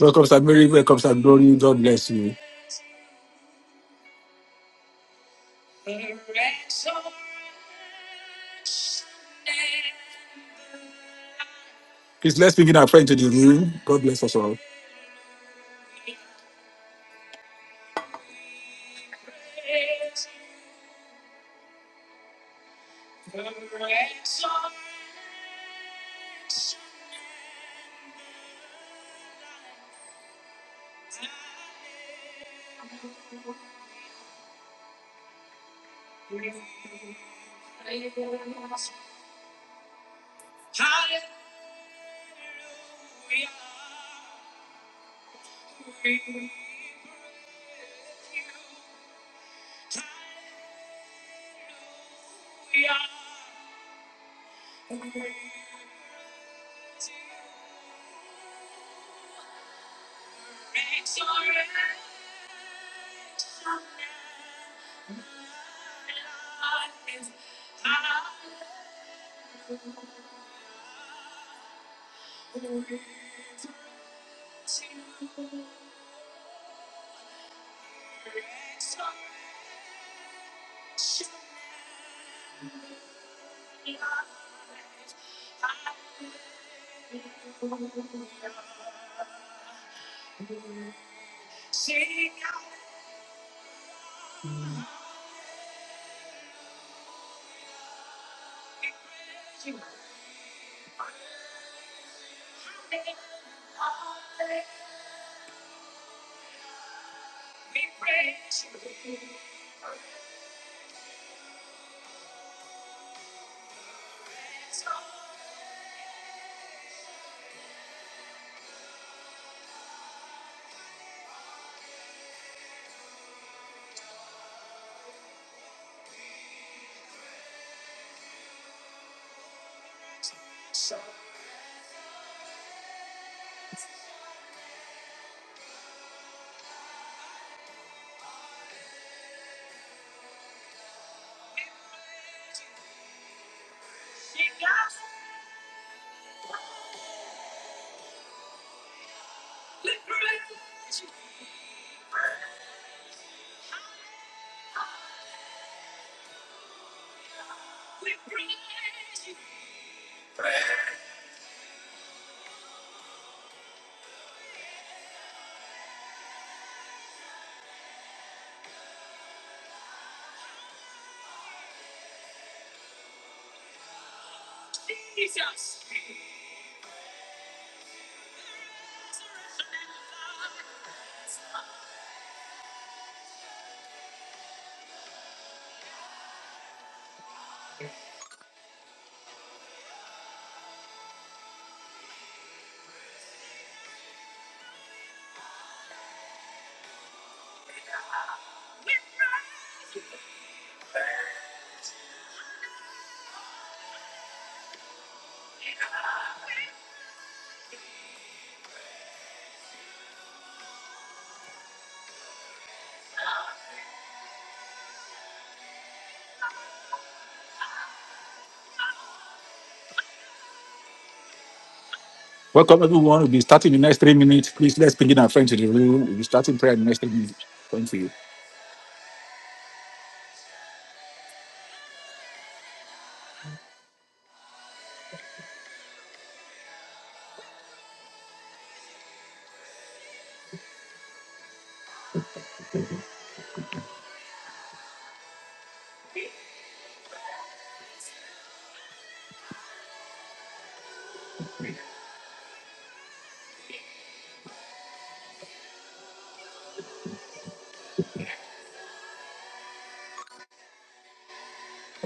Welcome, Sir Mary. Welcome, Sir Glory. God bless you. Please let's begin our friend to the room. God bless us all. Welcome, everyone. We'll be starting in the next three minutes. Please let's begin our friend to the room. We'll be starting prayer in the next three minutes. Thank you.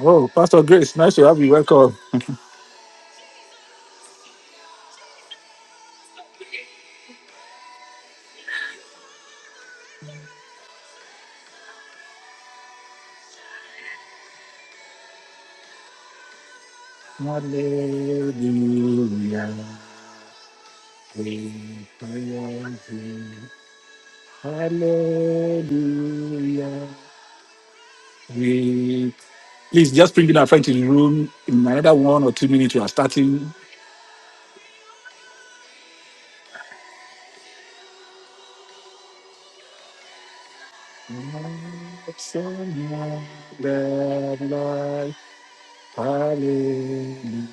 Oh, Pastor Grace, nice to have you. Welcome. Hallelujah. We praise you. Hallelujah. We Please just bring in our friend to the room. In another one or two minutes, we are starting. It's a night that light, hallelujah.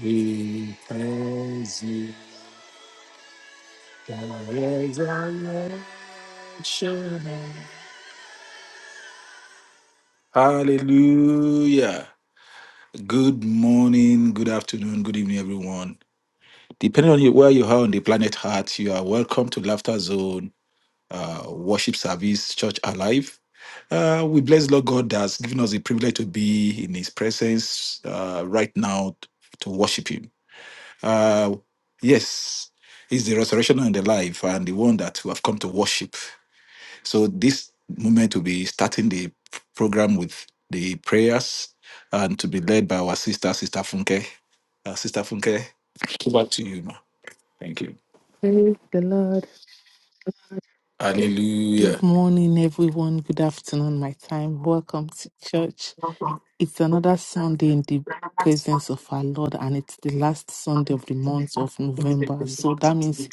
We praise you, the resurrection. Hallelujah. Good morning, good afternoon, good evening, everyone. Depending on you, where you are on the planet Heart, you are welcome to Laughter Zone uh, Worship Service Church Alive. Uh, we bless Lord God that's given us the privilege to be in His presence uh, right now to worship Him. Uh, yes, he's the resurrection and the life, and the one that we have come to worship. So this moment will be starting the program with the prayers, and to be led by our sister, Sister Funke. Uh, sister Funke, over to you, ma. Thank you. Praise the Lord. Good Hallelujah. morning, everyone. Good afternoon, my time. Welcome to church. It's another Sunday in the presence of our Lord, and it's the last Sunday of the month of November. So that means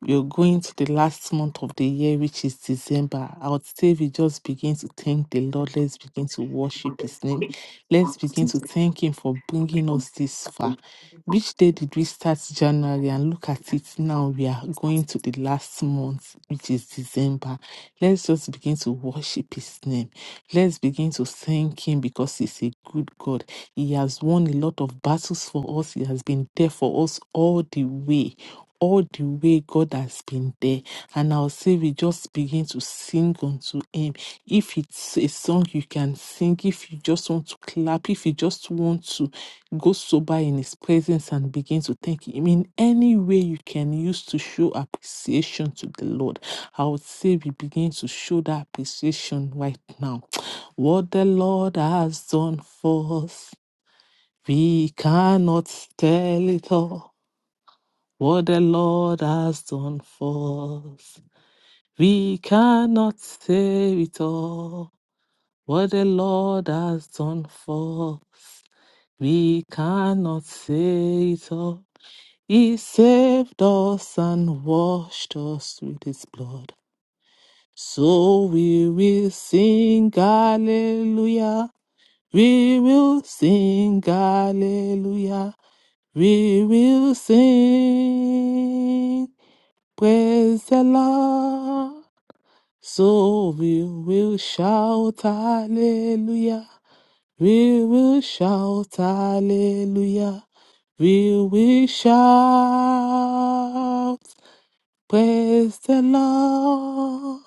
we're going to the last month of the year, which is December. I would say we just begin to thank the Lord. Let's begin to worship His name. Let's begin to thank Him for bringing us this far. Which day did we start January? And look at it now. We are going to the last month, which is December. Let's just begin to worship His name. Let's begin to thank Him because He's a good God. He has won a lot of battles for us, He has been there for us all the way. All the way God has been there. And I'll say we just begin to sing unto him if it's a song you can sing, if you just want to clap, if you just want to go sober in His presence and begin to thank Him in any way you can use to show appreciation to the Lord, I would say we begin to show that appreciation right now. What the Lord has done for us, we cannot tell it all. What the Lord has done for us, we cannot say it all. What the Lord has done for us, we cannot say it all. He saved us and washed us with his blood. So we will sing hallelujah. We will sing hallelujah. We will sing praise the Lord. So we will shout hallelujah. We will shout hallelujah. We will shout praise the Lord.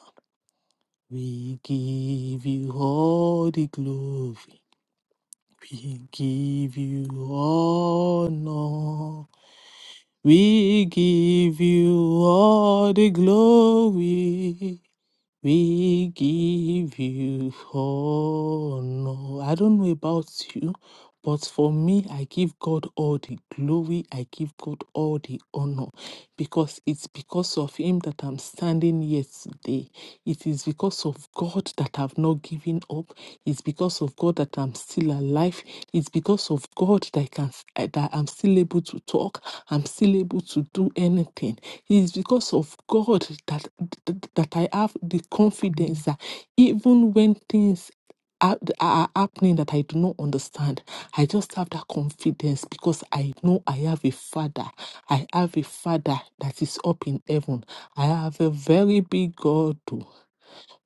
We give you all the glory. We give you honor. We give you all the glory. We give you honor. I don't know about you, but for me, I give God all the glory. I give God all the honor because it's because of Him that I'm standing here today. It is because of God God that I've not given up. It's because of God that I'm still alive. It's because of God that I can eh, that I'm still able to talk. I'm still able to do anything. It's because of God that that that I have the confidence that even when things are are happening that I do not understand. I just have that confidence because I know I have a father. I have a father that is up in heaven. I have a very big God. oh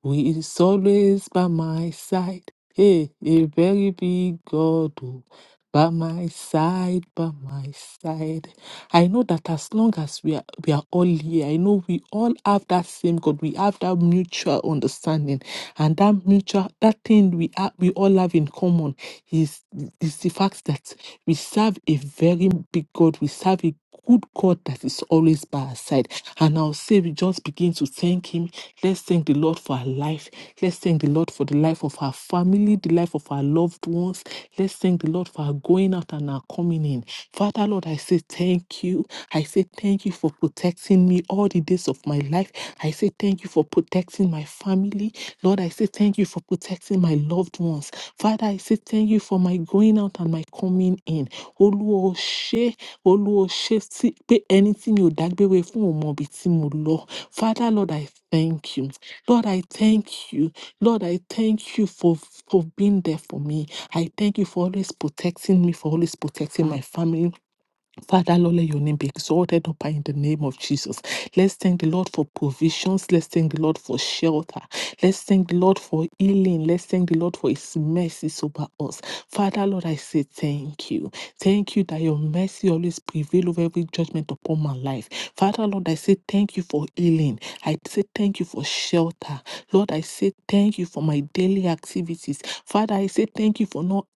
who is always by my side. Hey, a very big God oh, by my side, by my side. I know that as long as we are we are all here, I know we all have that same God. We have that mutual understanding and that mutual that thing we are we all have in common is is the fact that we serve a very big God. We serve a good God that is always by our side. And I'll say we just begin to thank Him. Let's thank the Lord for our life. Let's thank the Lord for the life of our family, the life of our loved ones. Let's thank the Lord for our going out and our coming in. Father, Lord, I say thank you. I say thank you for protecting me all the days of my life. I say thank you for protecting my family. Lord, Lord, I say thank you for protecting my loved ones. Father, I say thank you for my going out and my coming in. Olúwa o ṣé, Olúwa o ṣé tí- pé ẹni tí mi ò dágbére fún ò mọ ibi tí mo lọ. Father, Lord, I thank you. Lord, I thank you. Lord, I thank you for, for being there for me. I thank you for always protecting me, for always protecting my family Father, Lord, let your name be exalted up high in the name of Jesus. Let's thank the Lord for provisions. Let's thank the Lord for shelter. Let's thank the Lord for healing. Let's thank the Lord for his mercies over us. Father, Lord, I say thank you. Thank you that your mercy always prevail over every judgment upon my life. Father, Lord, I say thank you for healing. I say thank you for shelter. Lord, I say thank you for my daily activities. Father, I say thank you for not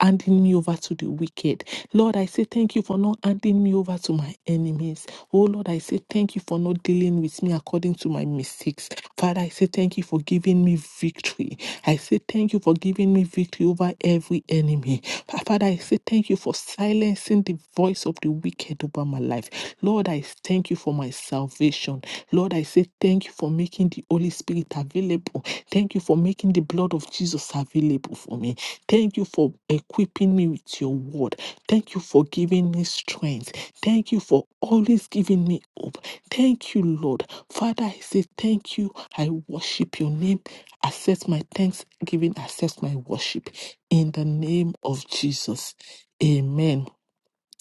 handing me over to the wicked. Lord, I say thank you for not handing me over to my enemies. Oh Lord, I say thank you for not dealing with me according to my mistakes. Father, I say thank you for giving me victory. I say thank you for giving me victory over every enemy. Fa- Father, I say thank you for silencing the voice of the wicked over my life. Lord, I thank you for my salvation. Lord, I say thank you for making the Holy Spirit available. Thank you for making the blood of Jesus available for me. Thank you for equipping me with your word. Thank you for giving me strength. Thank you for always giving me hope. Thank you, Lord. Father, I say thank you. I worship your name. Accept my thanksgiving. Accept my worship. In the name of Jesus. Amen.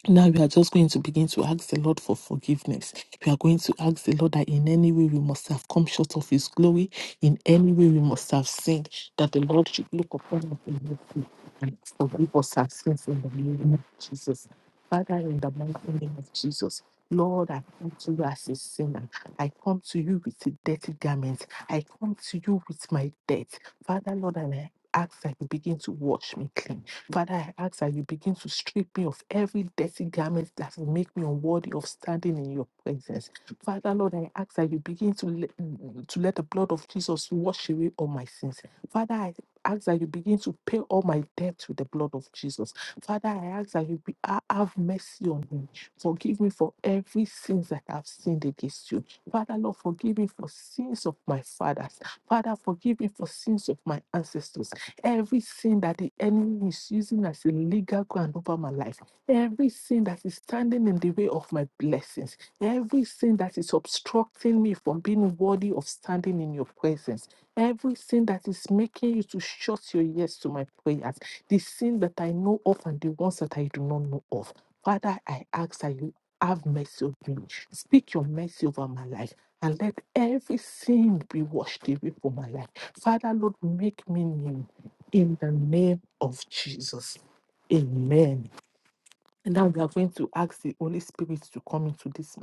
Now we are just going to begin to ask the Lord for forgiveness. We are going to ask the Lord that in any way we must have come short of His glory, in any way we must have sinned, that the Lord should look upon us in mercy and forgive us our sins in the name of Jesus. Father, in the mighty name of Jesus, Lord, I come to you as a sinner. I come to you with a dirty garment. I come to you with my debt. Father, Lord, and I ask that you begin to wash me clean. Father, I ask that you begin to strip me of every dirty garment that will make me unworthy of standing in your presence. Father, Lord, I ask that you begin to let, to let the blood of Jesus wash away all my sins. Father, I ask that you begin to pay all my debt with the blood of Jesus. Father, I ask that you be, ha- have mercy on me. Forgive me for every sins that I've sinned against you. Father, Lord, forgive me for sins of my fathers. Father, forgive me for sins of my ancestors. Everything that the enemy is using as a legal ground over my life, everything that is standing in the way of my blessings, everything that is obstructing me from being worthy of standing in your presence, everything that is making you to shut your ears to my prayers, the sin that I know of and the ones that I do not know of. Father, I ask that you have mercy on me. Speak your mercy over my life and let every sin be washed away from my life. Father, Lord, make me new in the name of Jesus. Amen. And now we are going to ask the Holy Spirit to come into this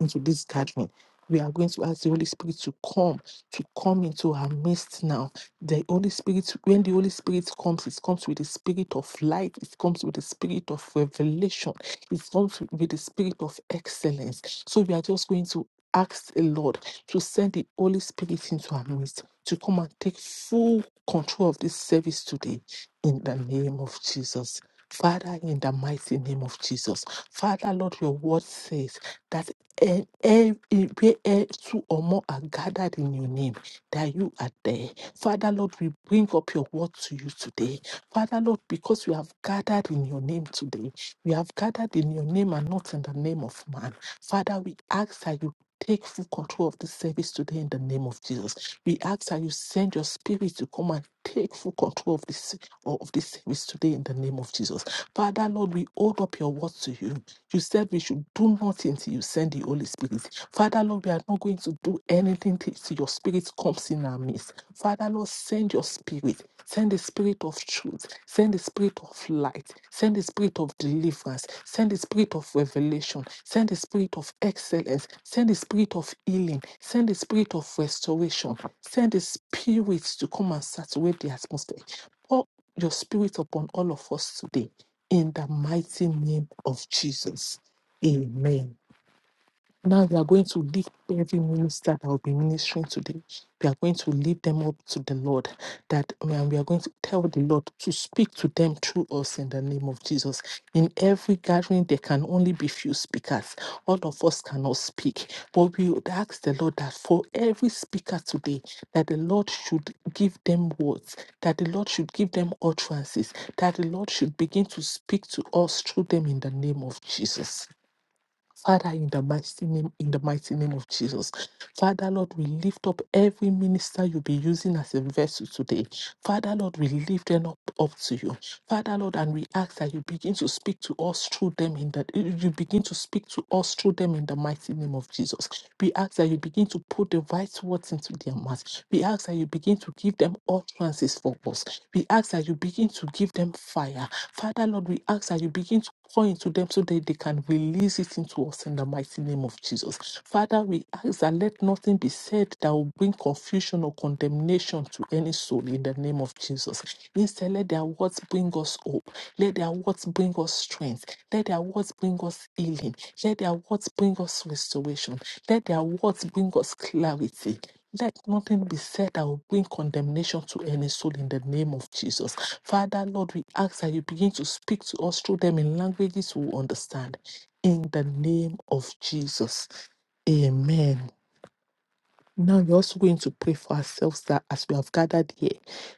into this gathering. We are going to ask the Holy Spirit to come, to come into our midst now. The Holy Spirit, when the Holy Spirit comes, it comes with the spirit of light, it comes with the spirit of revelation, it comes with the spirit of excellence. So we are just going to ask the Lord to send the Holy Spirit into our midst to come and take full control of this service today in the name of Jesus. Father, in the mighty name of Jesus. Father, Lord, your word says that e- e- e- where e- two or more are gathered in your name, that you are there. Father, Lord, we bring up your word to you today. Father, Lord, because we have gathered in your name today, we have gathered in your name and not in the name of man. Father, we ask that you Take full control of the service today in the name of Jesus. We ask that you send your spirit to come and take full control of this of this service today in the name of Jesus. Father Lord, we hold up your words to you. You said we should do nothing till you send the Holy Spirit. Father Lord, we are not going to do anything till till your spirit comes us in our midst. Father, Lord, send your spirit. Send the spirit of truth. Send the spirit of light. Send the spirit of deliverance. Send the spirit of revelation. Send the spirit of excellence. Send the spirit of healing. Send the spirit of restoration. Send the spirit to come and saturate the atmosphere. Pour your spirit upon all of us today. In the mighty name of Jesus. Amen. Now we are going to lift every minister that will be ministering today. We are going to lift them up to the Lord. That and we are going to tell the Lord to speak to them through us in the name of Jesus. In every gathering, there can only be few speakers. All of us cannot speak. But we would ask the Lord that for every speaker today, that the Lord should give them words, that the Lord should give them utterances, that the Lord should begin to speak to us through them in the name of Jesus. Father, in the mighty name, in the mighty name of Jesus. Father, Lord, we lift up every minister you'll be using as a vessel today. Father, Lord, we lift them up, up to you. Father, Lord, and we ask that you begin to speak to us through them in the you begin to speak to us through them in the mighty name of Jesus. We ask that you begin to put the right words into their mouths. We ask that you begin to give them utterances for us. We ask that you begin to give them fire. Father, Lord, we ask that you begin to Pour into them so that they can release it into us in the mighty name of Jesus. Father, we ask that let nothing be said that will bring confusion or condemnation to any soul in the name of Jesus. Instead, let their words bring us hope. Let their words bring us strength. Let their words bring us healing. Let their words bring us restoration. Let their words bring us clarity. Let nothing be said that will bring condemnation to any soul in the name of Jesus. Father, Lord, we ask that you begin to speak to us through them in languages we will understand. In the name of Jesus. Amen. Now we're also going to pray for ourselves that as we have gathered here,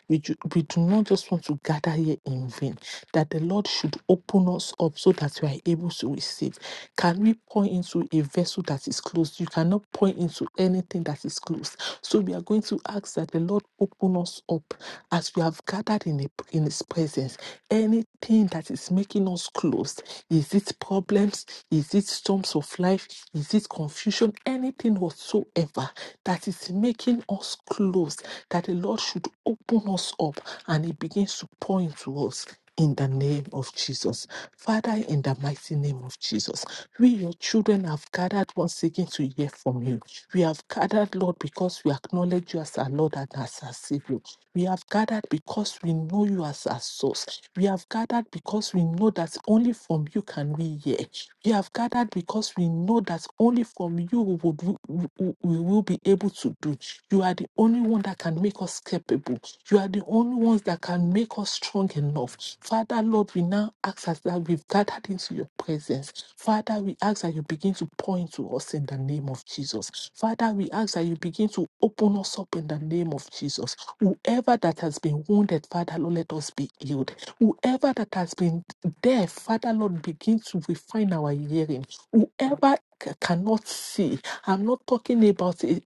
we do, we do not just want to gather here in vain, that the Lord should open us up so that we are able to receive. Can we pour into a vessel that is closed? You cannot pour into anything that is closed. So we are going to ask that the Lord open us up as we have gathered in, the, in His presence. Anything pain that is making us closed? Is it problems? Is it storms of life? Is it confusion? Anything whatsoever that is making us closed, that the Lord should open us up and He begins to pour into us. In the name of Jesus. Father, in the mighty name of Jesus, we, your children, have gathered once again to hear from you. We have gathered, Lord, because we acknowledge you as our Lord and as our Savior. We have gathered because we know you as our source. We have gathered because we know that only from you can we hear. We have gathered because we know that only from you we, would, we, we- we will be able to do. You are the only one that can make us capable. You are the only ones that can make us strong enough. Father, Lord, we now ask us that we've gathered into your presence. Father, we ask that you begin to point to us in the name of Jesus. Father, we ask that you begin to open us up in the name of Jesus. Whoever that has been wounded, Father Lord, let us be healed. Whoever that has been deaf, Father Lord, begin to refine our hearing. Whoever c- cannot see, I'm not talking about it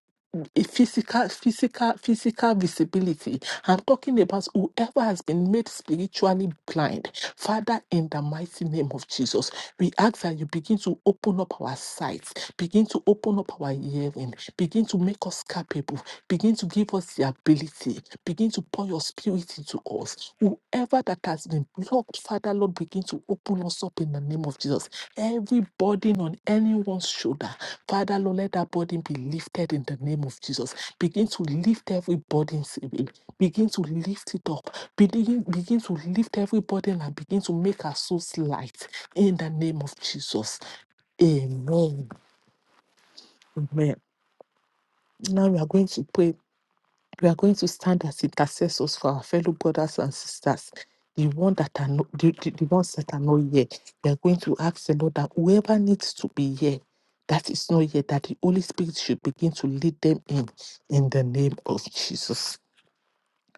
a physical, physical, physical visibility. I'm talking about whoever has been made spiritually blind. Father, in the mighty name of Jesus, we ask that you begin to open up our sights, begin to open up our hearing, begin to make us capable, begin to give us the ability, begin to pour your spirit into us. Whoever that has been blocked, Father, Lord, begin to open us up in the name of Jesus. Every burden on anyone's shoulder Father, Lord, let that burden be lifted in the name of Jesus. Begin to lift every burden away. Begin to lift it up. Begin, begin to lift every burden and begin to make our souls light in the name of Jesus. Amen. Amen. Now we are going to pray we are going to stand as intercessors for our fellow brothers and sisters. The one that are not, the, the, the ones that are not here, we are going to ask the Lord that whoever needs to be here, that is not here, that the Holy Spirit should begin to lead them in, in the name of Jesus.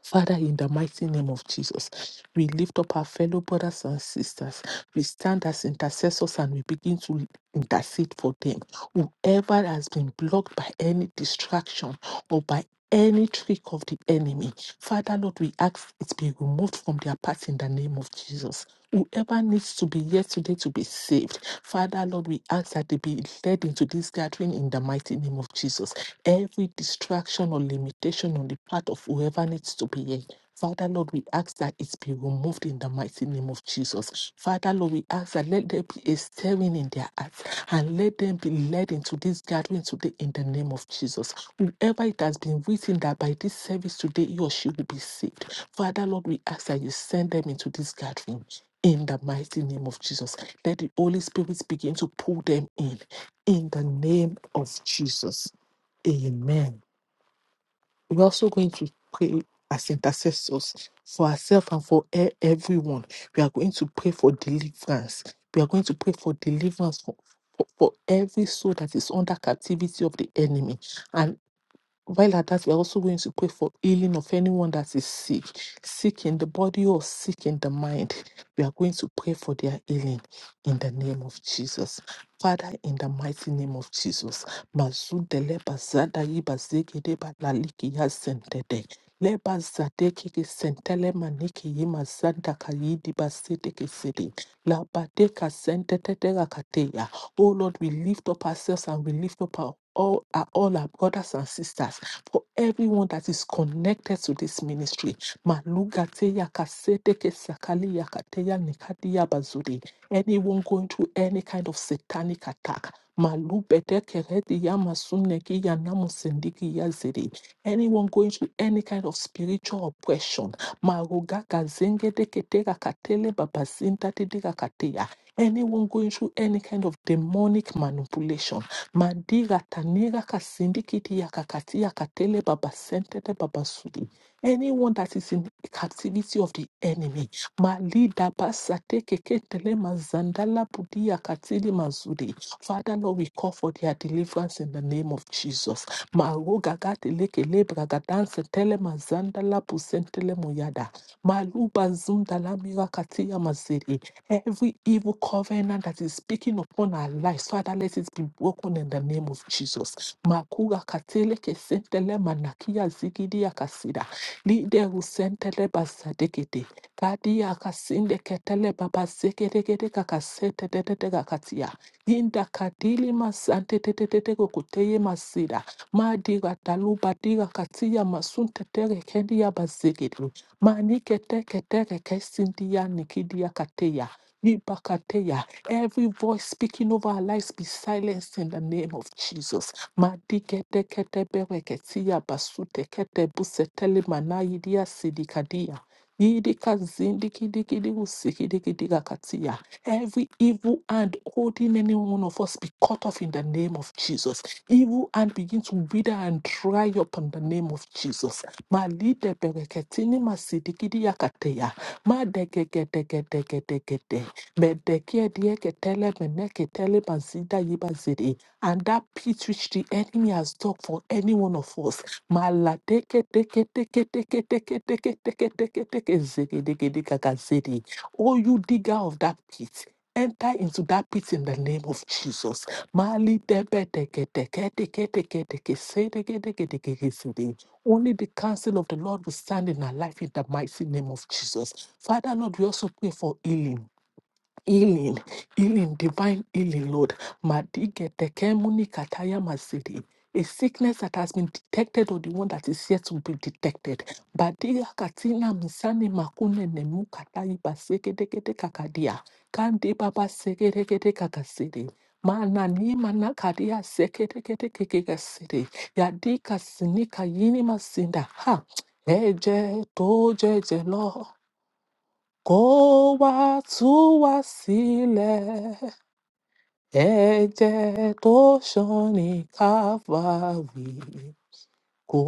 Father, in the mighty name of Jesus, we lift up our fellow brothers and sisters. We stand as intercessors and we begin to intercede for them. Whoever has been blocked by any distraction, or by any trick of the enemy. Father, Lord, we ask it be removed from their path in the name of Jesus. Whoever needs to be here today to be saved, Father, Lord, we ask that they be led into this gathering in the mighty name of Jesus. Every distraction or limitation on the part of whoever needs to be here. Father, Lord, we ask that it be removed in the mighty name of Jesus. Father, Lord, we ask that let there be a stirring in their hearts and let them be led into this gathering today in the name of Jesus. Whoever it has been written that by this service today, he or she will be saved. Father, Lord, we ask that you send them into this gathering in the mighty name of Jesus. Let the Holy Spirit begin to pull them in in the name of Jesus. Amen. We're also going to pray as intercessors for ourselves and for e- everyone. We are going to pray for deliverance. We are going to pray for deliverance for, for, for every soul that is under captivity of the enemy. and. While at that, we're also going to pray for healing of anyone that is sick, sick in the body or sick in the mind. We are going to pray for their healing in the name of Jesus. Father, in the mighty name of Jesus, Mazudele bazada yiba zegede balaliki ya sentede. Leba zadeke ke sentele maniki yima zanda kayidi basedeke sede. Labadeka sentetete rakateya. Oh Lord, we lift up ourselves and we lift up our all our, all our brothers and sisters, for everyone that is connected to this ministry. Malugateya kaseteke sakali yakateya nikadiya bazuri. Anyone going through any kind of satanic attack. Malubedeke rediya masuneki ya namusindiki ya ziri. Anyone going through any kind of spiritual oppression. Maruga kazenge deketera katele babazinta didira kateya anyone going through any kind of demonic manipulation. Madira tanira kasindikiti yakakati yakatele babasentete babasudi. Anyone that is in captivity of the enemy. Malida basate keketele mazandala budi yakatili mazudi. Father Lord, we call for their deliverance in the name of Jesus. Maroga gateleke lebragadanse tele mazandala pusentele moyada. Maluba zundala mirakati ya maziri. Every evil covenant that is speaking upon our lives, Father, let it be broken in the name of Jesus. Makura katele kesentele manakia zigidia kasida. Lide rusentele bazadekede. Kadia kasinde ketele babazegedegede kakasete dedede kakatia. Inda kadili masante dedede kokuteye masida. Madira daluba dira katia masunte tere kendia bazegede. Manike teke tere kesindia nikidia kateya. Ibakateya. Every voice speaking over our lives be silenced in the name of Jesus. Madiketeketebereketia basuteketebusetele manayidia sidikadia. Yidika zindikidikidi usikidikidigakatia. Every evil hand holding any one of us be cut off in the name of Jesus. Evil hand begin to wither and dry up in the name of Jesus. Malide bereketini masidikidiyakateya. Madegegedegedegedegede. Medekia die ketele mene ketele bazida yibazede. And that pit which the enemy has dug for any one of us. Maladeke deke deke deke deke deke deke deke deke zege deke deke gazede. Oh, you digger of that pit. Enter into that pit in the name of Jesus. Mali debe deke deke deke deke deke se deke deke deke deke zede. Only the counsel of the Lord will stand in our life in the mighty name of Jesus. Father Lord, we also pray for healing healing, healing, divine healing, Lord. Madigetekemuni kataya masidi. A sickness that has been detected or the one that is yet to be detected. Badia katina misani makune nemu katai basekedekete kakadia. Kandi baba sekedekete kakasidi. Mana ni mana kadia sekedekete kekekasiri. Yadika sinika yini masinda. Ha. Eje to jeje kó wá tú wá sílẹ̀ ẹ̀jẹ̀ tó ṣàn ní káfáwì Kó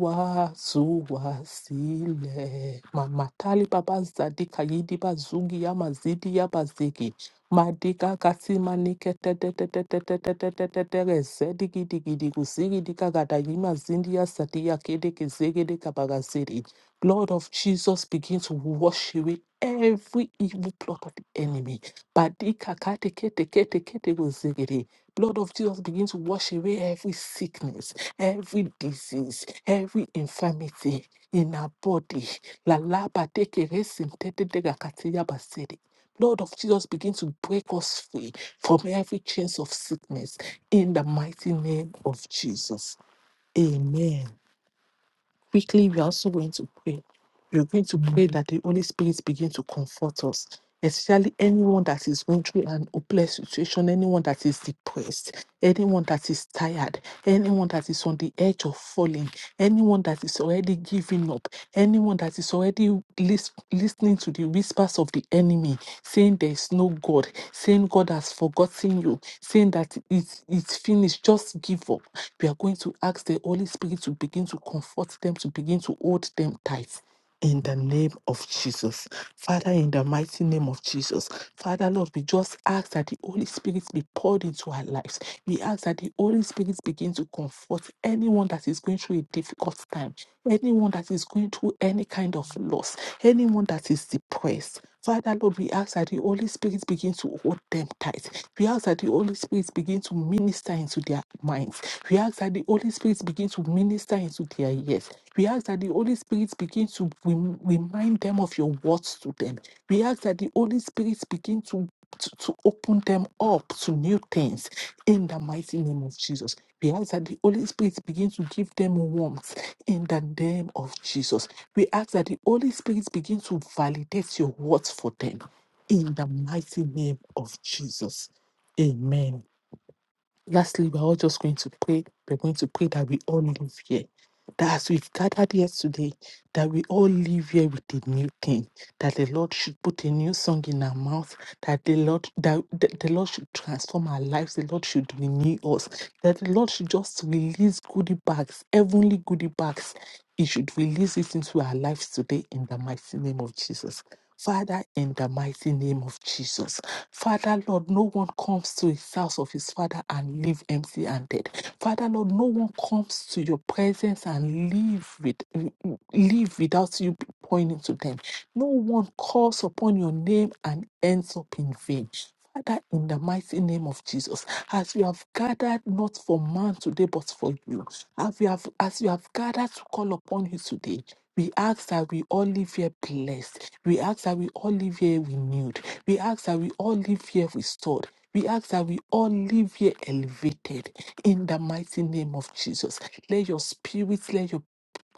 wá tú wa sílẹ̀. Màmá Tálí bàbá Zàdí Kàyídí bá Zúgi Yámà Zídí Yábà Zègì. Màdígá Katí Maníkẹ́ tẹ́tẹ́tẹ́tẹ́tẹ́tẹ́tẹ́tẹ́tẹ́rẹ́ Zẹ́dígídígídí kò Zígídí Kàgàdà Yímà Zíndíyà Sàdíyà Kédéke Zégédé Kàbàrà Zèdì. Blood of Jesus begin to wash away every evil plot of the enemy. Badika Kate Kete Kete Kete Zégédé. Blood of Jesus begin to wash away every sickness every disease, every infirmity in our body. La la ba de ke re sin te de de ga ka ti ya ba se de. Lord of Jesus, begin to break us free from every chains of sickness in the mighty name of Jesus. Amen. Quickly, we are also going to pray. We're going to pray that the Holy Spirit begin to comfort us, especially anyone that is going through an hopeless situation, anyone that is depressed, anyone that is tired, anyone that is on the edge of falling, anyone that is already giving up, anyone that is already lis- listening to the whispers of the enemy, saying there is no God, saying God has forgotten you, saying that it's, it's finished, just give up. We are going to ask the Holy Spirit to begin to comfort them, to begin to hold them tight in the name of Jesus. Father, in the mighty name of Jesus. Father, Lord, we just ask that the Holy Spirit be poured into our lives. We ask that the Holy Spirit begin to comfort anyone that is going through a difficult time, anyone that is going through any kind of loss, anyone that is depressed first. Father, Lord, we ask that the Holy Spirit begin to hold them tight. We ask that the Holy Spirit begin to minister into their minds. We ask that the Holy Spirit begin to minister into their ears. We ask that the Holy Spirit begin to rem- remind them of your words to them. We ask that the Holy Spirit begin to to, to open them up to new things in the mighty name of Jesus. We ask that the Holy Spirit begin to give them warmth in the name of Jesus. We ask that the Holy Spirit begin to validate your words for them in the mighty name of Jesus. Amen. Lastly, we're all just going to pray. We're going to pray that we all live here. That as we've gathered here today, that we all live here with a new thing. That the Lord should put a new song in our mouth. That the Lord, that the, the Lord should transform our lives. The Lord should renew us. That the Lord should just release goodie bags, heavenly goodie bags. He should release it into our lives today in the mighty name of Jesus. Father, in the mighty name of Jesus. Father, Lord, no one comes to his house of his father and leave empty handed. Father, Lord, no one comes to your presence and leave, with, leave without you pointing to them. No one calls upon your name and ends up in vain. Father, in the mighty name of Jesus, as we have gathered not for man today, but for you, as we have, as we have gathered to call upon you today, we ask that we all live here blessed. We ask that we all live here renewed. We ask that we all live here restored. We ask that we all live here elevated in the mighty name of Jesus. Let your spirit, let your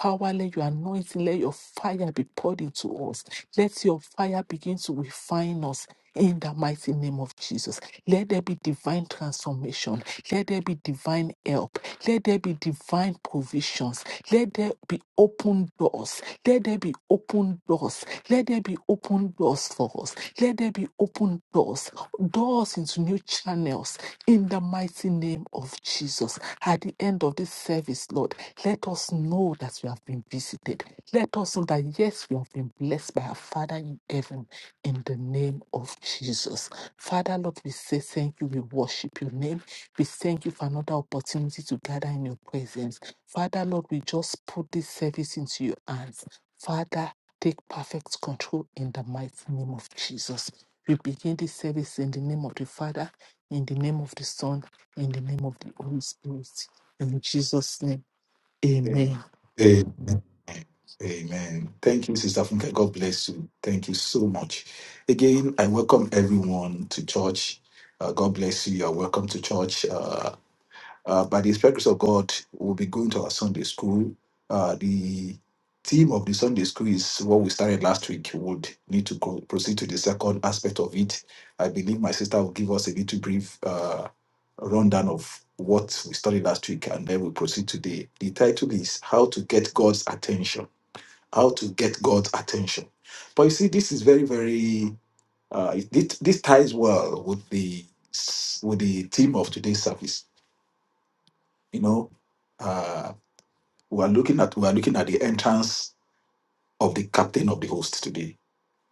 Power, let your anointing, let your fire be poured into us. Let your fire begin to refine us in the mighty name of Jesus. Let there be divine transformation. Let there be divine help. Let there be divine provisions. Let there be open doors. Let there be open doors. Let there be open doors for us. Let there be open doors. Doors into new channels in the mighty name of Jesus. At the end end of this service, Lord, let us know that we have been visited. Let us know that, yes, we have been blessed by our Father in heaven in the name of Jesus. Father, Lord, we say thank you. We worship your name. We thank you for another opportunity to gather in your presence. Father, Lord, we just put this service into your hands. Father, take perfect control in the mighty name of Jesus. We begin this service in the name of the Father, in the name of the Son, in the name of the Holy Spirit. In Jesus' name, amen. Amen. Amen. Thank you, Sister Funke. God bless you. Thank you so much. Again, I welcome everyone to church. Uh, God bless you. You're welcome to church. Uh, uh, by the Spirit of God, we'll be going to our Sunday school. Uh, the theme of the Sunday school is what we started last week. We would need to go, proceed to the second aspect of it. I believe my sister will give us a little brief uh, rundown of what we studied last week, and then we proceed today. The title is How to Get God's Attention how to get God's attention. But you see, this is very, very uh, it, it- this ties well with the s- with the theme of today's service. You know, uh, we are looking at we are looking at the entrance of the captain of the host today.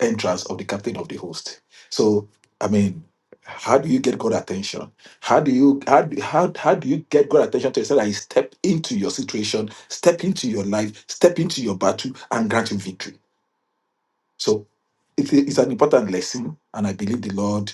Entrance of the captain of the host. So, I mean, how do you get God's attention? How do you how do- how, how do you get God's attention to yourself that He step into your situation, step into your life, step into your battle, and grant you victory? So it, it's an important lesson, and I believe the Lord,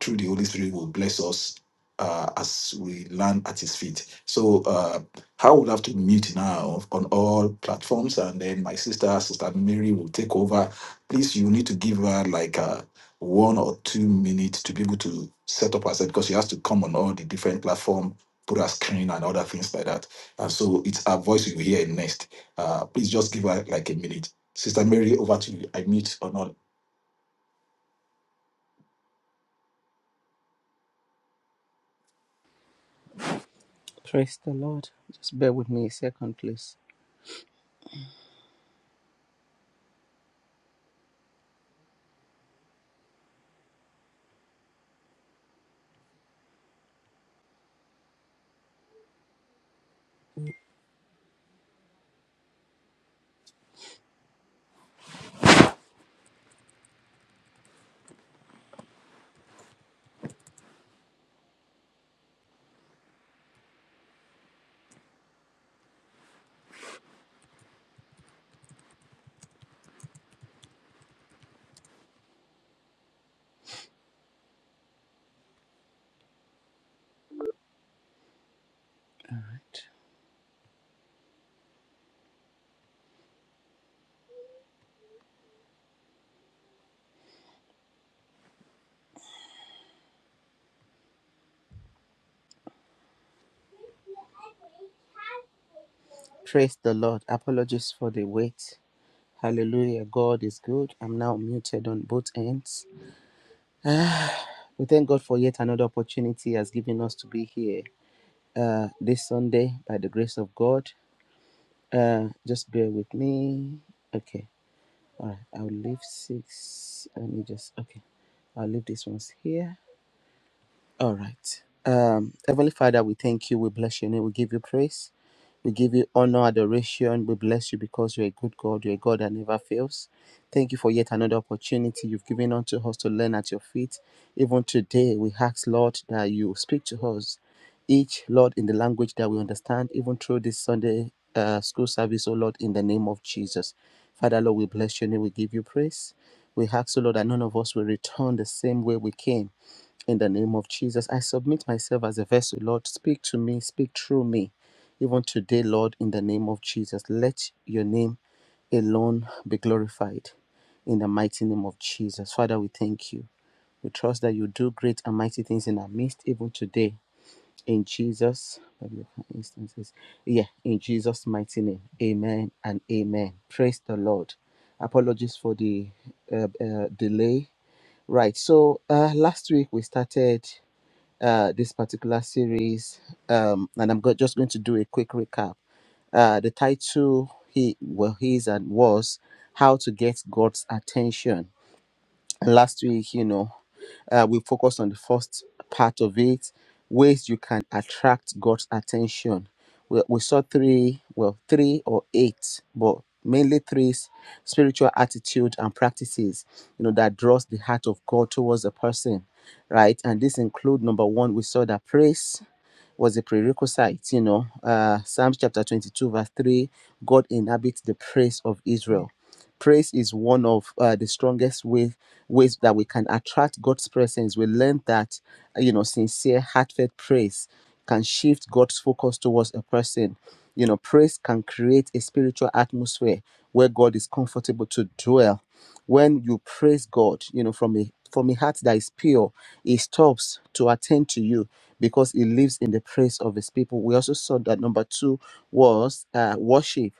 through the Holy Spirit, will bless us uh, as we learn at His feet. So uh, I will have to mute now on all platforms, and then my sister, Sister Mary, will take over. Please, you need to give her like a one or two minutes to be able to set up herself because she has to come on all the different platform, put her screen and other things like that. And so it's her voice you will hear next. Uh, please just give her like a minute. Sister Mary, over to you. I mute or not. Praise the Lord. Just bear with me a second, please. Praise the Lord. Apologies for the wait. Hallelujah. God is good. I'm now muted on both ends. We thank God for yet another opportunity He has given us to be here uh, this Sunday by the grace of God. Uh, just bear with me. Okay. All right. I'll leave six. Let me just. Okay. I'll leave these ones here. All right. Um, Heavenly Father, we thank you. We bless your name. We give you praise. We give you honor, adoration. We bless you because you're a good God. You're a God that never fails. Thank you for yet another opportunity you've given unto us to learn at your feet. Even today, we ask, Lord, that you speak to us, each, Lord, in the language that we understand, even through this Sunday uh, school service, oh Lord, in the name of Jesus. Father, Lord, we bless your name. We give you praise. We ask, oh Lord, that none of us will return the same way we came. In the name of Jesus, I submit myself as a vessel. Lord, speak to me, speak through me. Even today, Lord, in the name of Jesus, let your name alone be glorified. In the mighty name of Jesus. Father, we thank you. We trust that you do great and mighty things in our midst, even today. In Jesus, instances. Yeah, in Jesus' mighty name. Amen and amen. Praise the Lord. Apologies for the uh, uh, delay. Right. So uh, last week we started uh, this particular series, um, and I'm go- just going to do a quick recap. Uh, the title he well his and was "How to Get God's Attention." And last week, you know, uh, we focused on the first part of it ways you can attract God's attention. We, we saw three, well, three or eight, but mainly three s- spiritual attitude and practices, you know, that draws the heart of God towards a person, right? And this include number one, we saw that praise was a prerequisite, you know. Uh, Psalms chapter 22, verse 3 God inhabits the praise of Israel. Praise is one of uh, the strongest way, ways that we can attract God's presence. We learned that, uh, you know, sincere, heartfelt praise can shift God's focus towards a person. You know, praise can create a spiritual atmosphere where God is comfortable to dwell when you praise God, you know, from a from a heart that is pure, He stops to attend to you because He lives in the praise of His people. We also saw that number two was uh, worship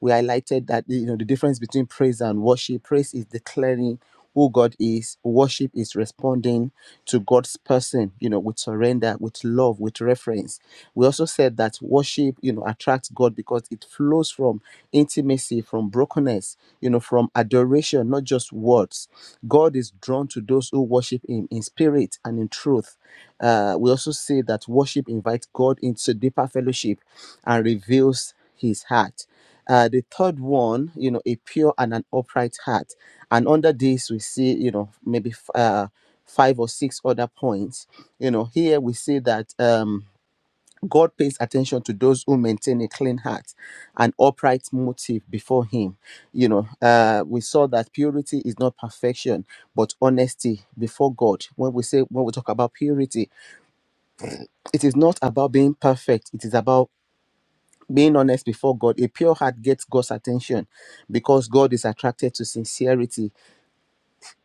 we highlighted that you know the difference between praise and worship praise is declaring who god is worship is responding to god's person you know with surrender with love with reference we also said that worship you know attracts god because it flows from intimacy from brokenness you know from adoration not just words god is drawn to those who worship him in spirit and in truth uh, we also say that worship invites god into deeper fellowship and reveals his heart uh, the third one, you know, a pure and an upright heart. And under this, we see, you know, maybe f- uh, five or six other points. You know, here we see that um, God pays attention to those who maintain a clean heart, an upright motive before Him. You know, uh, we saw that purity is not perfection, but honesty before God. When we say, when we talk about purity, it is not about being perfect, it is about being honest before God, a pure heart gets God's attention because God is attracted to sincerity.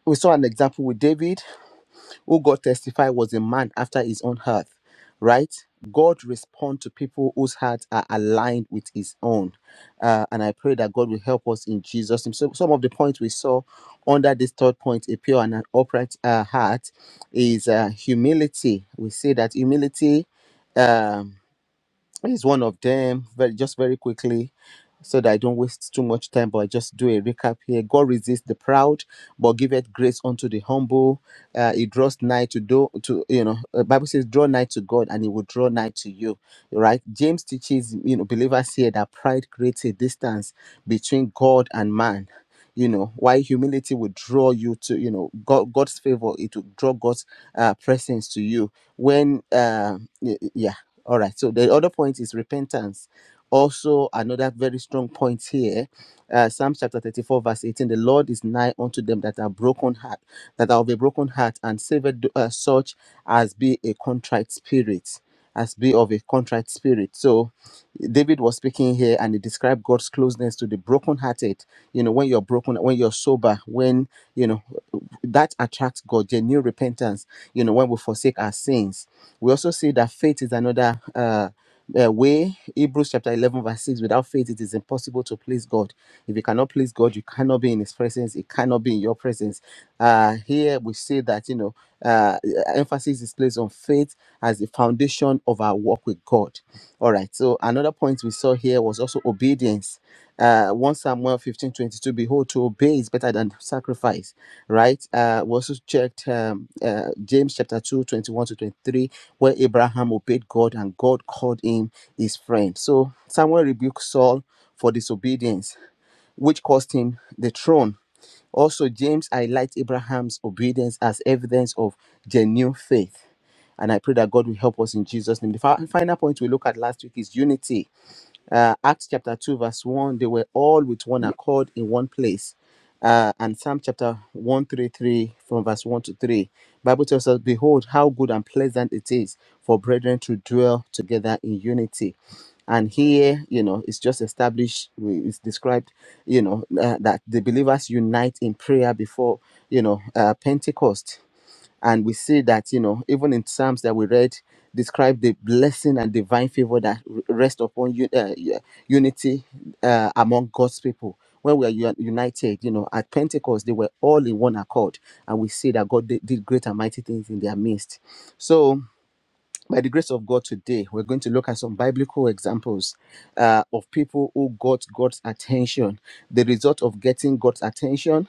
We saw an example with David, who God testified was a man after his own heart, right? God responds to people whose hearts are aligned with his own. Uh, and I pray that God will help us in Jesus' name. So, some of the points we saw under this third point, a pure and an upright uh, heart, is uh, humility. We say that humility. um is one of them very just very quickly so that i don't waste too much time but i just do a recap here god resists the proud but giveth grace unto the humble uh, he draws nigh to do to you know the bible says draw nigh to god and he will draw nigh to you right james teaches you know believers here that pride creates a distance between god and man you know why humility will draw you to you know god, god's favor it will draw god's uh, presence to you when uh, y- yeah all right. So the other point is repentance. Also, another very strong point here, uh, Psalm chapter 34, verse 18. The Lord is nigh unto them that are broken heart, that are of a broken heart, and saved uh, such as be a contrite spirit, as be of a contrite spirit. So David was speaking here and he described God's closeness to the broken-hearted. You know, when you're broken, when you're sober, when you know that attracts God, genuine repentance, you know, when we forsake our sins we also see that faith is another uh, uh, way hebrews chapter 11 verse 6 without faith it is impossible to please god if you cannot please god you cannot be in his presence it cannot be in your presence uh here we see that you know uh emphasis is placed on faith as the foundation of our walk with god all right so another point we saw here was also obedience uh 1 samuel 15, 22. behold to obey is better than sacrifice right uh we also checked um uh, james chapter 2, 21 to 23 where abraham obeyed god and god called him his friend so samuel rebuked saul for disobedience which cost him the throne also james highlights abraham's obedience as evidence of genuine faith and i pray that god will help us in jesus name the fi- final point we looked at last week is unity uh, Acts chapter 2, verse 1, they were all with one accord in one place. Uh, and Psalm chapter 133, from verse 1 to 3, Bible tells us, Behold, how good and pleasant it is for brethren to dwell together in unity. And here, you know, it's just established, we- it's described, you know, uh, that the believers unite in prayer before, you know, uh, Pentecost and we see that you know even in psalms that we read describe the blessing and divine favor that r- rest upon you uh, yeah, unity uh, among god's people when we are u- united you know at pentecost they were all in one accord and we see that god did, did great and mighty things in their midst so by the grace of god today we're going to look at some biblical examples uh, of people who got god's attention the result of getting god's attention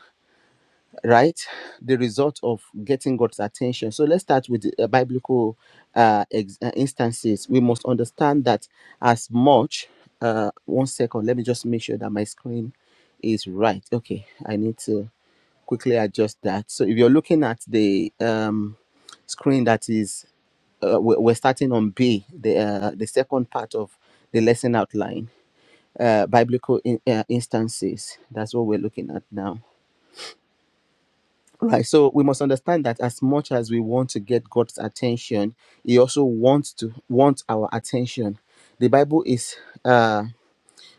right? The result of getting God's attention. So let's start with the uh, biblical uh, ex- uh, instances. We must understand that as much. Uh, one second. Let me just make sure that my screen is right. Okay, I need to quickly adjust that. So if you're looking at the um, screen that is uh, we- we're starting on B, the uh, the second part of the lesson outline, uh, biblical in, uh, instances. That's what we're looking at now. Right. So we must understand that as much as we want to get God's attention, He also wants to want our attention. The Bible is uh,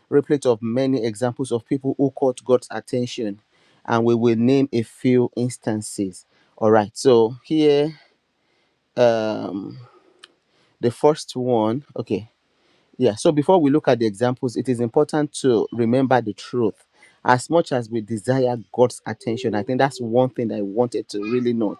replete of many examples of people who caught God's attention, and we will name a few instances. All right. So here, um, the first one. Okay yeah, so before we look at the examples, it is important to remember the truth. As much as we desire God's attention, I think that's one thing that I wanted to really note.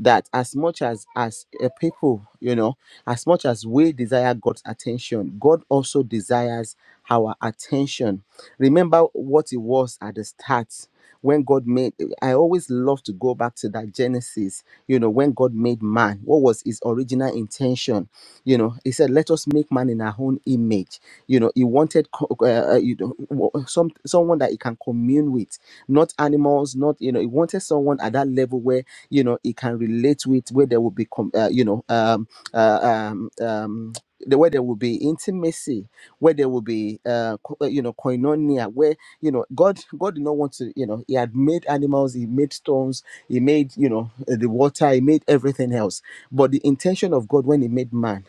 That as much as as a people, you know, as much as we desire God's attention, God also desires our attention. Remember what it was at the start when God made. I always love to go back to that Genesis. You know, when God made man, what was His original intention? You know, he said, "Let us make man in our own image." You know, he wanted co- uh, uh, you know wa- some someone that he can commune with, not animals, not you know. He wanted someone at that level where you know he can relate with, where there will be com- uh, you know um, uh, um, um, the where there will be intimacy, where there will be uh, co- uh, you know koinonia, where you know God God did not want to you know He had made animals, He made stones, He made you know the water, He made everything else. But the intention of God when He made man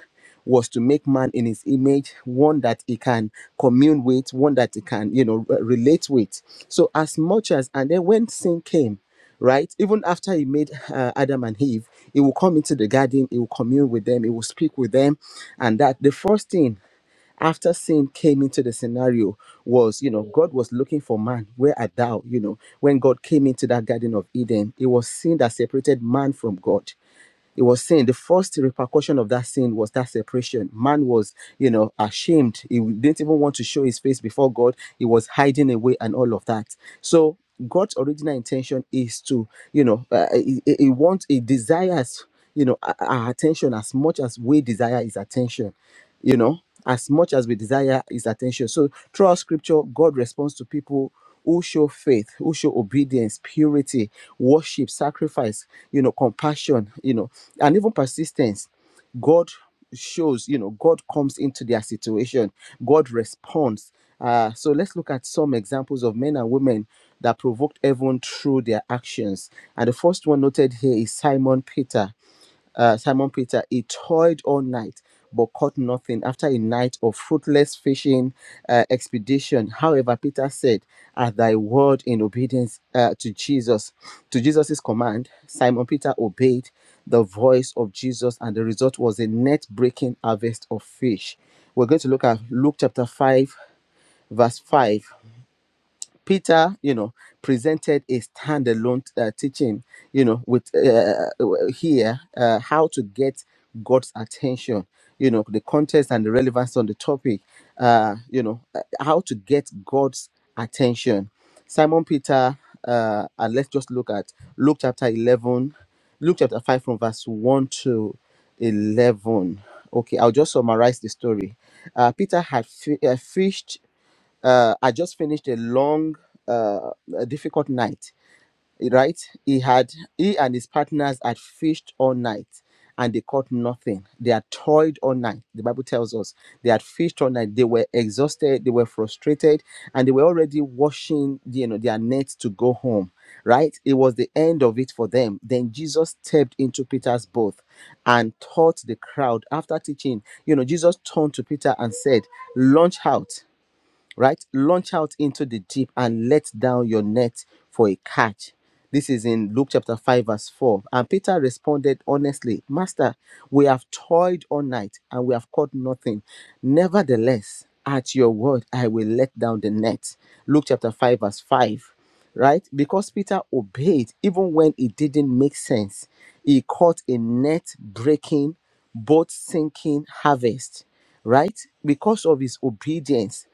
was to make man in his image, one that he can commune with, one that he can, you know, re- relate with. So as much as, and then when sin came, right, even after he made uh, Adam and Eve, he will come into the garden, he will commune with them, he will speak with them, and that the first thing after sin came into the scenario was, you know, God was looking for man. Where art thou? You know, when God came into that Garden of Eden, it was sin that separated man from God it was sin. The first repercussion of that sin was that separation. Man was, you know, ashamed. He didn't even want to show his face before God. He was hiding away and all of that. So God's original intention is to, you know, uh, he, he wants, he desires, you know, our our attention as much as we desire his attention, you know, as much as we desire his attention. So throughout scripture, God responds to people who show faith, who show obedience, purity, worship, sacrifice, you know, compassion, you know, and even persistence. God shows, you know, God comes into their situation, God responds. Uh, so let's look at some examples of men and women that provoked everyone through their actions. And the first one noted here is Simon Peter uh, Simon Peter, he toiled all night but caught nothing after a night of fruitless fishing uh, expedition. However, Peter said, At thy word in obedience uh, to Jesus, to Jesus's command, Simon Peter obeyed the voice of Jesus, and the result was a net breaking harvest of fish. We're going to look at Luke chapter 5, verse 5. Peter, you know, presented a standalone uh, teaching, you know, with uh, uh, here uh, how to get God's attention, you know, the context and the relevance on the topic, uh, you know, uh, how to get God's attention. Simon Peter, uh, and let's just look at Luke chapter 11, Luke chapter 5 from verse 1 to 11. Okay, I'll just summarize the story. Uh, Peter had fi- uh, fished uh, I just finished a long, uh, a difficult night. Right? He had he and his partners had fished all night, and they caught nothing. They had toiled all night. The Bible tells us they had fished all night. They were exhausted. They were frustrated, and they were already washing, you know, their nets to go home. Right? It was the end of it for them. Then Jesus stepped into Peter's boat and taught the crowd. After teaching, you know, Jesus turned to Peter and said, "Launch out." right? Launch out into the deep and let down your net for a catch. This is in Luke chapter 5, verse 4. And Peter responded honestly, Master, we have toiled all night and we have caught nothing. Nevertheless, at your word, I will let down the net. Luke chapter 5, verse 5. Right? Because Peter obeyed even when it didn't make sense. He caught a net breaking, boat sinking harvest. Right? Because of his obedience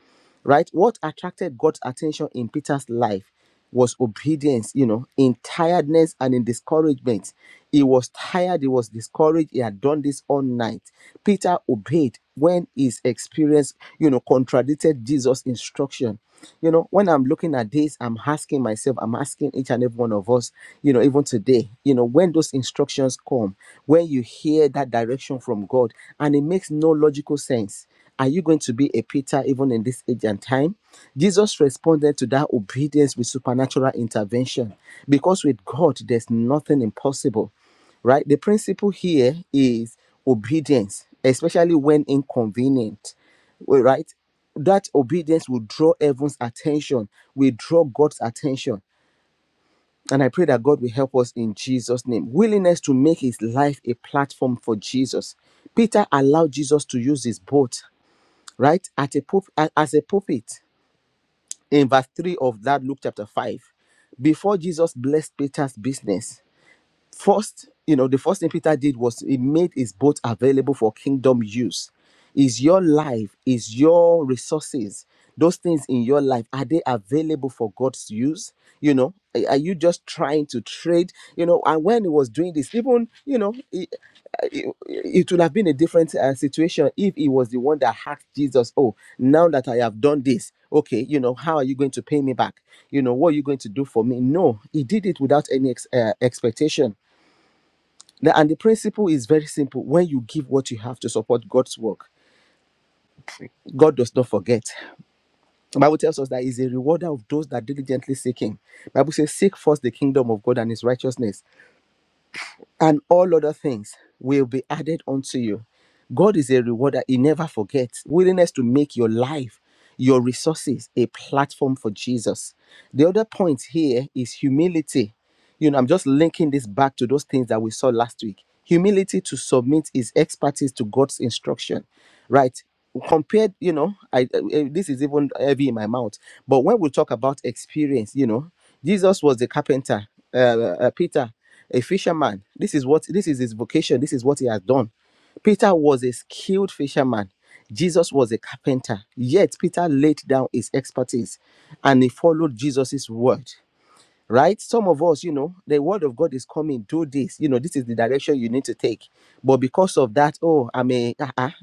right? What attracted God's attention in Peter's life was obedience, you know, in tiredness and in discouragement. He was tired, he was discouraged, he had done this all night. Peter obeyed when his experience, you know, contradicted Jesus' instruction. You know, when I'm looking at this, I'm asking myself, I'm asking each and every one of us, you know, even today, you know, when those instructions come, when you hear that direction from God and it makes no logical sense are you going to be a Peter even in this age and time? Jesus responded to that obedience with supernatural intervention because with God, there's nothing impossible, right? The principle here is obedience, especially when inconvenient, right? That obedience will draw everyone's attention, will draw God's attention. And I pray that God will help us in Jesus' name. Willingness to make his life a platform for Jesus. Peter allowed Jesus to use his boat right? At a pulp- a- as a pulpit in verse 3 of that Luke chapter 5, before Jesus blessed Peter's business, first, you know, the first thing Peter did was he made his boat available for kingdom use. Is your life, is your resources, those things in your life, are they available for God's use? You know, are are you just trying to trade? You know, and when he was doing this, even, you know, it it would have been a different uh, situation if he was the one that hacked Jesus. Oh, now that I have done this, okay, you know, how are you going to pay me back? You know, what are you going to do for me? No, he did it without any ex- uh, expectation. The- and the principle is very simple: when you give what you have to support God's work, God does not forget. The Bible tells us that He's a rewarder of those that diligently seek Him. The Bible says, "Seek first the kingdom of God and His righteousness." and all other things will be added unto you. God is a rewarder, He never forgets. Willingness to make your life, your resources, a platform for Jesus. The other point here is humility. You know, I'm just linking this back to those things that we saw last week. Humility to submit is expertise to God's instruction, right? Compared, you know, I uh, uh, this is even heavy in my mouth. But when we talk about experience, you know, Jesus was the carpenter, uh, uh, Peter a fisherman. This is what this is his vocation. This is what he has done. Peter was a skilled fisherman. Jesus was a carpenter. Yet Peter laid down his expertise and he followed Jesus's word right? Some of us, you know, the word of God is coming, do this. You know, this is the direction you need to take. But because of that, oh, I'm a, ah, ah,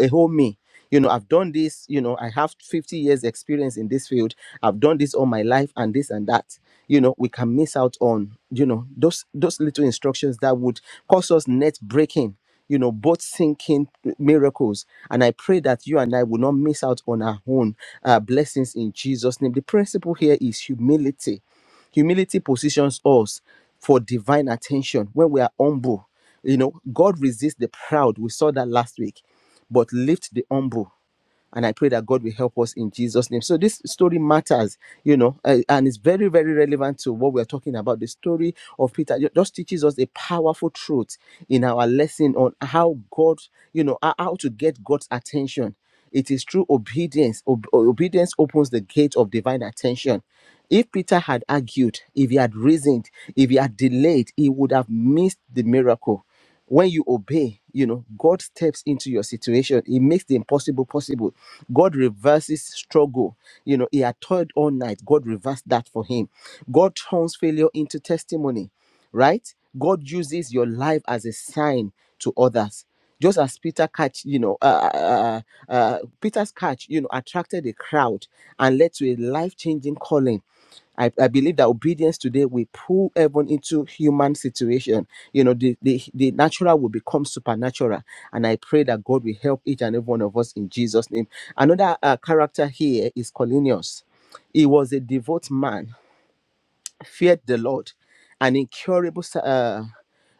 a whole me. You know, I've done this, you know, I have 50 years experience in this field. I've done this all my life and this and that. You know, we can miss out on, you know, those those little instructions that would cause us net breaking, you know, both sinking miracles. And I pray that you and I will not miss out on our own uh, blessings in Jesus' name. The principle here is humility Humility positions us for divine attention when we are humble. You know, God resists the proud. We saw that last week, but lift the humble and I pray that God will help us in Jesus' name. So this story matters, you know, uh, and it's very, very relevant to what we're talking about. The story of Peter just teaches us a powerful truth in our lesson on how God, you know, how how to get God's attention. It is through obedience. Ob- obedience opens the gate of divine attention. If Peter had argued, if he had reasoned, if he had delayed, he would have missed the miracle when you obey, you know, God steps into your situation. He makes the impossible possible. God reverses struggle. You know, he had toiled all night. God reversed that for him. God turns failure into testimony, right? God uses your life as a sign to others. Just as Peter catch, you know, uh, uh, uh, uh, Peter's catch, you know, attracted a crowd and led to a life-changing calling I, I believe that obedience today will pull everyone into human situation. You know, the, the, the natural will become supernatural. And I pray that God will help each and every one of us in Jesus' name. Another uh, character here is Colinius. He was a devout man, feared the Lord, an incurable sa- uh,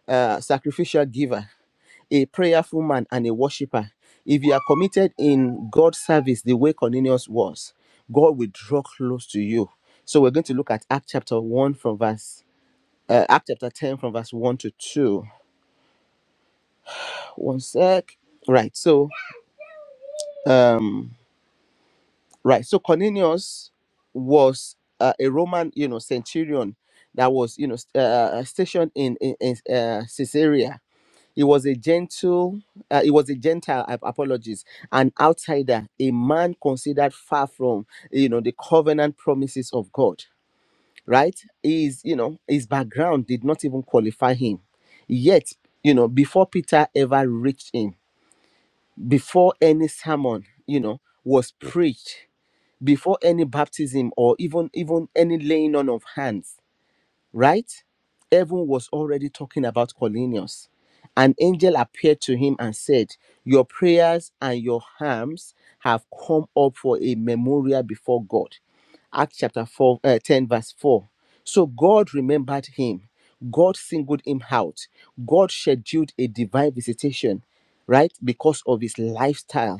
uh, sacrificial giver a prayerful man and a worshiper. If you are committed in God's service the way Cornelius was, God will draw close to you. So we're going to look at Act chapter 1 from verse uh, Act chapter 10 from verse 1 to 2. One sec. Right. So right. So Cornelius was uh, a Roman, you know, centurion that was, you know, st- uh, uh, stationed in in, in uh, Caesarea He was a gentle, uh, he was a Gentile, ap- apologies, an outsider, a man considered far from, you know, the covenant promises of God, right? His, you know, his background did not even qualify him. Yet, you know, before Peter ever reached him, before any sermon, you know, was preached, before any baptism or even even any laying on of hands, right? Heaven was already talking about Cornelius. An angel appeared to him and said, Your prayers and your harms have come up for a memorial before God. Acts chapter 4, uh, 10, verse 4. So God remembered him. God singled him out. God scheduled a divine visitation, right? Because of his lifestyle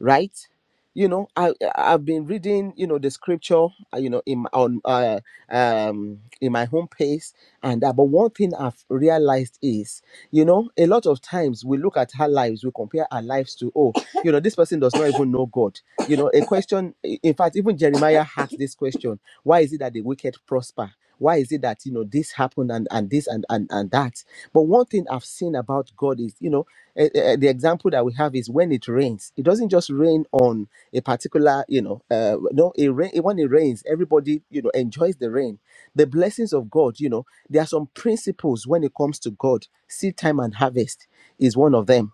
right you know i I- have been reading you know the scripture uh, you know in my- on uh, um in my home page, and that but one thing i've realized is you know a lot of times we look at our lives we compare our lives to oh you know this person does not even know god you know a question i- in fact even jeremiah asked this question why is it that the wicked prosper why is it that you know this happened and and this and and, and that but one thing i've seen about god is you know eh, eh, eh, the example that we have is when it rains it doesn't just rain on a particular you know uh, no it rain when it rains everybody you know enjoys the rain the blessings of god you know there are some principles when it comes to god seed time and harvest is one of them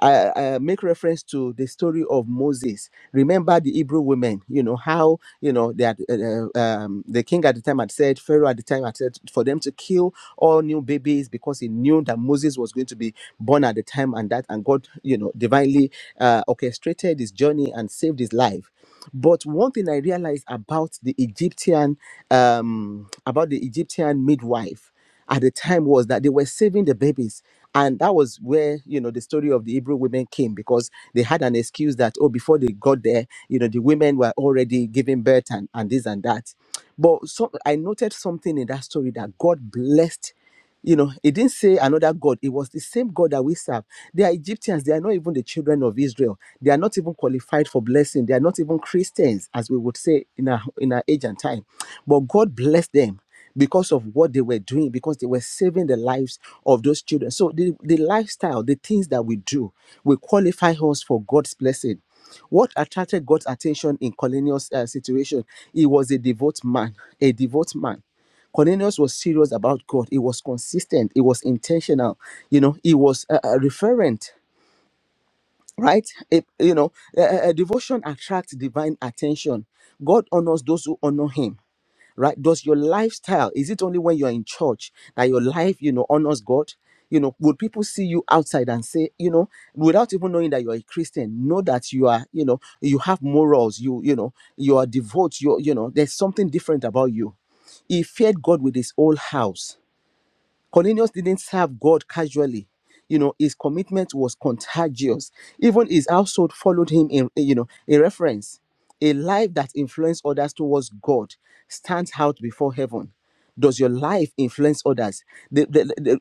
I, I make reference to the story of Moses. Remember the Hebrew women, you know, how, you know, that uh, uh, um, the king at the time had said, Pharaoh at the time had said for them to kill all new babies because he knew that Moses was going to be born at the time and that, and God, you know, divinely uh, orchestrated his journey and saved his life. But one thing I realized about the Egyptian, um, about the Egyptian midwife at the time was that they were saving the babies. And that was where, you know, the story of the Hebrew women came because they had an excuse that, oh, before they got there, you know, the women were already giving birth and, and this and that. But so I noted something in that story that God blessed you know, it didn't say another God. It was the same God that we serve. They are Egyptians. They are not even the children of Israel. They are not even qualified for blessing. They are not even Christians, as we would say in our in our age and time. But God blessed them because of what they were doing, because they were saving the lives of those children. So the, the lifestyle, the things that we do, will qualify us for God's blessing. What attracted God's attention in Cornelius' uh, situation? He was a devout man, a devout man. Cornelius was serious about God. He was consistent. He was intentional. You know, he was uh, uh, referent, right? It- you know, uh, uh, devotion attracts divine attention. God honors those who honor him right does your lifestyle is it only when you're in church that your life you know honors god you know would people see you outside and say you know without even knowing that you're a christian know that you are you know you have morals you you know you are devout you you know there's something different about you he feared god with his whole house Cornelius didn't serve God casually. You know, his commitment was contagious. Even his household followed him in, eh, you know, a reference. A life that influences others towards God stands out before heaven. Does your life influence others? The- the- the-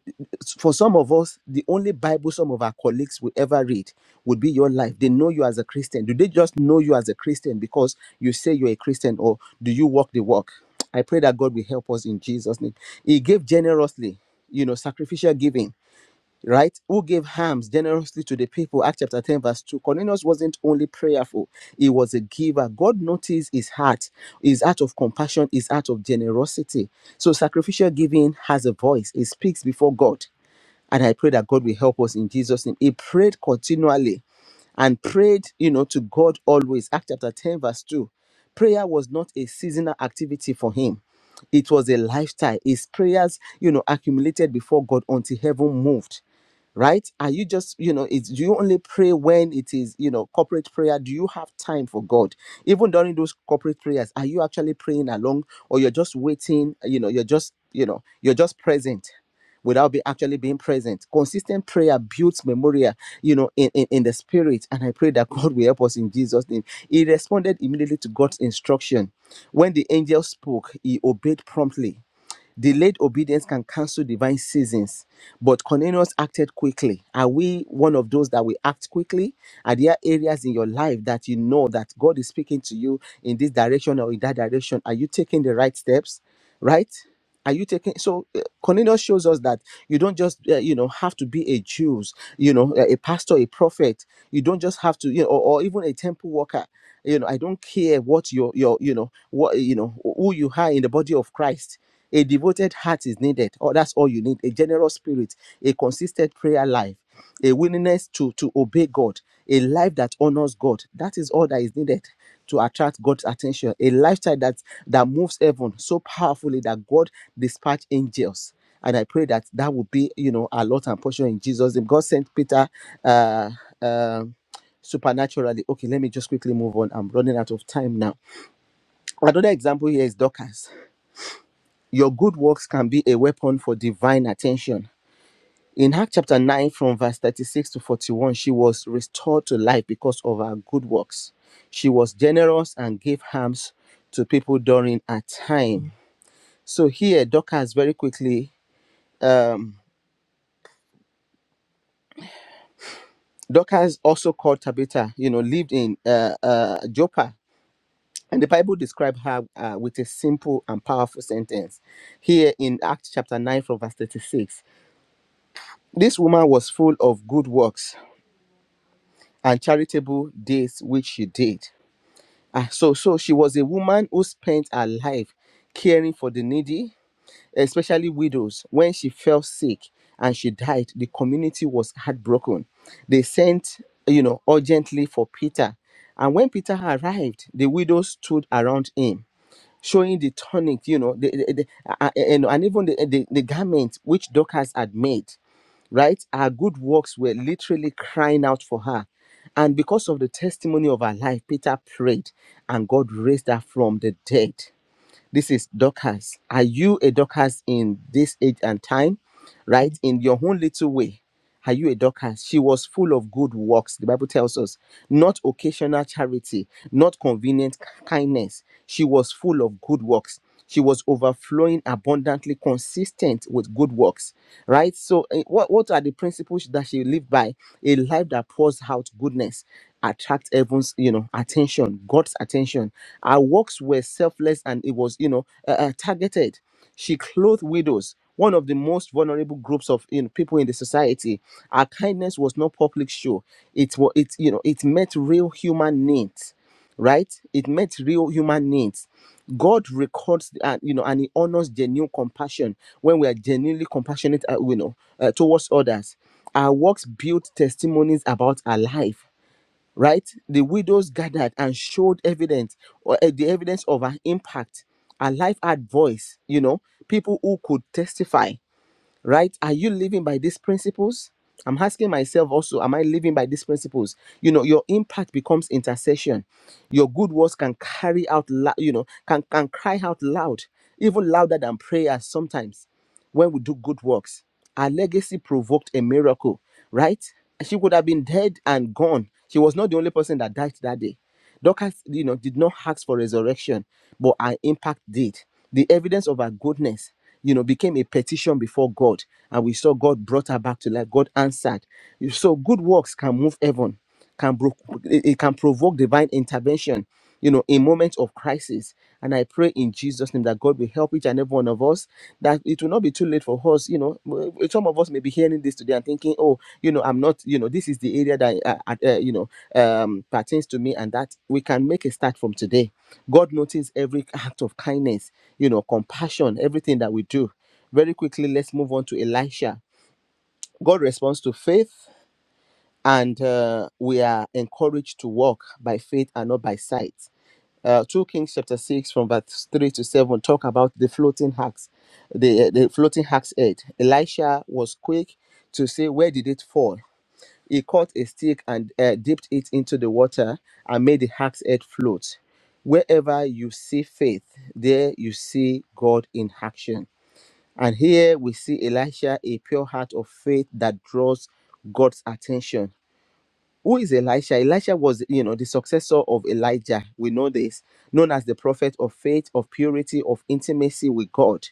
for some of us, the only Bible some of our colleagues will ever read would be your life. They know you as a Christian. Do they just know you as a Christian because you say you're a Christian or do you walk the walk? I pray that God will help us in Jesus' name. He gave generously, you know, sacrificial giving, right? Who gave hams generously to the people? Acts chapter 10, verse 2. Cornelius wasn't only prayerful, he was a giver. God noticed his heart, his heart of compassion, his heart of generosity. So sacrificial giving has a voice, it speaks before God. And I pray that God will help us in Jesus' name. He prayed continually and prayed, you know, to God always. Act chapter 10, verse 2. Prayer was not a seasonal activity for him. It was a lifestyle. His prayers, you know, accumulated before God until heaven moved right are you just you know it's do you only pray when it is you know corporate prayer do you have time for god even during those corporate prayers are you actually praying along or you're just waiting you know you're just you know you're just present without be actually being present consistent prayer builds memorial you know in, in in the spirit and i pray that god will help us in jesus name he responded immediately to god's instruction when the angel spoke he obeyed promptly Delayed obedience can cancel divine seasons, but Cornelius acted quickly. Are we one of those that we act quickly? Are there areas in your life that you know that God is speaking to you in this direction or in that direction? Are you taking the right steps? Right? Are you taking so uh, Cornelius shows us that you don't just uh, you know have to be a Jews, you know, a a pastor, a prophet. You don't just have to, you know, or, or even a temple worker. You know, I don't care what your your you know what you know who you are in the body of Christ a devoted heart is needed. Oh, that's all you need. A generous spirit, a consistent prayer life, a willingness to, to obey God, a life that honors God. That is all that is needed to attract God's attention. A lifestyle that, that moves heaven so powerfully that God dispatch angels. And I pray that that will be, you know, our lot and portion in Jesus' name. God sent Peter uh, um supernaturally. Okay, let me just quickly move on. I'm running out of time now. Another example here is Dorcas your good works can be a weapon for divine attention. In Acts chapter 9, from verse 36 to 41, she was restored to life because of her good works. She was generous and gave alms to people during her time. So here, Dorcas very quickly, um, Dorcas also called Tabitha, you know, lived in uh, uh, Joppa. And the Bible described her uh, with a simple and powerful sentence. Here in Acts chapter 9, from verse 36, this woman was full of good works and charitable deeds which she did. Ah, so, so she was a woman who spent her life caring for the needy, especially widows. When she fell sick and she died, the community was heartbroken. They sent, you know, urgently for Peter. And when Peter arrived, the widows stood around him, showing the tonic, you know, the, the, the- a- a- and, and even the, the, the garment which Dorcas had made right? Her good works were literally crying out for her. And because of the testimony of her life, Peter prayed and God raised her from the dead. This is Dorcas. Are you a Dorcas in this age and time, right? In your own little way, are you a Dorcas? She was full of good works. The Bible tells us not occasional charity, not convenient kindness. She was full of good works. She was overflowing abundantly consistent with good works, right? So, eh, what, what are the principles that she lived by? A life that pours out goodness attracts everyone's, you know, attention, God's attention. Our works were selfless and it was, you know, uh, uh, targeted. She clothed widows, one of the most vulnerable groups of you know, people in the society. Her kindness was not public show. It was it you know it met real human needs, right? It met real human needs. God records and you know and He honors genuine compassion when we are genuinely compassionate, uh, you know, uh, towards others. Our works build testimonies about our life right? The widows gathered and showed evidence, or uh, the evidence of an impact. Her life had voice, you know, people who could testify right are you living by these principles i'm asking myself also am i living by these principles you know your impact becomes intercession your good words can carry out lou- you know can can cry out loud even louder than prayers sometimes when we do good works our legacy provoked a miracle right she would have been dead and gone she was not the only person that died that day Dorcas, you know, did not ask for resurrection, but our impact did. The evidence of her goodness, you know, became a petition before God, and we saw God brought her back to life. God answered. So good works can move heaven, can bro- it it can provoke divine intervention. You know, in moments of crisis, and I pray in Jesus' name that God will help each and every one of us. That it will not be too late for us. You know, w- some of us may be hearing this today and thinking, "Oh, you know, I'm not. You know, this is the area that, I- I- uh, you know." um, pertains to me and that we can make a start from today. God notices every act of kindness, you know, compassion, everything that we do. Very quickly, let's move on to Elisha. God responds to faith, and uh, we are encouraged to walk by faith and not by sight. Uh, 2 Kings chapter 6 from verse 3 to 7 talk about the floating hacks, the, the floating hack's head. Elisha was quick to say, where did it fall? He caught a stick and uh, dipped it into the water and made the hack's head float. Wherever you see faith, there you see God in action. And here we see Elisha, a pure heart of faith that draws God's attention who is Elisha? Elisha was, you know, the successor of Elijah. We know this, known as the prophet of faith, of purity, of intimacy with God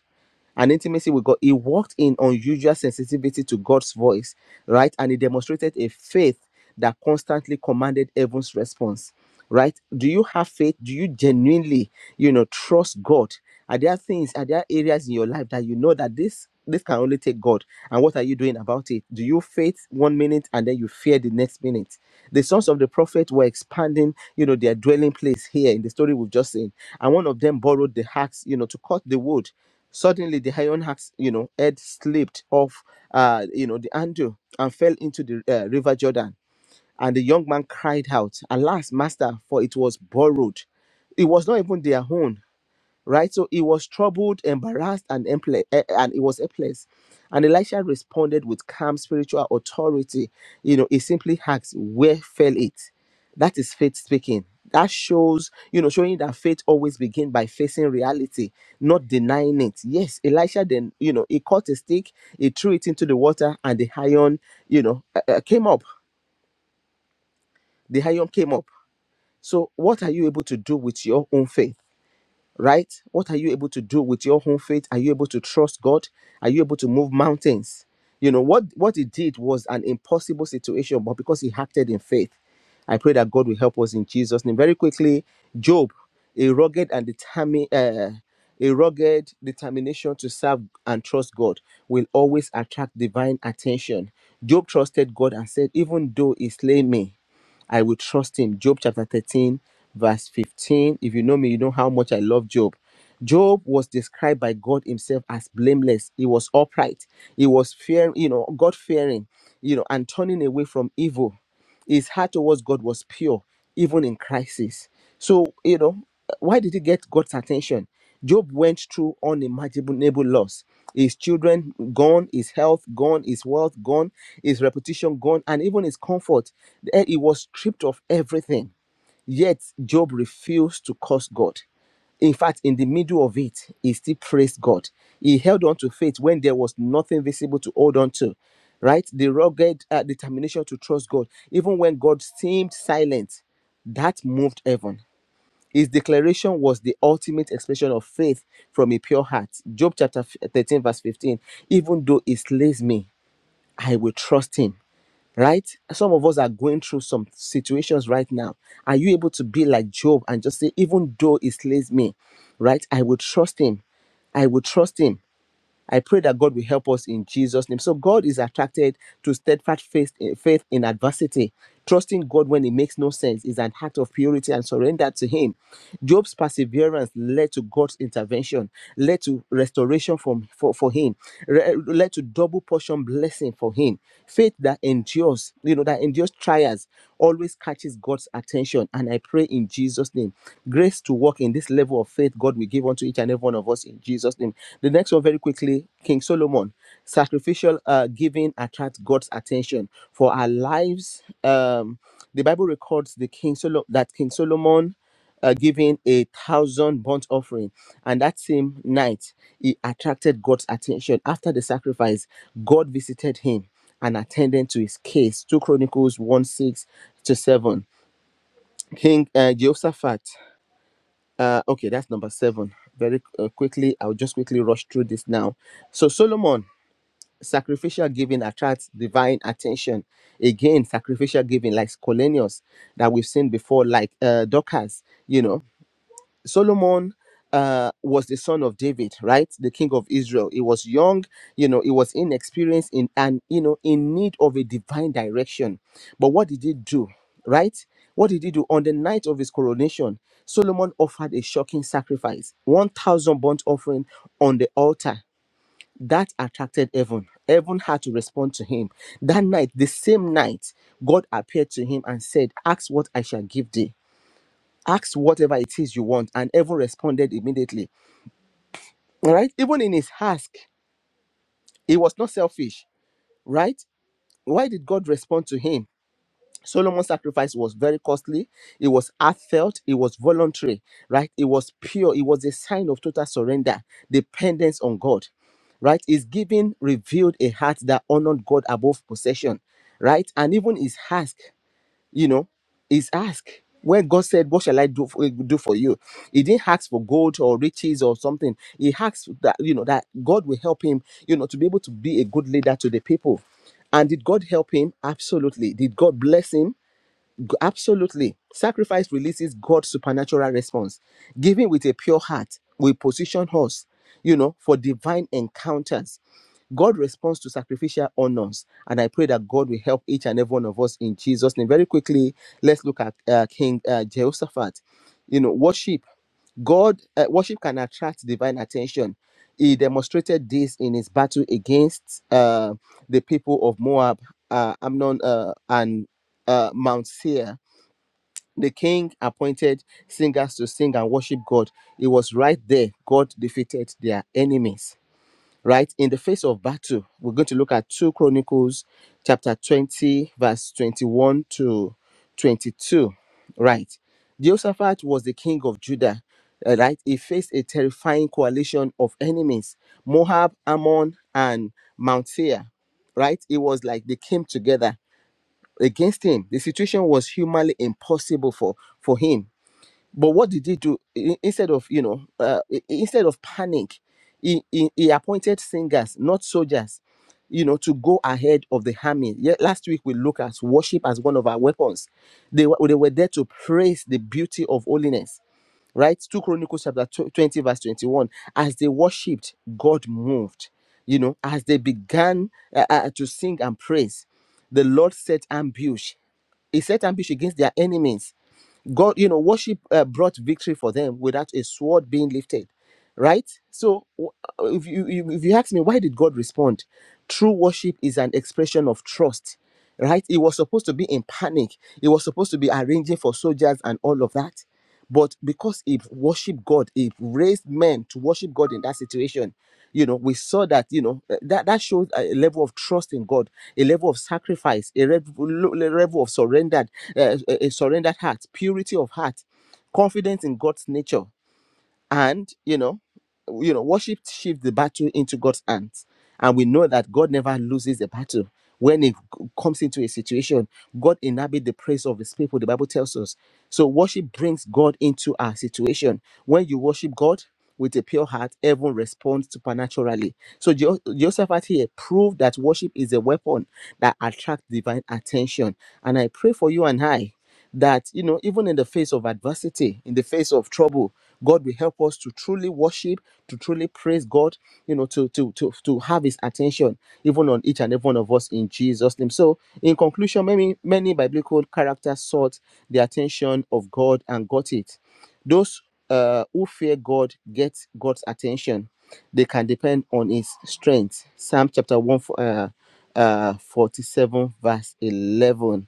and intimacy with God. He walked in unusual sensitivity to God's voice, right? And he demonstrated a faith that constantly commanded heaven's response, right? Do you have faith? Do you genuinely, you know, trust God? Are there things, are there areas in your life that you know that this this can only take God? And what are you doing about it? Do you faith one minute and then you fear the next minute? the sons of the prophet were expanding, you know, their dwelling place here in the story we've just seen. And one of them borrowed the axe, you know, to cut the wood. Suddenly, the iron axe, you know, head slipped off, uh, you know, the handle and fell into the uh, river Jordan. And the young man cried out, "Alas, master! For it was borrowed. It was not even their own right? So he was troubled, embarrassed, and emple- eh, and he was helpless. And Elisha responded with calm spiritual authority. You know, he simply asked, "Where fell it?" That is faith speaking. That shows, you know, showing that faith always begins by facing reality, not denying it. Yes, Elisha then, you know, he caught a stick, he threw it into the water, and the iron, you know, uh, uh, came up. The iron came up. So, what are you able to do with your own faith? right? What are you able to do with your own faith? Are you able to trust God? Are you able to move mountains? You know what what he did was an impossible situation, but because he acted in faith, I pray that God will help us in Jesus' name. Very quickly, Job, a rugged and determined. Uh, a rugged determination to serve and trust God will always attract divine attention. Job trusted God and said, Even though he slay me, I will trust him. Job chapter 13, verse 15. If you know me, you know how much I love Job. Job was described by God Himself as blameless. He was upright. He was fearing, you know, God fearing, you know, and turning away from evil. His heart towards God was pure, even in crisis. So, you know, why did he get God's attention? Job went through unimaginable loss. His children gone, his health gone, his wealth gone, his reputation gone, and even his comfort. Eh, He was stripped of everything Yet Job refused to curse God. In fact, in the middle of it, he still praised God. He held on to faith when there was nothing visible to hold on to, right? The rugged uh, determination to trust God, even when God seemed silent, that moved heaven. His declaration was the ultimate expression of faith from a pure heart. Job chapter 13, verse 15. Even though he slays me, I will trust him right? Some of us are going through some situations right now. Are you able to be like Job and just say, even though he slays me, right? I will trust him. I will trust him I pray that God will help us in Jesus' name. So God is attracted to steadfast faith, eh, faith in adversity. Trusting God when it makes no sense is an act of purity and surrender to Him. Job's perseverance led to God's intervention, led to restoration from, for, for him, re- led to double portion blessing for him. Faith that endures, you know, that endures trials always catches God's attention. And I pray in Jesus' name, grace to walk in this level level of faith God will give unto each and every one of us in Jesus' name. The next one, very quickly, King Solomon. Sacrificial uh, giving attracts God's attention for our lives. Um, the Bible records the King Solo- that King Solomon uh, giving a thousand burnt offering, and that same night he attracted God's attention. After the sacrifice, God visited him and attended to his case. Two Chronicles one six to seven. King uh, Jehoshaphat uh, okay, that's number seven. Very uh, quickly, I'll just quickly rush through this now. So, Solomon, sacrificial giving attracts divine attention. Again, sacrificial giving, like Scholenius, that we've seen before, like uh, Dorcas, you know, Solomon uh, was the son of David, right? The king of Israel. He was young, you know, he was inexperienced in and you know in need of a divine direction. But what did he do, right? What did he do on the night of his coronation? Solomon offered a shocking sacrifice, one thousand burnt offering on the altar. That attracted heaven. Heaven had to respond to him. That night, the same night, God appeared to him and said, "Ask what I shall give thee." Ask whatever it is you want, and Evan responded immediately. All right. Even in his ask, he was not selfish, right? Why did God respond to him? Solomon's sacrifice was very costly. It was heartfelt. It was voluntary, right? It was pure. It was a sign of total surrender, dependence on God, right? His giving revealed a heart that honored God above possession, right? And even his ask you know is ask when god said what shall i do for, do for you he didn't ask for gold or riches or something he asked that you know that god will help him you know to be able to be a good leader to the people and did god help him absolutely did god bless him G- Absolutely. Sacrifice releases God's supernatural response. Giving with a pure heart will position us, you know, for divine encounters. God responds to sacrificial honors, and I pray that God will help each and every one of us in Jesus' name. Very quickly, let's look at uh, King uh, Jehoshaphat. You know, worship. God uh, worship can attract divine attention. He demonstrated this in his battle against uh, the people of Moab, uh, Amnon, uh, and uh, Mount Seir the king appointed singers to sing and worship God. It was right there God defeated their enemies. Right in the face of battle, we're going to look at 2 Chronicles chapter 20, verse 21 to 22. Right. Jehoshaphat was the king of Judah. uh, Right. He faced a terrifying coalition of enemies Moab, Ammon, and Mount Seir. Right. It was like they came together against him. The situation was humanly impossible for for him. But what did he do? I- Instead of you know, uh, i- instead of panic, he, he he appointed singers, not soldiers, you know, to go ahead of the army. Yeah, last week we looked at worship as one of our weapons. They were they were there to praise the beauty of holiness. Right, two Chronicles chapter tw- twenty verse twenty one. As they worshipped, God moved. You know, as they began uh, uh, to sing and praise, the Lord set ambush he set ambush against their enemies. God, you know, worship uh, brought victory for them without a sword being lifted, right? So, w- uh, if you you- if you ask me, why did God respond? True worship is an expression of trust, right? He was supposed to be in panic. He was supposed to be arranging for soldiers and all of that. But because he worshiped God, he raised men to worship God in that situation. You know, we saw that, you know, eh, that, that shows a level of trust in God, a level of sacrifice, a level, level of surrendered, uh, a a surrendered heart, purity of heart, confidence in God's nature and you know you know worship shifts the battle into god's hands and we know that god never loses the battle when it c- comes into a situation god inhabits the praise of his people the bible tells us so worship brings god into our situation when you worship god with a pure heart heaven responds supernaturally so Jo- josephat here proved that worship is a weapon that attracts divine attention and i pray for you and i that you know even in the face of adversity in the face of trouble god will help us to truly worship to truly praise god you know to to to, to have his attention even on each and every one of us in jesus name so in conclusion many many biblical characters sought the attention of god and got it those uh, who fear god get god's attention they can depend on his strength psalm chapter 1 uh, uh, 47 verse 11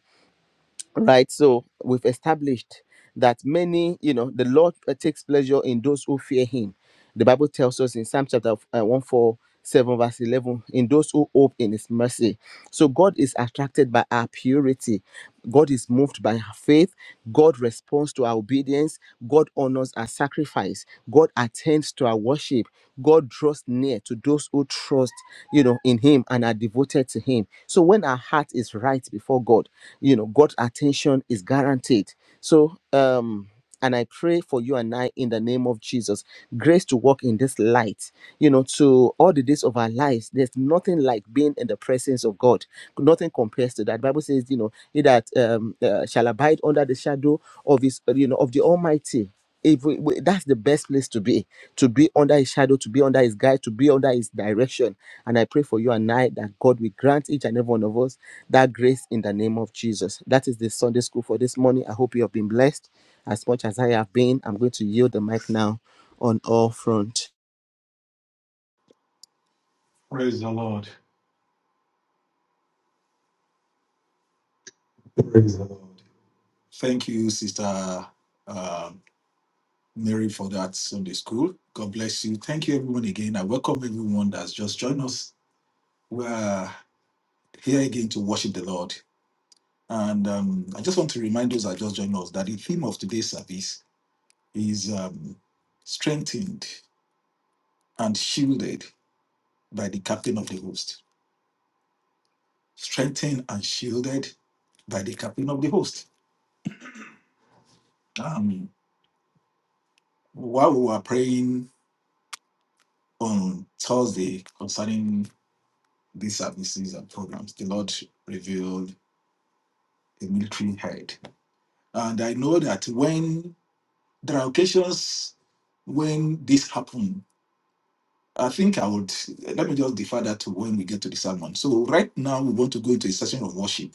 right so we've established that many you know the lord uh, takes pleasure in those who fear him the Bible tells us in Psalm chapter uh, 147, verse 11, in those who hope in his mercy. So God is attracted by our purity. God is moved by our faith. God responds to our obedience. God honors our sacrifice. God attends to our worship. God draws near to those who trust, you know, in him and are devoted to him. So when our heart is right before God, you know, God's attention is guaranteed. So um and I pray for you and I in the name of Jesus. Grace to walk in this light, you know, to all the days of our lives. There's nothing like being in the presence of God. Nothing compares to that. Bible says, you know, he that um, uh, shall abide under the shadow of his, you know, of the Almighty if we, we, that's the best place to be to be under his shadow to be under his guide to be under his direction and i pray for you and i that god will grant each and every one of us that grace in the name of jesus that is the sunday school for this morning i hope you have been blessed as much as i have been i'm going to yield the mic now on all front Praise the Lord. Praise the Lord. Thank you, Sister uh, Mary, for that Sunday school. God bless you. Thank you, everyone, again. I welcome everyone that's just joined us. We're here again to worship the Lord. And um, I just want to remind those that just joined us that the theme of today's service is um, strengthened and shielded by the captain of the host. Strengthened and shielded by the captain of the host. Um, While we were praying on Thursday concerning these services and programs, the Lord revealed a military head. And I know that when there are occasions when this happened, I think I would let me just defer that to when we get to the sermon. So right now we want to go into a session of worship.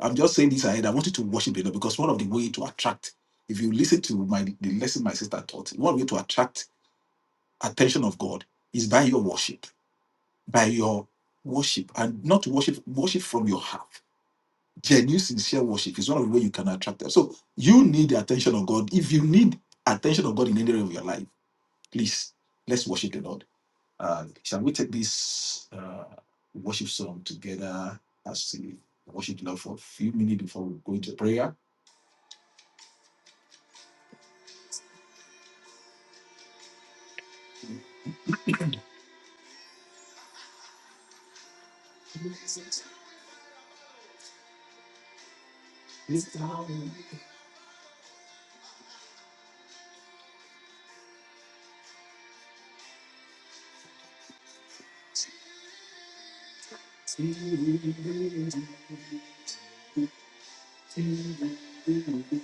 I'm just saying this ahead. I wanted to worship the Lord because one of the way to attract, if you listen to my the lesson my sister taught, one way to attract attention of God is by your worship. by your worship and not worship worship from your heart genuine sincere worship is one of the ways you can attract them so you need the attention of god if you need attention of god in any area of your life please let's worship the lord uh, shall we take this uh, worship song together as we worship the lord for a few minutes before we go into prayer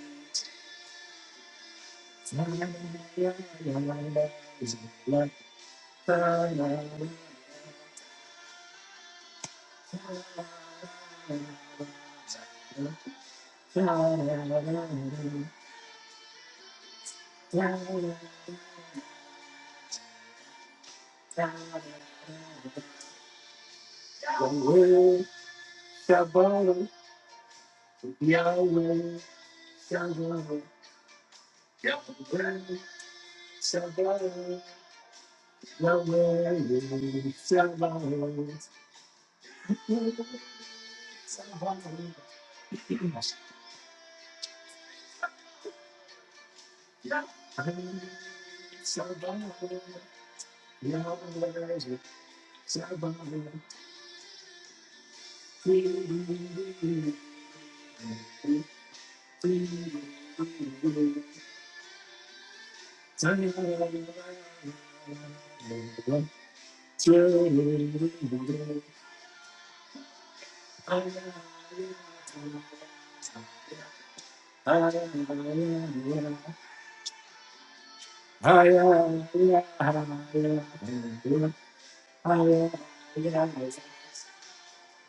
Yahweh Shabbat, Yahweh Shabbat, Yahweh Shabbat, Yahweh Shabbat, Yahweh Shabbat. Yeah.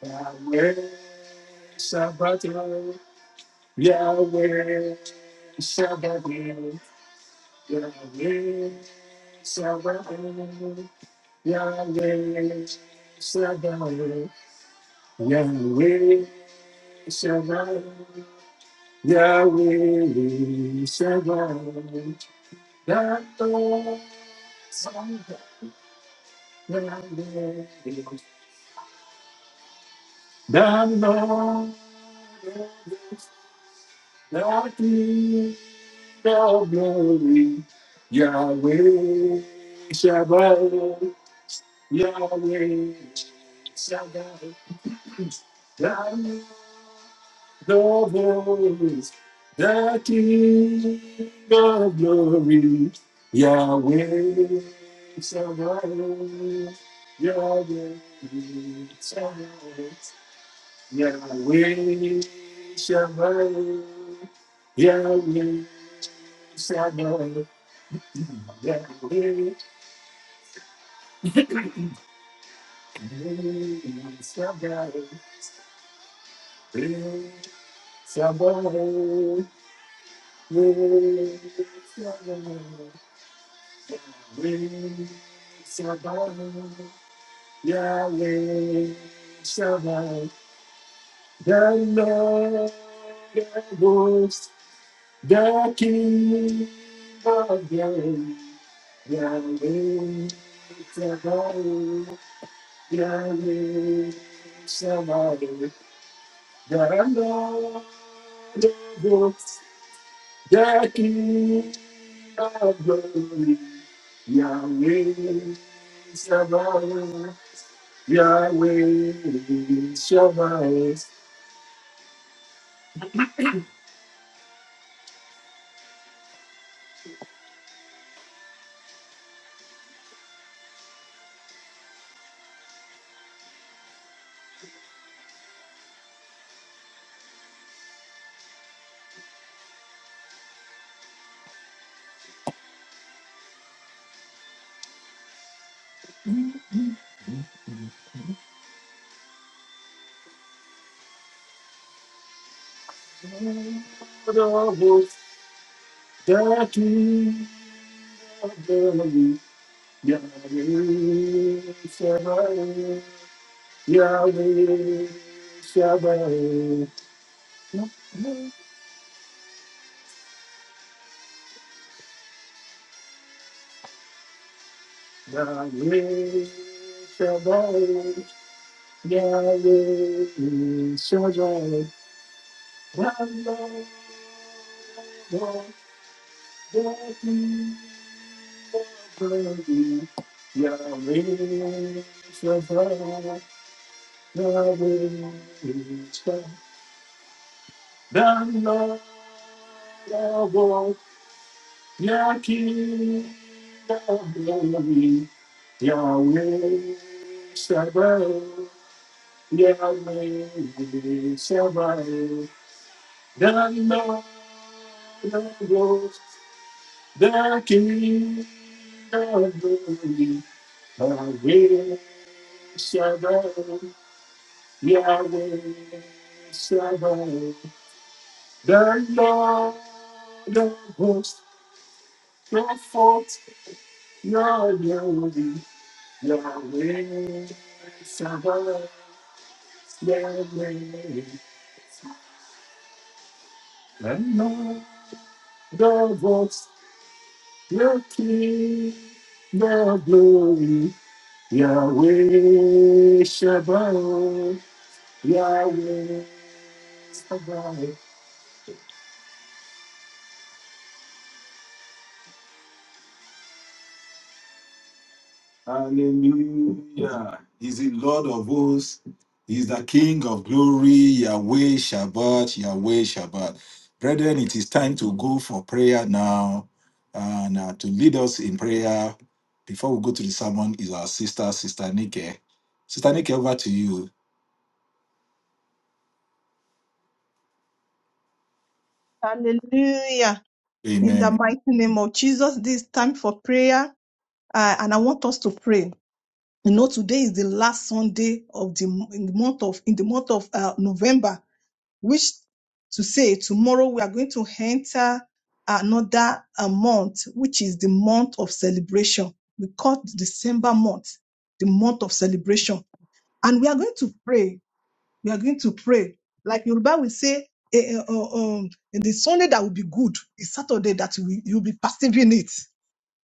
Yahweh Shabbatai. Yahweh Shabbatai. Yahweh Shabbatai. Yahweh Shabbatai. Yahweh Shabbatai. Yahweh Shabbatai. Dano Shabbatai. Yahweh Dano Dano, all glory, Yahweh Shabbat, Yahweh Shabbat. Thou the voice, the King of glory, Yahweh Shabbat, Yahweh Shabbat, Yahweh Shabbat, Yahweh Shabbat. Yahweh Shabbat, the Lord, the host, the King of glory. Yahweh Shabbat, Yahweh Shabbat, that I know books that King of glory, Yahweh Shabbat, Yahweh Shabbat, Lord of hosts, the books that King of glory, Yahweh Shabbat, Yahweh Shabbat, Yahweh Shabbat. Yahweh is Shaddai, Yahweh, the King of glory. Yahweh Shaddai, Yahweh is Shaddai, the Lord of all, the King of glory. Yahweh Shaddai, Yahweh Shaddai, the Lord of all. The King of glory, Yahweh Shabbat, Yahweh Shabbat, the Lord of hosts, show forth your glory, Yahweh Shabbat, Yahweh. And now the voice, your King, the glory, Yahweh Shabbat. Yahweh is provided. Hallelujah. Brethren, it is time to go for prayer now. And uh, to lead us in prayer before we go to the sermon is our sister, Sister Nike. Sister Nike, over to you. Hallelujah. In the Amen. mighty name of Jesus, this is time for prayer. Uh, and I want us to pray. You know, today is the last Sunday of the, m- in the month of in the month of uh, November, which to say tomorrow we are going to enter another uh, month, which is the month of celebration. We call December month the month of celebration, and we are going to pray we are going to pray. Like Yoruba will say, eh, eh, uh, um, the Sunday that will be good is Saturday that you will you'll be perceiving it.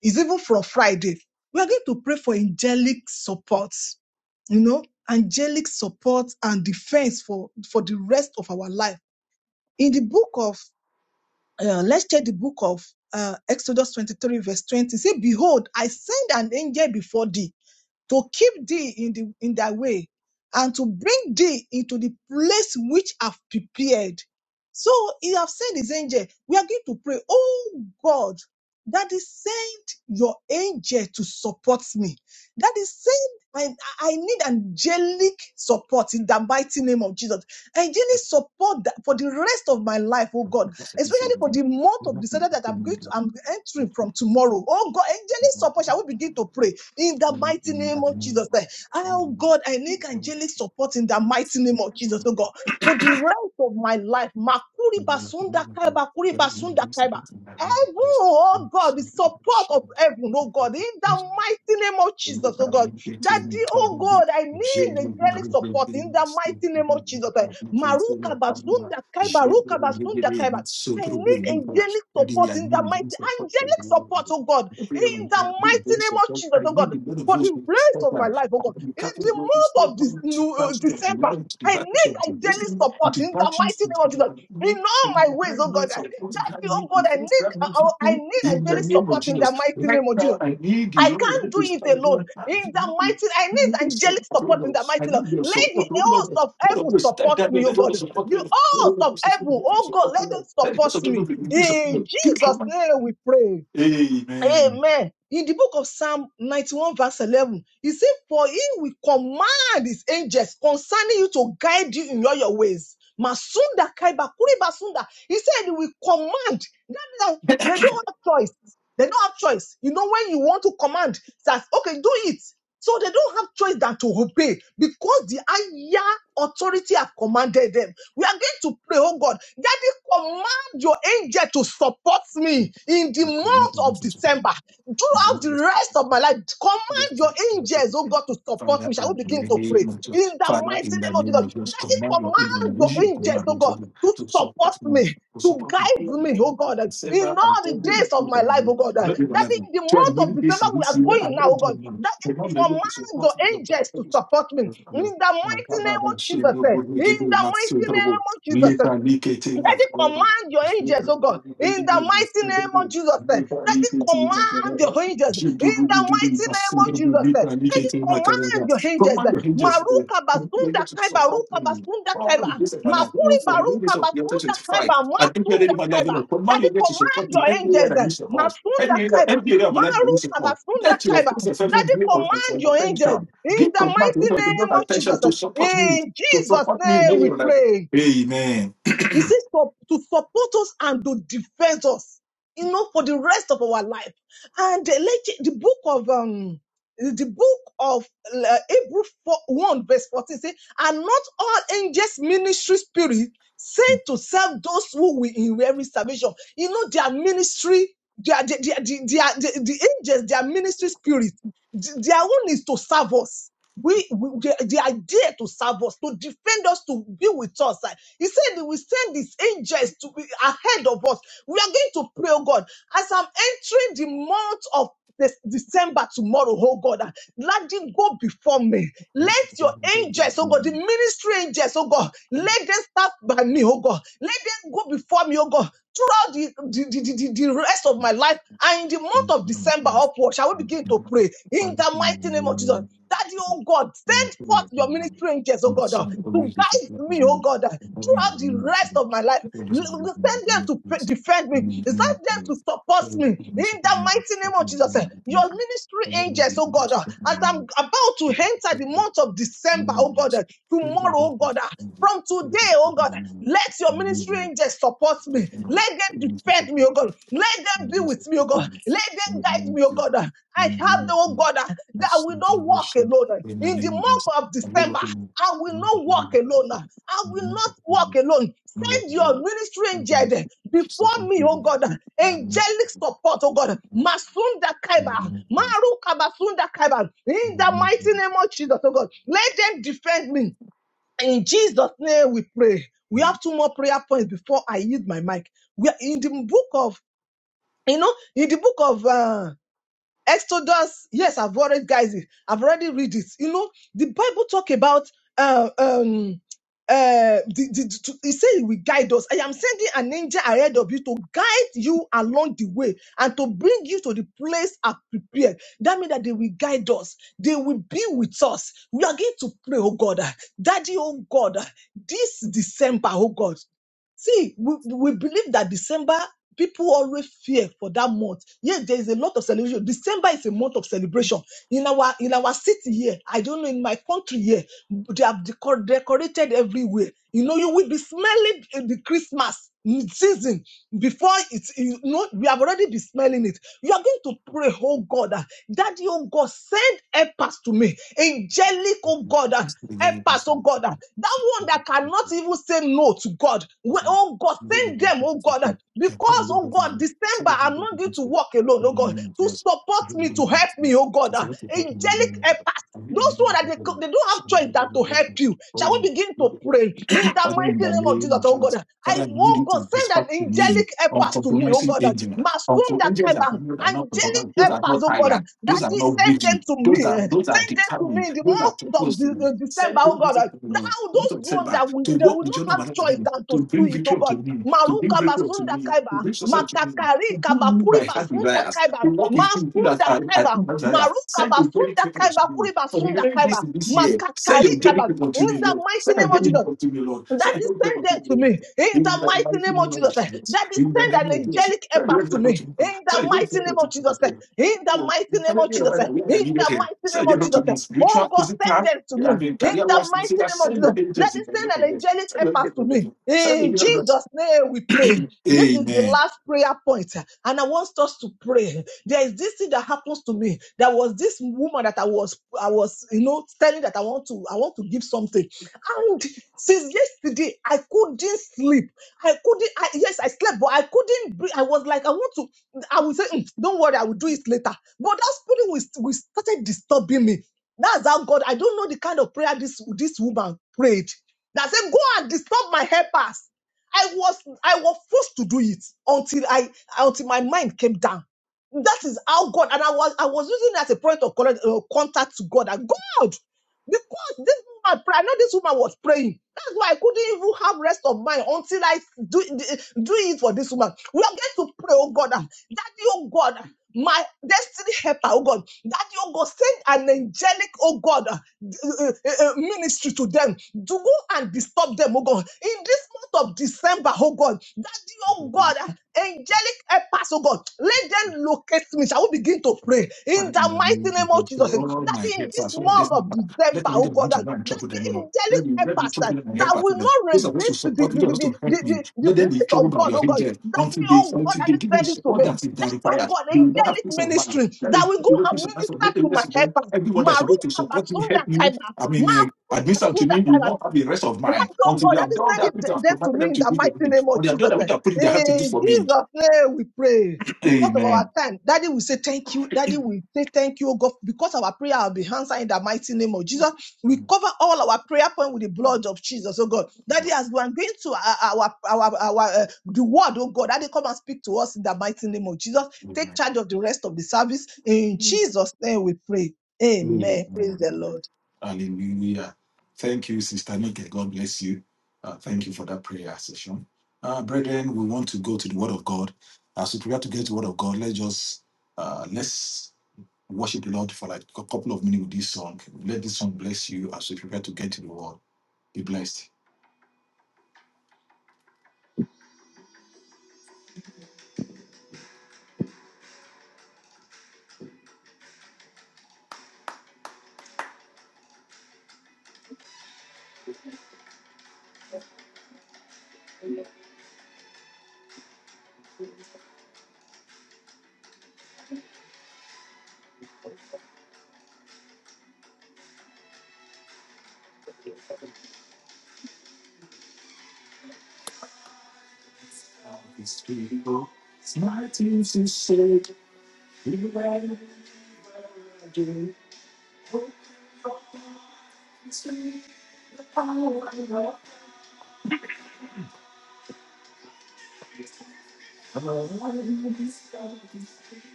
It's even from Friday. We are going to pray for angelic support, you know, angelic support and defense for, for the rest of our life. In the book of, uh, let's check the book of uh, Exodus 23, verse 20. Say, Behold, I send an angel before thee to keep thee in the in thy way and to bring thee into the place which I've prepared. So he have sent his angel. We are going to pray, oh God, that is send your angel to support me. That is send I, I need angelic support in the mighty name of Jesus. Angelic support that for the rest of my life, oh God, especially for the month of December that I'm going to I'm entering from tomorrow. Oh God, angelic support. Shall we begin to pray? in the mighty name of Jesus. Eh, Oh God, I need angelic support in the mighty name of Jesus, oh God, for the rest of my life. Makuri basunda kaiba, kuri basunda kaiba. Heaven, oh God, the support of heaven, oh God, in the mighty name of I Jesus, need oh the God. That the oh God, I need angelic support in the mighty name of Jesus. Eh, Maruka basunda kaiba, ruka basunda kaiba. I need angelic support in the mighty angelic support, oh God in the mighty name of Jesus, oh God, men of for us the to rest step of my down life, oh and God, the in the Catholic God is still month of this going to the new, uh, battles of the December, life, to the I need battles of thy the daily destiny, and support to the in the battles mighty name of of the Jesus. In enemy, all and to my the ways, great oh God, needs that of what God be, oh made God, the I first need, grand uh, uh, need, I need a in the daily name of support in the Jesus, mighty right name of now Jesus. I need the I Lord, I can't need do to it stand alone. there and In give me the mighty, I give me your need angelic support, oh support in Lord. the mighty I name. need your Let the support, oh host Lord. of Lord, I heaven will stand support there me, and oh let your God. support The me. host Lord, I of will stand heaven, there and Let your oh God, support me, let them Lord. Let the support support of me. the release of In me. Give Jesus' name we pray. me Amen. In the book of Psalm 91, verse 11, he said, For he will command his angels concerning you to guide you in all your ways. Masunda Kaiba Kuriba Sunda. He said, He will command. That they don't have choice. They don't have choice. You know, when you want to command, that okay, do it. So they don't have choice than to obey because the higher authority have commanded them. We are going to pray, oh God, that command your angel to support me in the month of December. Throughout the rest of my life, command your Amen. angels, oh God, to support Father, me. Shall in we begin the to pray? name of In Jesus, the Father, mighty in the name of name Jesus, of Jesus, that is command your people, command your use your angels, command oh me to, God, do- to to support support me, me. to To support me, guide Who are the me, oh people of God, uh, in December and all the every other days of day my of the life, oh God, uh, Not even that as much. in the To the month of giving this December in we this are year, going I'm now, not oh God, doing one. that is Command your command people to your support me, Lord. command angels to your people support me to support in me, Lord. the My mighty God, name I'm of not Jesus, ashamed, oh eh, God, we in get it, the not so mighty name trouble. of Jesus, Lift eh, and lick it, eh, my Daddy, God. command your It's very angels, good, oh God, very in the good, it's mighty very name of good. Jesus. eh. Lift and lick Daddy, it, eh, my command your God. angels Jim in Dubu the Dubu Dubu, mighty it's name so of terrible. Jesus. Lift eh. and lick Daddy, it, eh, my God. command your angels. eh. Maruka basunda kaiba, ruka basunda kaiba, makuri baruka basunda kaiba, masunda kaiba. Daddy, command your angels, eh. masunda kaiba. Maruka basunda kaiba. Daddy, command your angels in the mighty name of Jesus. eh. In Jesus' name we pray. He says to, to support us and to defend us, you know, for the rest of our life. And uh, let- the book of um the book of uh, Hebrew 4, 1 verse 14 says, and not all angels ministry spirit sent to serve those who will inherit salvation. You know, their ministry, their, their, their, their, their- the angels, their ministry spirit, th- their own is to serve us we, we they, they are to serve us, to defend us, to be with us. Ah, He said he will send these angels to be ahead of us. We are going to pray, oh God, as I'm entering the month of this December tomorrow, oh God, ah, let it go before me. Let your angels, oh God, the ministry angels, oh God, let them start by me, oh God. Let them go before me, oh God. Throughout the, the, the, the, the the rest of my life and in the month of December upward, shall we begin to pray in the mighty name of Jesus? Daddy, oh God, send forth your ministry angels, oh God, uh, to guide me, oh God, uh, throughout the rest of my life. Send them to defend me. Send them to support me. In the mighty name of Jesus, eh, your ministry angels, oh God, ah, as I'm about to enter the month of December, oh God, ah, tomorrow, oh God, ah, from today, oh God, eh, let your ministry angels support me. Let them defend me, oh God. Let them be with me, oh God. Let them guide me, oh God. ah. I have the, oh God, ah, that I will not walk alone. eh. In the month of December, I will not walk alone. ah. I will not walk alone. Send your ministry angel before me, oh God. Angelic support, oh God. Masunda Kaiba, Maruka Basunda Kaiba. In the mighty name of Jesus, oh God. Let them defend me. In Jesus' name we pray. We have two more prayer points before I yield my mic. We are in the book of, you know, in the book of uh, Exodus, yes, I've already guys, I've already read it. You know, the Bible talk about uh, um uh the, the, to, it say he will guide us. I am sending an angel ahead of you to guide you along the way and to bring you to the place I prepared. That means that they will guide us, they will be with us. We are going to pray, oh God, ah, Daddy, oh God, ah, this December, oh God. See, we, we believe that December people always fear for that month. Yes, there is a lot of celebration. December is a month of celebration. In our in our city here, I don't know in my country here, they have decor- decorated everywhere. You know, you will be smelling uh, the Christmas season before it's you know we have already been smelling it you are going to pray oh god that daddy oh god send helpers to me angelic oh god ah, Help us, oh God. That one that cannot even say no to God. We- Oh God, send them, oh God. Because, oh God, December, I'm not going to walk alone, oh God. To support me, to help me, oh God. Angelic help us. Those who that they, co- they don't have choice than to help you. Shall we begin to pray in the Father, in mighty the name of name Jesus? of Oh Jesus, God, I Father, I need want you God to send respect an to me, angelic helpers to me. Oh uncompromising God, angel. Uncle Masunda angels that Kaiba, are not, are not angelic compromised. Those are helpers. not Oh God, tired. that Those are they not send them weary. to Those me. are eh. those are Send them to me determined. in in the Those are month of close to De- you. uh, December, Send me oh this God, to uh, the Lord. now This of those ones December that will, to they walk will with not John of have my life to be, choice than to to do bring it, oh victory to God. me, to bring Maruka breakthrough to basunda me, to kaiba, bring success to me, to makakari kaba bring me puri my heart basunda desires, kaiba, to walk with me so that masunda I, I kaiba, think my desire. maruka Send a very basunda people to kaiba me. puri So the basunda remaining days kaiba, in this year, send makakari your daily kaba. people In to me, the Lord. Send mighty your name of daily Jesus, people to me, Lord. that Send is your daily send people to them me, to me Lord. in In the the mighty mighty name of name of Jesus. eh. Jesus. That is In the send name an of Jesus. angelic Send empath your to daily people to me me, Lord. in the Send your daily mighty people name to of Jesus. eh. me, Lord. In the Oh, mighty name of everything Jesus. about eh. that, where I In needed the help. mighty name Send your of help Jesus. to eh. me, Oh spiritual, God, physical, send them to I me mean, in the career-wise. You mighty say that name of send Jesus. your That angels in is the send name of an Jesus. angelic Send your empath angels in to the name of me. Jesus. Send In your angels. Jesus' name we pray. This is the Amen. last prayer point, eh, and I want us to pray. There is this thing that happens to me. There was this woman that I was, I was, you know, telling that I want to, I want to give something. And since yesterday, I couldn't sleep. I couldn't. I, yes, I slept, but I couldn't. Breathe. I was like, I want to. I will say, "Mm, don't worry, I will do it later. But that spirit was, was started disturbing me. That's how God. I don't know the kind of prayer this this woman prayed. That said, go and disturb my helpers. I was I was forced to do it until I until my mind came down. That is how God and I was I was using it as a point of contact uh, contact to God. And God. Because this woman, I know this woman was praying. That's why I couldn't even have rest of mind until I do, do it for this woman. We are going to pray, oh God, that oh God, ah, my destiny helper, oh God, that you God, send an angelic, oh God, uh, uh, uh, uh, ministry to them. Do go and disturb them, oh God. In this month of December, oh God, that oh God, uh, angelic helpers, oh God, let them locate me. Shall we begin to to pray in Father, in the the name mighty name of of God, Jesus. to all That my in this helpers, all my month destiny of partners, let December, them oh even God, want to that go and trouble the them, O Lord. angelic Let me, let me helpers trouble that, them and that help us, O will Lord. not Those are those who resist the support me, the, the, those the, to the, help me. the the Let them be voice troubled of by God, your oh God, angels that the until they, oh God until they that is give me the sending to support that me, is that that oh required. God, They will not have angelic peace of mind. ministry Let that them, will go they will not and peace of mind. minister Let them to my rest with them. helpers. Every Maru support me, Abasunda I Kaima, mean, I Maru Abasunda mean, will Kaima. not out of mind That's all until God. That is send that it people de- have death to provided me them in to the people. mighty name What of do Jesus. eh. In I Jesus' name we pray. Because of our time, Daddy will say thank you. Daddy will say thank you, oh God. Because our prayer will be answered in the mighty name of Jesus. We cover all our prayer point with the blood of Jesus, oh God. Daddy, as we are going to our our our, our uh, the word, oh God, Daddy, come and speak to us in the mighty name of Jesus. Take charge of the rest of the service. In Jesus' name we pray. mean? Amen. Praise the Lord. Hallelujah. Thank you, Sister Nike. God bless you. Uh, thank you for that prayer session. Uh, brethren, we want to go to the Word of God. As we prepare to get to the Word of God, let's just uh, let's worship the Lord for like a couple of minutes with this song. Let this song bless you as we prepare to get to the Word. Be blessed. His people, it's my team to say, we will do. Open your eyes, see the power of love. This evening, under the stars, beneath all these people,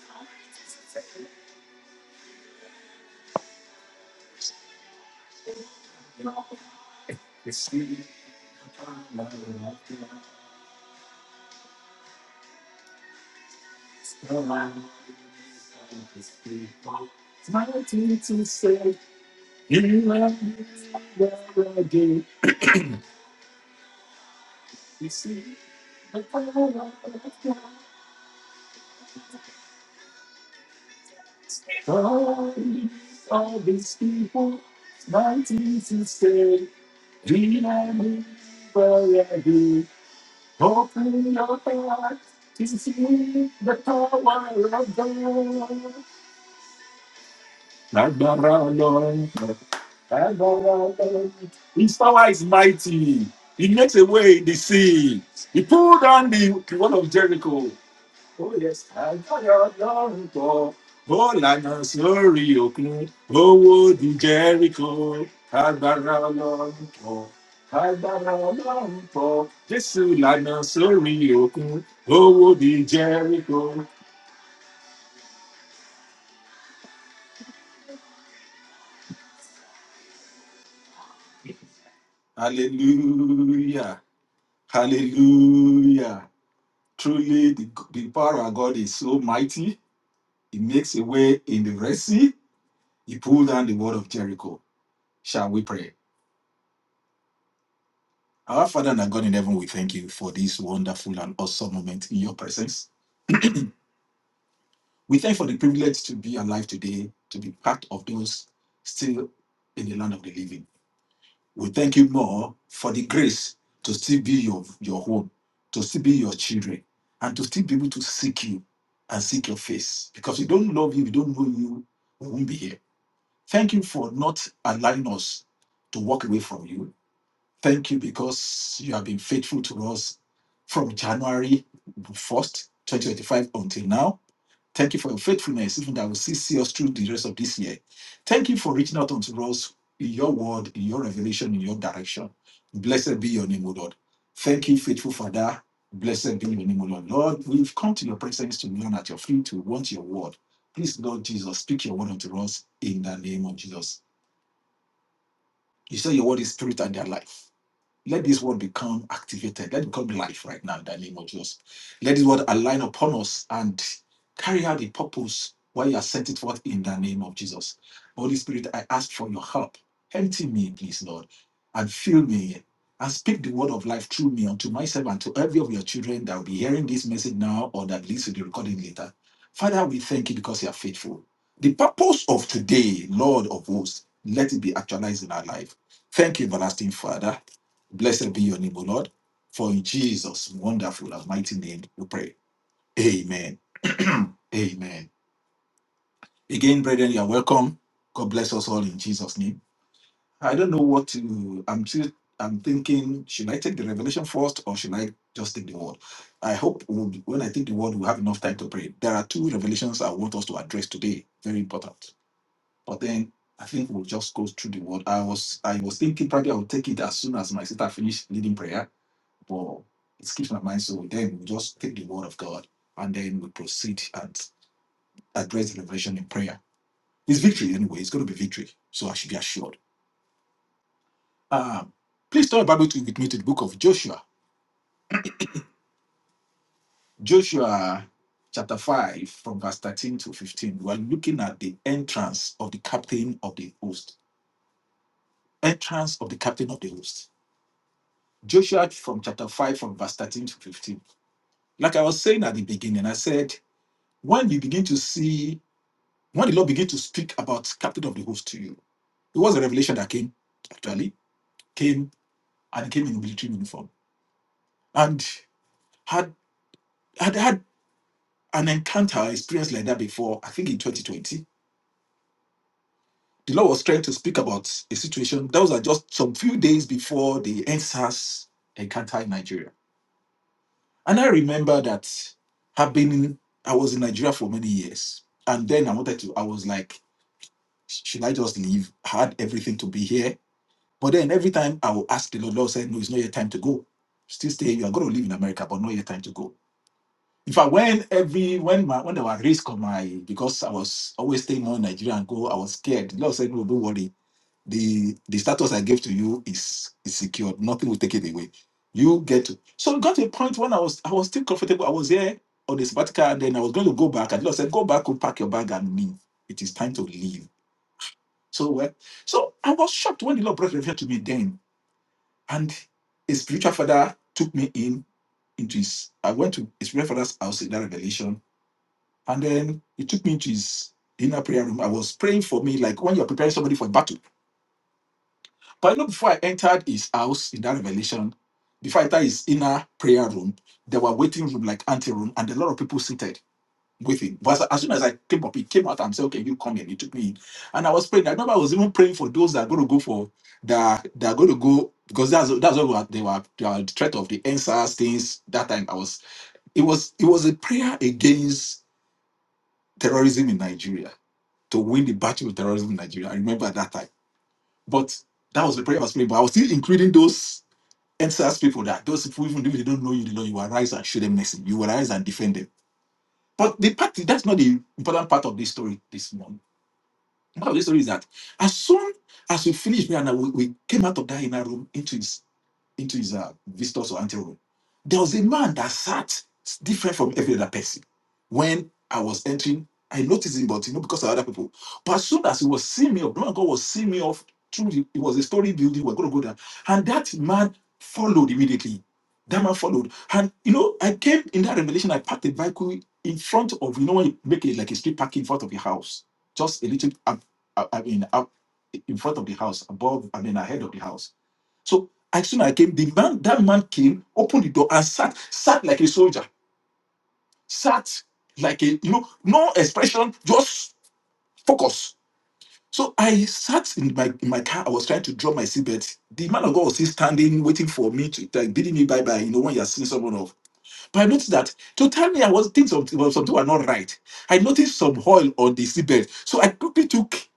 my tears will stay in my heart forever. This evening, under the stars, beneath all these people, my tears will stay in my heart forever. Open your heart to see the power of God. Adorable, adorable. His power is mighty. He makes away the sea. He pulled down the wall of Jericho. Oh yes, I got your love. Bọ́lànà sórí òkun, owó di Jẹ́ríkò, agbára ọlọ́run pọ̀, agbára ọlọ́run pọ̀. Jésù lànà sórí Hallelujah, hallelujah. Truly the, the power of God is so mighty. He makes a way in the Red Sea. He pulled down the wall of Jericho. Shall we pray? Our Father and our God in heaven, we thank you for this wonderful and awesome moment in your presence. We thank you for the privilege to be alive today, to be part of those still in the land of the living. We thank you more for the grace to still be your, your home, to still be your children, and to still be able to seek you and seek your face. Because we don't love you, we don't know you, we won't be here. Thank you for not allowing us to walk away from you Thank you because you have been faithful to us from January 1st, 2025 until now. Thank you for your faithfulness, even that will see, see us through the rest of this year. Thank you for reaching out unto us in your word, in your revelation, in your direction. Blessed be your name, O Lord. Thank you, faithful Father. Blessed be your name, O Lord. Lord, we've come to your presence to learn at your feet, to want your word. Please, Lord Jesus, speak your word unto us in the name of Jesus. You say your word is spirit and their life. Let this word become activated. Let it become life right now in the name of Jesus. Let this word align upon us and carry out the purpose why you are sent it forth in the name of Jesus. Holy Spirit, I ask for your help. Empty me, please, Lord, and fill me and speak the word of life through me unto myself and to every of your children that will be hearing this message now or that leads to the recording later. Father, we thank you because you are faithful. The purpose of today, Lord of hosts, let it be actualized in our life. Thank you, everlasting Father. Blessed be your name, O Lord. For in Jesus' wonderful and mighty name we pray. Amen. Amen. Again, brethren, you are welcome. God bless us all in Jesus' name. I don't know what to I'm still I'm thinking, should I take the revelation first or should I just take the word? I hope we'll- when I take the word, we'll have enough time to pray. There are two revelations I want us to address today. Very important. But then I think we'll just go through the word. I was I was thinking probably I'll take it as soon as my sister finished leading prayer well, it's keeping our mind so then we just take the word of God and then we proceed and address the revelation in prayer. It's victory anyway, it's gonna be victory. So I should be assured. Um please turn the Bible to with me to the book of Joshua. Joshua chapter 5 from verse 13 to 15. We are looking at the entrance of the captain of the host. Entrance of the captain of the host. Joshua from chapter 5 from verse 13 to 15. Like I was saying at the beginning, I said when you begin to see When the Lord began to speak about captain of the host to you, it was a revelation that came, actually, came and came in military uniform. And had had had an encounter experience like that before, I think in 2020. The Lord was trying to speak about a situation. Those are just some few days before the NSAS encounter in Nigeria. And I remember that I've been in, I was in Nigeria for many years. And then I wanted to, I was like, should I just leave? I had everything to be here But then every time I will ask the Lord, Lord said, No, it's not your time to go. Still stay, you are going to live in America, but not your time to go. In fact, when every when my when there was risk of my because I was always staying more in Nigeria and go, I was scared. The Lord said, No, don't worry. The the status I gave to you is is secured. Nothing will take it away. You get to so it got to a point when I was I was still comfortable. I was here on the sabbatical and then I was going to go back. And the Lord said, Go back, go pack your bag and leave. It is time to leave. So well, so I was shocked when the Lord brought revelation to me then and his spiritual father took me in into his. I went to his spiritual father's house in that revelation, and then he took me into his inner prayer room. I was praying for me like when you're preparing somebody for a battle. But you know, before I entered his house in that revelation, before I entered his inner prayer room, there were waiting room like ante room, and a lot of people seated with him. But as soon as I came up, he came out and said, Okay, you come in. He took me in. And I was praying. I remember I was even praying for those that are going to go for that that are going to go because that's that's what we were- they were they were the threat of the answers things that time. I was it was it was a prayer against terrorism in Nigeria to win the battle with terrorism in Nigeria. I remember at that time. But that was the prayer I was praying. But I was still including those answers people that those people even if they don't know you, they know you will rise and show them mercy. You will rise and defend them. But the part that's not the important part of this story this morning Part of the story is that as soon as we finished, me and I, we, we came out of that inner room into his into his uh, visitors or ante room. There was a man that sat different from every other person. When I was entering, I noticed him, but you know, because of other people. But as soon as he was seeing me, up, the man God was seeing me off through the, it was a story building, we're going to go there. And that man followed immediately. That man followed. And, you know, I came in that revelation, I parked the vehicle in front of, you know, when you make it like a street parking in front of your house, just a little um, I, I mean, out in front of the house, above, I mean, ahead of the house. So as soon as I came, the man, that man came, opened the door and sat, sat like a soldier, sat like a, you know, no expression, just focus. So I sat in my in my car. I was trying to draw my seatbelt. The man of God was still standing, waiting for me to like bidding me bye bye. You know when you are seeing someone off. But I noticed that to tell me I was things of well, something were not right. I noticed some oil on the seatbelt. So I quickly took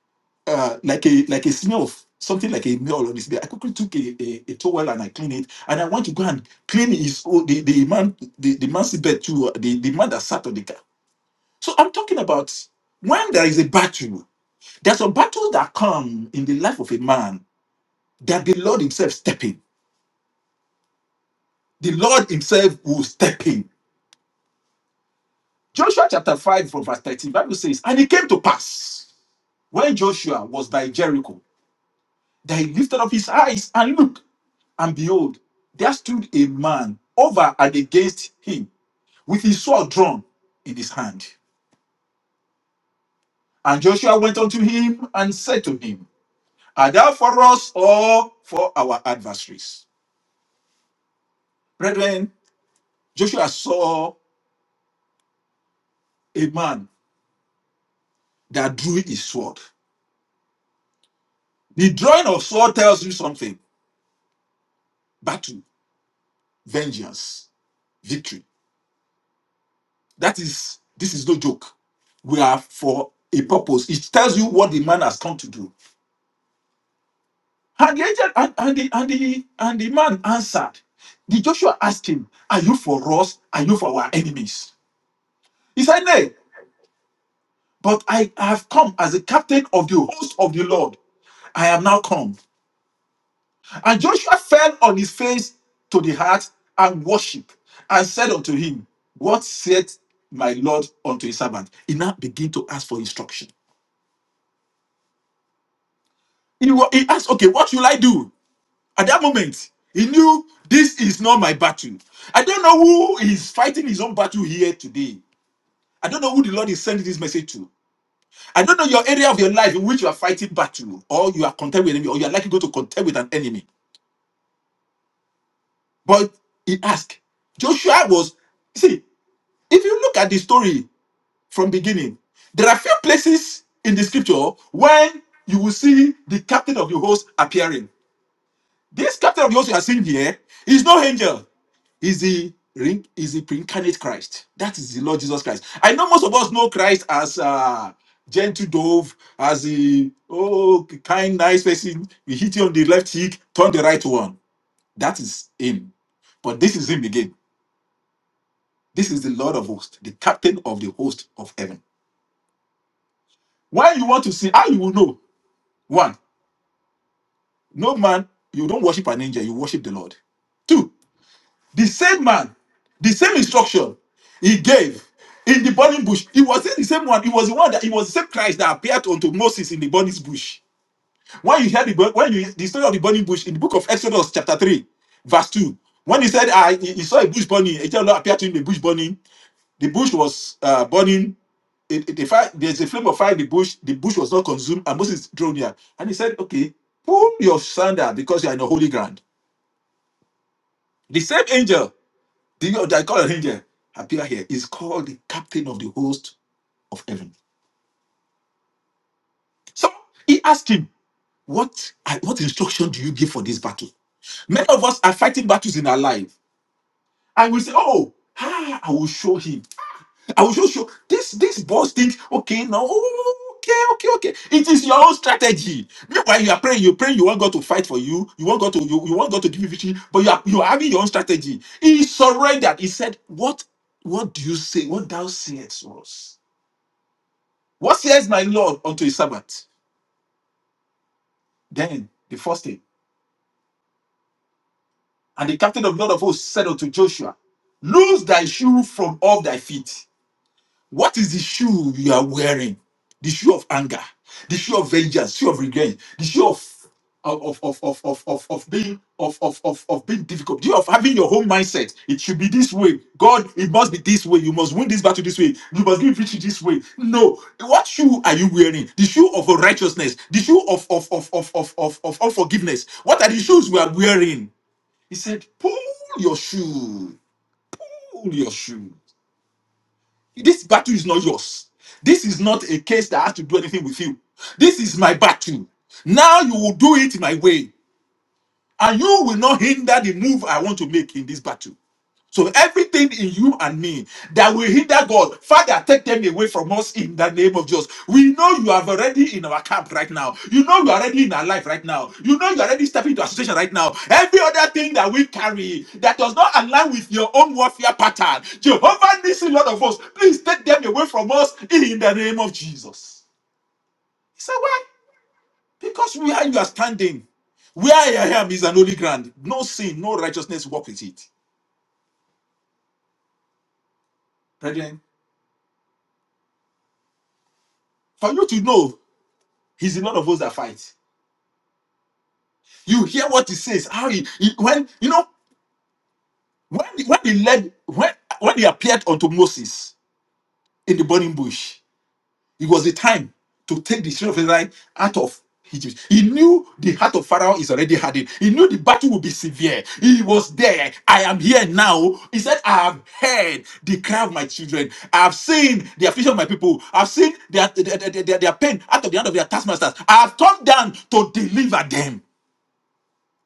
uh, like a like a smell, of something like a meal on his bed. I quickly took a, a, a towel and I cleaned it, and I went to go and clean his oh, the, the man the, the man's bed too, uh, the, the man that sat on the car. So I'm talking about when there is a battle, there's a battle that come in the life of a man that the Lord Himself step in. The Lord Himself will step in. Joshua chapter 5 from verse 13, Bible says, And it came to pass when Joshua was by Jericho that he lifted up his eyes and looked And behold, there stood a man over and against him with his sword drawn in his hand. And Joshua went unto him and said to him, Art thou for us or for our adversaries? Brethren, Joshua saw a man that drew his sword. The drawing of sword tells you something battle, vengeance, victory. That is, this is no joke. We are for a purpose. It tells you what the man has come to do And the angel and, and the and the and the man answered. The Joshua asked him, Are you for us? Are you for our enemies? He said, Nay, but I have come as a captain of the host of the Lord. I am now come. And Joshua fell on his face to the earth and worshipped and said unto him, What saith my Lord unto his servant? He now began to ask for instruction. He, wa- he asked, Okay, what will I do? At that moment, he knew this is not my battle. I don't know who is fighting his own battle here today. I don't know who the Lord is sending this message to. I don't know your area of your life in which you are fighting battle, or you are contending with an enemy, or you are likely going to contend with an enemy. But he asked, Joshua was see, if you look at the story from beginning, there are few places in the scripture when you will see the captain of the host appearing. This captain of the host you are seeing here is no angel. is the ring is the pre-incarnate Christ. That is the Lord Jesus Christ. I know most of us know Christ as uh gentle dove, as a oh kind, nice person. We hit you on the left cheek, turn the right one. That is him. But this is him again. This is the Lord of hosts, the captain of the host of heaven. Why you want to see how you will know, one, no man, you don't worship an angel, you worship the Lord. Two, The same man, the same instruction he gave in the burning bush. It wasn't the same one. It was the one that it was the same Christ that appeared unto Moses in the burning bush. When you hear the bur- when you the story of the burning bush in the book of Exodus chapter three, verse two, when he said, "I he he saw a bush burning," angel of the Lord appeared to him in the bush burning. The bush was uh, burning. It, it- the fire, there's a flame of fire in the bush. The bush was not consumed, and Moses drew near. And he said, "Okay, pull your sandal because you are in a holy ground." The same angel The God, the God of angel appear here is called the captain of the host of heaven. So he asked him, What what instruction do you give for this battle? Many of us are fighting battles in our life. And we say, Oh, ah, I will show him. I will show show this this boss thinks, okay, no, okay, okay, okay. It is your own strategy. Meanwhile, you are praying, you pray, you want God to fight for you, you want God to you, you want God to give you victory, but you are you are having your own strategy. He surrendered. He said, What what do you say? What thou sayest was What says my Lord unto his servant? Then the first thing, and the captain of Lord of hosts said unto Joshua, Loose thy shoe from off thy feet, What is the shoe you are wearing? The shoe of anger, the shoe of vengeance, shoe of revenge, the shoe of of of of of of, of being of, of of of being difficult, the shoe of having your own mindset. It should be this way. God, it must be this way. You must win this battle this way. You must give victory this way. No, what shoe are you wearing? The shoe of righteousness, the shoe of of of of of of, of unforgiveness. What are the shoes we are wearing? He said, pull your shoe, pull your shoe. This battle is not yours. This is not a case that has to do anything with you. This is my battle. Now you will do it my way, and you will not hinder the move I want to make in this battle. So everything in you and me that will hinder God, Father, take them away from us in the name of Jesus. We know you are already in our camp right now. You know you are already in our life right now. You know you are already stepping into association right now. Every other thing that we carry that does not align with your own warfare pattern, Jehovah needs a lot of us. Please take them away from us in the name of Jesus. He said, why? Because where you are standing, where I am is an holy ground. No sin, no righteousness walk with it. Brethren, for you to know He's a lot of those that fight. You hear what he says. How he, he- when you know when when he led when when he appeared unto Moses in the burning bush, it was the time to take the children of Israel out of Egypt. He knew the heart of Pharaoh is already hardened. He knew the battle would be severe. He was there. I am here now. He said, I have heard the cry of my children. I have seen the affliction of my people. I've seen their, their, their, their, their pain out of the hand of their taskmasters. I have come down to deliver them.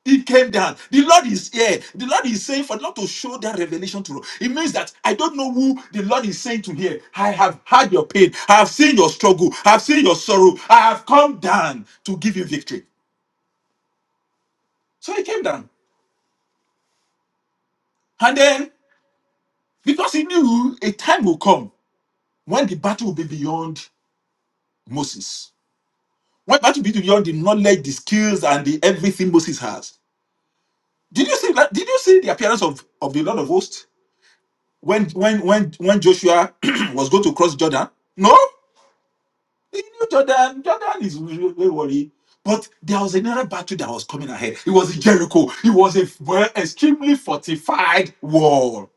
It came down. The Lord is here. The Lord is saying for the Lord to show that revelation to you. It means that I don't know who the Lord is saying to here. I have had your pain. I have seen your struggle. I have seen your sorrow. I have come down to give you victory. So he came down. And then, because he knew a time will come when the battle will be beyond Moses. When the battle will be beyond the knowledge, the skills, and the everything Moses has. Did you see that? Did you see the appearance of, of the Lord of hosts? when when when when Joshua was going to cross Jordan, no, he knew Jordan. Jordan is really worry. But there was another battle that was coming ahead. It was Jericho. It was a well, extremely fortified wall.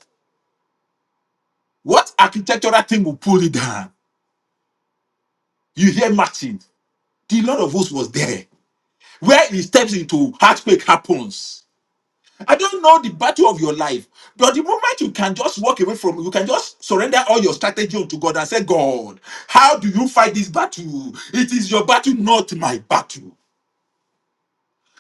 What architectural thing will pull it down? You hear Martin. The Lord of hosts was there. Where he steps into, earthquake happens. I don't know the battle of your life, but the moment you can just walk away from, you can just surrender all your strategy unto God and say, God, how do you fight this battle? It is your battle, not my battle.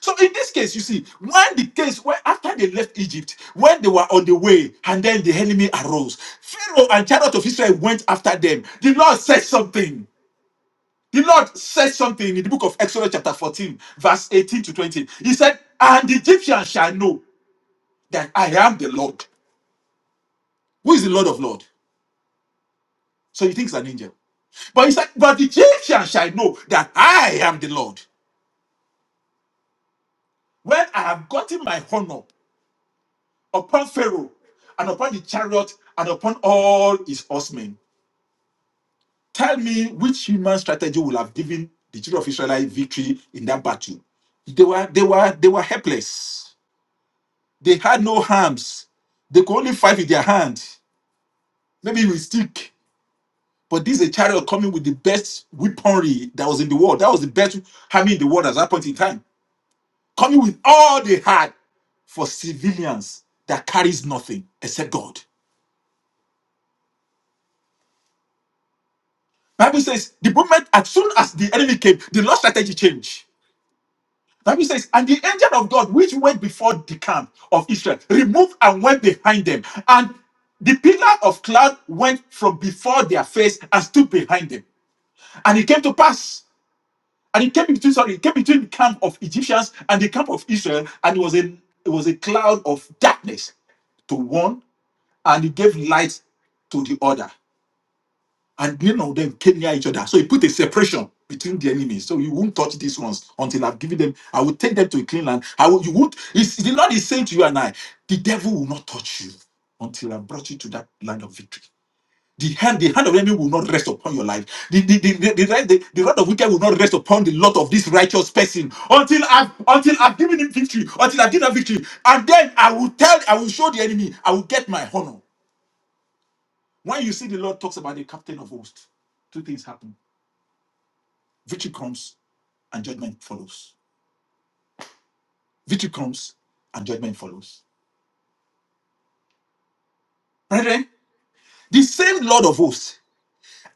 So in this case, you see, when the case when after they left Egypt, when they were on the way, and then the enemy arose, Pharaoh and chariot of Israel went after them. The Lord said something. The Lord said something in the book of Exodus, chapter 14, verse 18 to 20. He said, And the Egyptians shall know that I am the Lord. Who is the Lord of Lord? So he thinks an angel. But he said, But the Egyptian shall know that I am the Lord. When I have gotten my honor upon Pharaoh and upon the chariot and upon all his horsemen, tell me which human strategy will have given the children of Israelite victory in that battle. They were they were they were helpless. They had no arms. They could only fight with their hand, maybe with stick But this is a chariot coming with the best weaponry that was in the world. That was the best army in the world at that point in time. Coming with all they had for civilians that carries nothing except God. Bible says the moment as soon as the enemy came, the Lord's strategy changed. Bible says, and the angel of God which went before the camp of Israel removed and went behind them, and the pillar of cloud went from before their face and stood behind them. And it came to pass And he came between, sorry, he came between the camp of Egyptians and the camp of Israel, and it was a it was a cloud of darkness to one, and he gave light to the other. And none of them came near each other. So he put a separation between the enemies. So you won't touch these ones until I've given them, I will take them to a clean land. I will you won't it's, the Lord is saying to you and I, the devil will not touch you until I brought you to that land of victory. The hand, the hand of the enemy will not rest upon your life. The the the the, the, right- the, the rod of wicked will not rest upon the lot of this righteous person until I've until I've given him victory, until I've given him victory, and then I will tell, I will show the enemy, I will get my honor. When you see the Lord talks about the captain of hosts, two things happen: victory comes and judgment follows. Victory comes and judgment follows. Brethren, the same Lord of hosts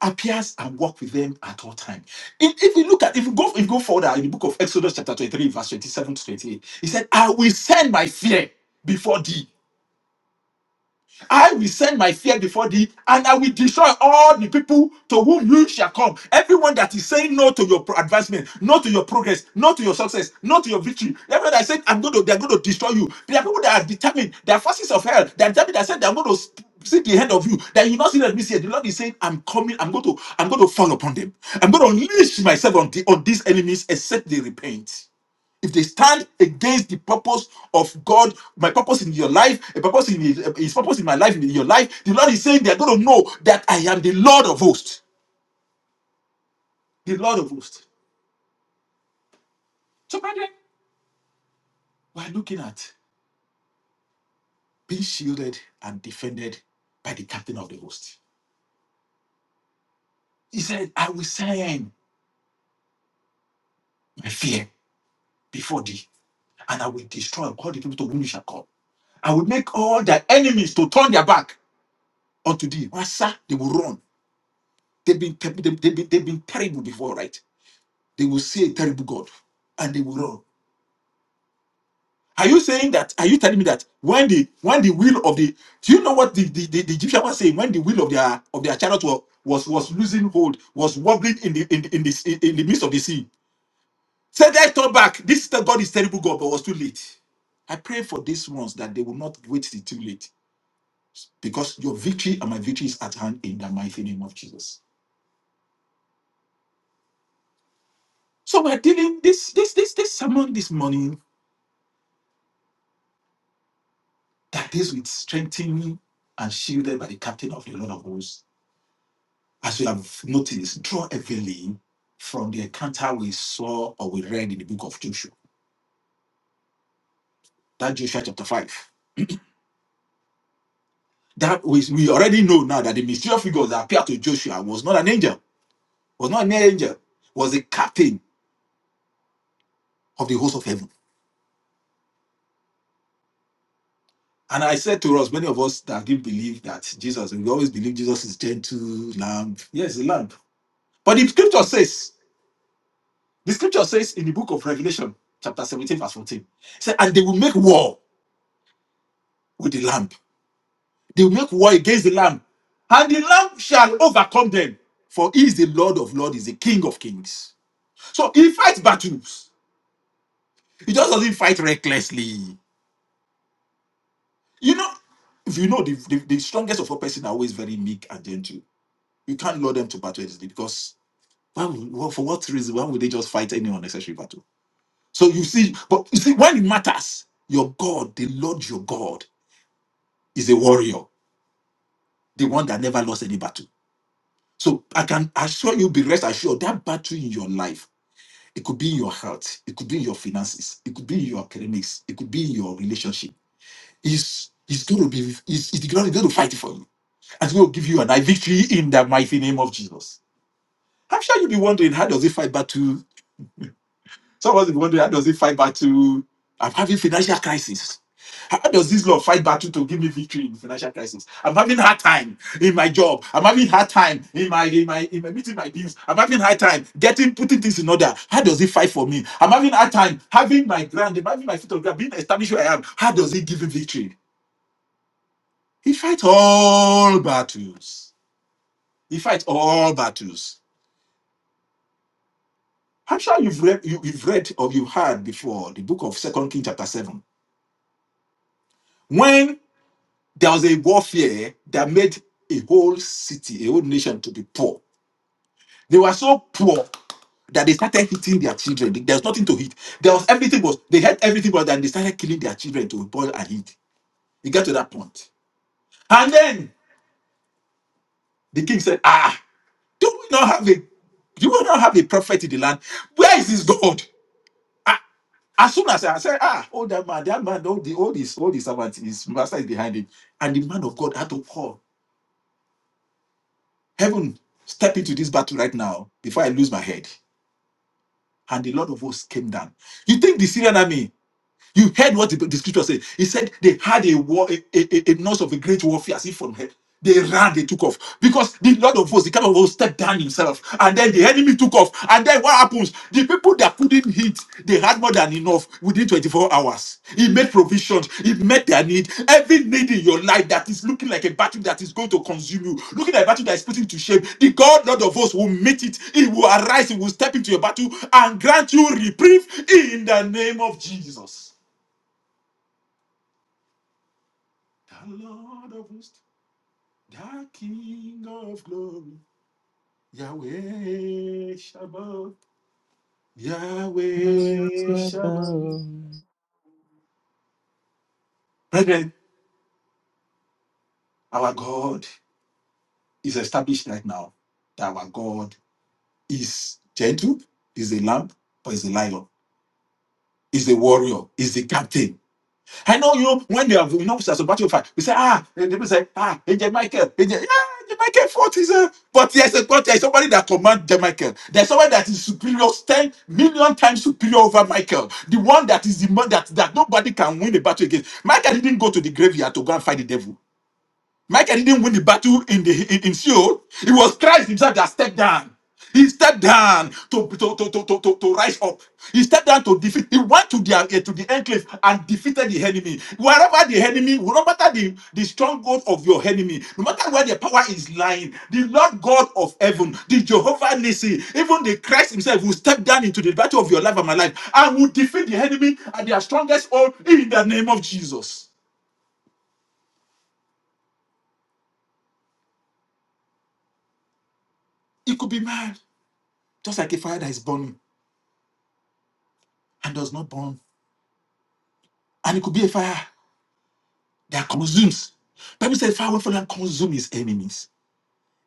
appears and walk with them at all times. If, if you look at, if you go, if you go further in the book of Exodus chapter 23, verse 27 to 28, he said, I will send my fear before thee I will send my fear before thee, and I will destroy all the people to whom you shall come. Everyone that is saying no to your pro- advancement, no to your progress, no to your success, no to your victory. Everyone that said, I'm going to, they're going to destroy you. There are people that are determined, they are forces of hell, they are determined that said they're going to sp- see the end of you, that you not see that this year. The Lord is saying, I'm coming, I'm going to, I'm going to fall upon them. I'm going to unleash myself on, the, on these enemies, except they repent if they stand against the purpose of God, my purpose in your life, a purpose in his, his purpose in my life, in your life, the Lord is saying they are going to know that I am the Lord of hosts. The Lord of hosts. So, brethren, we're looking at being shielded and defended by the captain of the host. He said, I will send my fear before thee, and I will destroy all the people to whom you shall come. I will make all thy enemies to turn their back unto thee. Wasa, they will run. They've been, they've been, they've been they've been terrible before, right? They will see a terrible God and they will run. Are you saying that? Are you telling me that when the when the wheel of the do you know what the, the, the, the Egyptian was saying when the wheel of their of their chariot was was, was losing hold, was wobbling in the in, the- in the in the midst of the sea. Said I turn back. This God is terrible God, but was too late. I pray for these ones that they will not wait till too late because your victory and my victory is at hand in the mighty name of Jesus. So we're dealing this this this this sermon this morning that this will strengthen you and shielded by the captain of the Lord of hosts. As we have noticed, draw heavily from the encounter we saw or we read in the book of Joshua. That Joshua chapter 5. That we, we already know now that the mysterious figure that appeared to Joshua was not an angel, was not an angel, was the captain of the host of heaven. And I said to us, many of us that didn't believe that Jesus, we always believe Jesus is gentle, lamb. Yes, a lamb. But the scripture says The scripture says in the book of Revelation, chapter 17, verse 14, it said, And they will make war with the lamb. They will make war against the lamb. And the lamb shall overcome them. For he is the Lord of lords, he is the King of kings. So he fights battles. He just doesn't fight recklessly. You know, if you know, the, the, the strongest of all person are always very meek and gentle. You can't lure them to battle easily because why would, well, for what reason? Why would they just fight any unnecessary battle? So you see, but you see, when it matters, your God, the Lord your God. is a warrior, the one that never lost any battle. So I can assure you, be rest assured, that battle in your life, it could be in your health, it could be in your finances, it could be in your academics, it could be in your relationship. Is is going to be is is going to fight for you, and will give you an eye victory in the mighty name of Jesus. I'm sure you'll be wondering how does it fight battle Some of us be wondering how does it fight battle? I'm having financial crisis. How does this law fight battle to give me victory in financial crisis? I'm having hard time in my job. I'm having hard time in my in my in my meeting my bills. I'm having hard time getting putting things in order. How does it fight for me? I'm having hard time having my ground. I'm having my foot on ground, being established where I am. How does it give me victory? He fights all battles. He fights all battles. I'm sure you've read you, you've read or you heard before the book of Second Kings chapter seven. When there was a warfare that made a whole city, a whole nation to be poor. They were so poor that they started hitting their children. There was nothing to hit. There was everything was they had everything but then they started killing their children to boil and eat. It got to that point. And then the king said, Ah, do we not have a do we not have a prophet in the land? Where is his God? Ah, As soon as I said, ah, oh that man, that man, all the all his all his servant, his master is behind him. And the man of God had to call. Heaven, step into this battle right now before I lose my head. And the Lord of hosts came down. You think the Syrian army you heard what the, the scripture said. He said they had a war, a, a, a a noise of a great warfare as if from heaven. They ran, they took off. Because the Lord of hosts, the kind of hosts, stepped down himself. And then the enemy took off. And then what happens? The people that couldn't hit, they had more than enough within 24 hours. He made provisions. He met their need. Every need in your life that is looking like a battle that is going to consume you, looking like a battle that is putting you to shame, the God, Lord of hosts, will meet it. He will arise. He will step into your battle and grant you reprieve in the name of Jesus. the Lord of hosts, the King of glory, Yahweh Shabbat, I will Yahweh step Shabbat. out. Brethren, our God is established right now that our God is gentle, is a lamb, but is a lion, is a warrior, is the captain. I know you when they have you know as a battle fight, we say, ah, and people say, ah, AJ Michael, AJ, yeah, AJ Michael fought is a but there's a but there's somebody that commands the Michael. There's somebody that is superior, 10 million times superior over Michael. The one that is the man that, that nobody can win a battle against. Michael didn't go to the graveyard to go and fight the devil. Michael didn't win the battle in the in, in Seoul. It was Christ himself that stepped down. He stepped down to, to, to, to, to, to, to rise up. He stepped down to defeat. He went to the uh, to the enclave and defeated the enemy. Wherever the enemy, no matter the, the stronghold of your enemy, no matter where the power is lying, the Lord God of heaven, the Jehovah Nissi, even the Christ himself will step down into the battle of your life and my life and will defeat the enemy at their strongest hold in the name of Jesus. It could be mad, just like a fire that is burning. and does not burn. And it could be a fire that consumes. Bible says fire will fall and consume his enemies.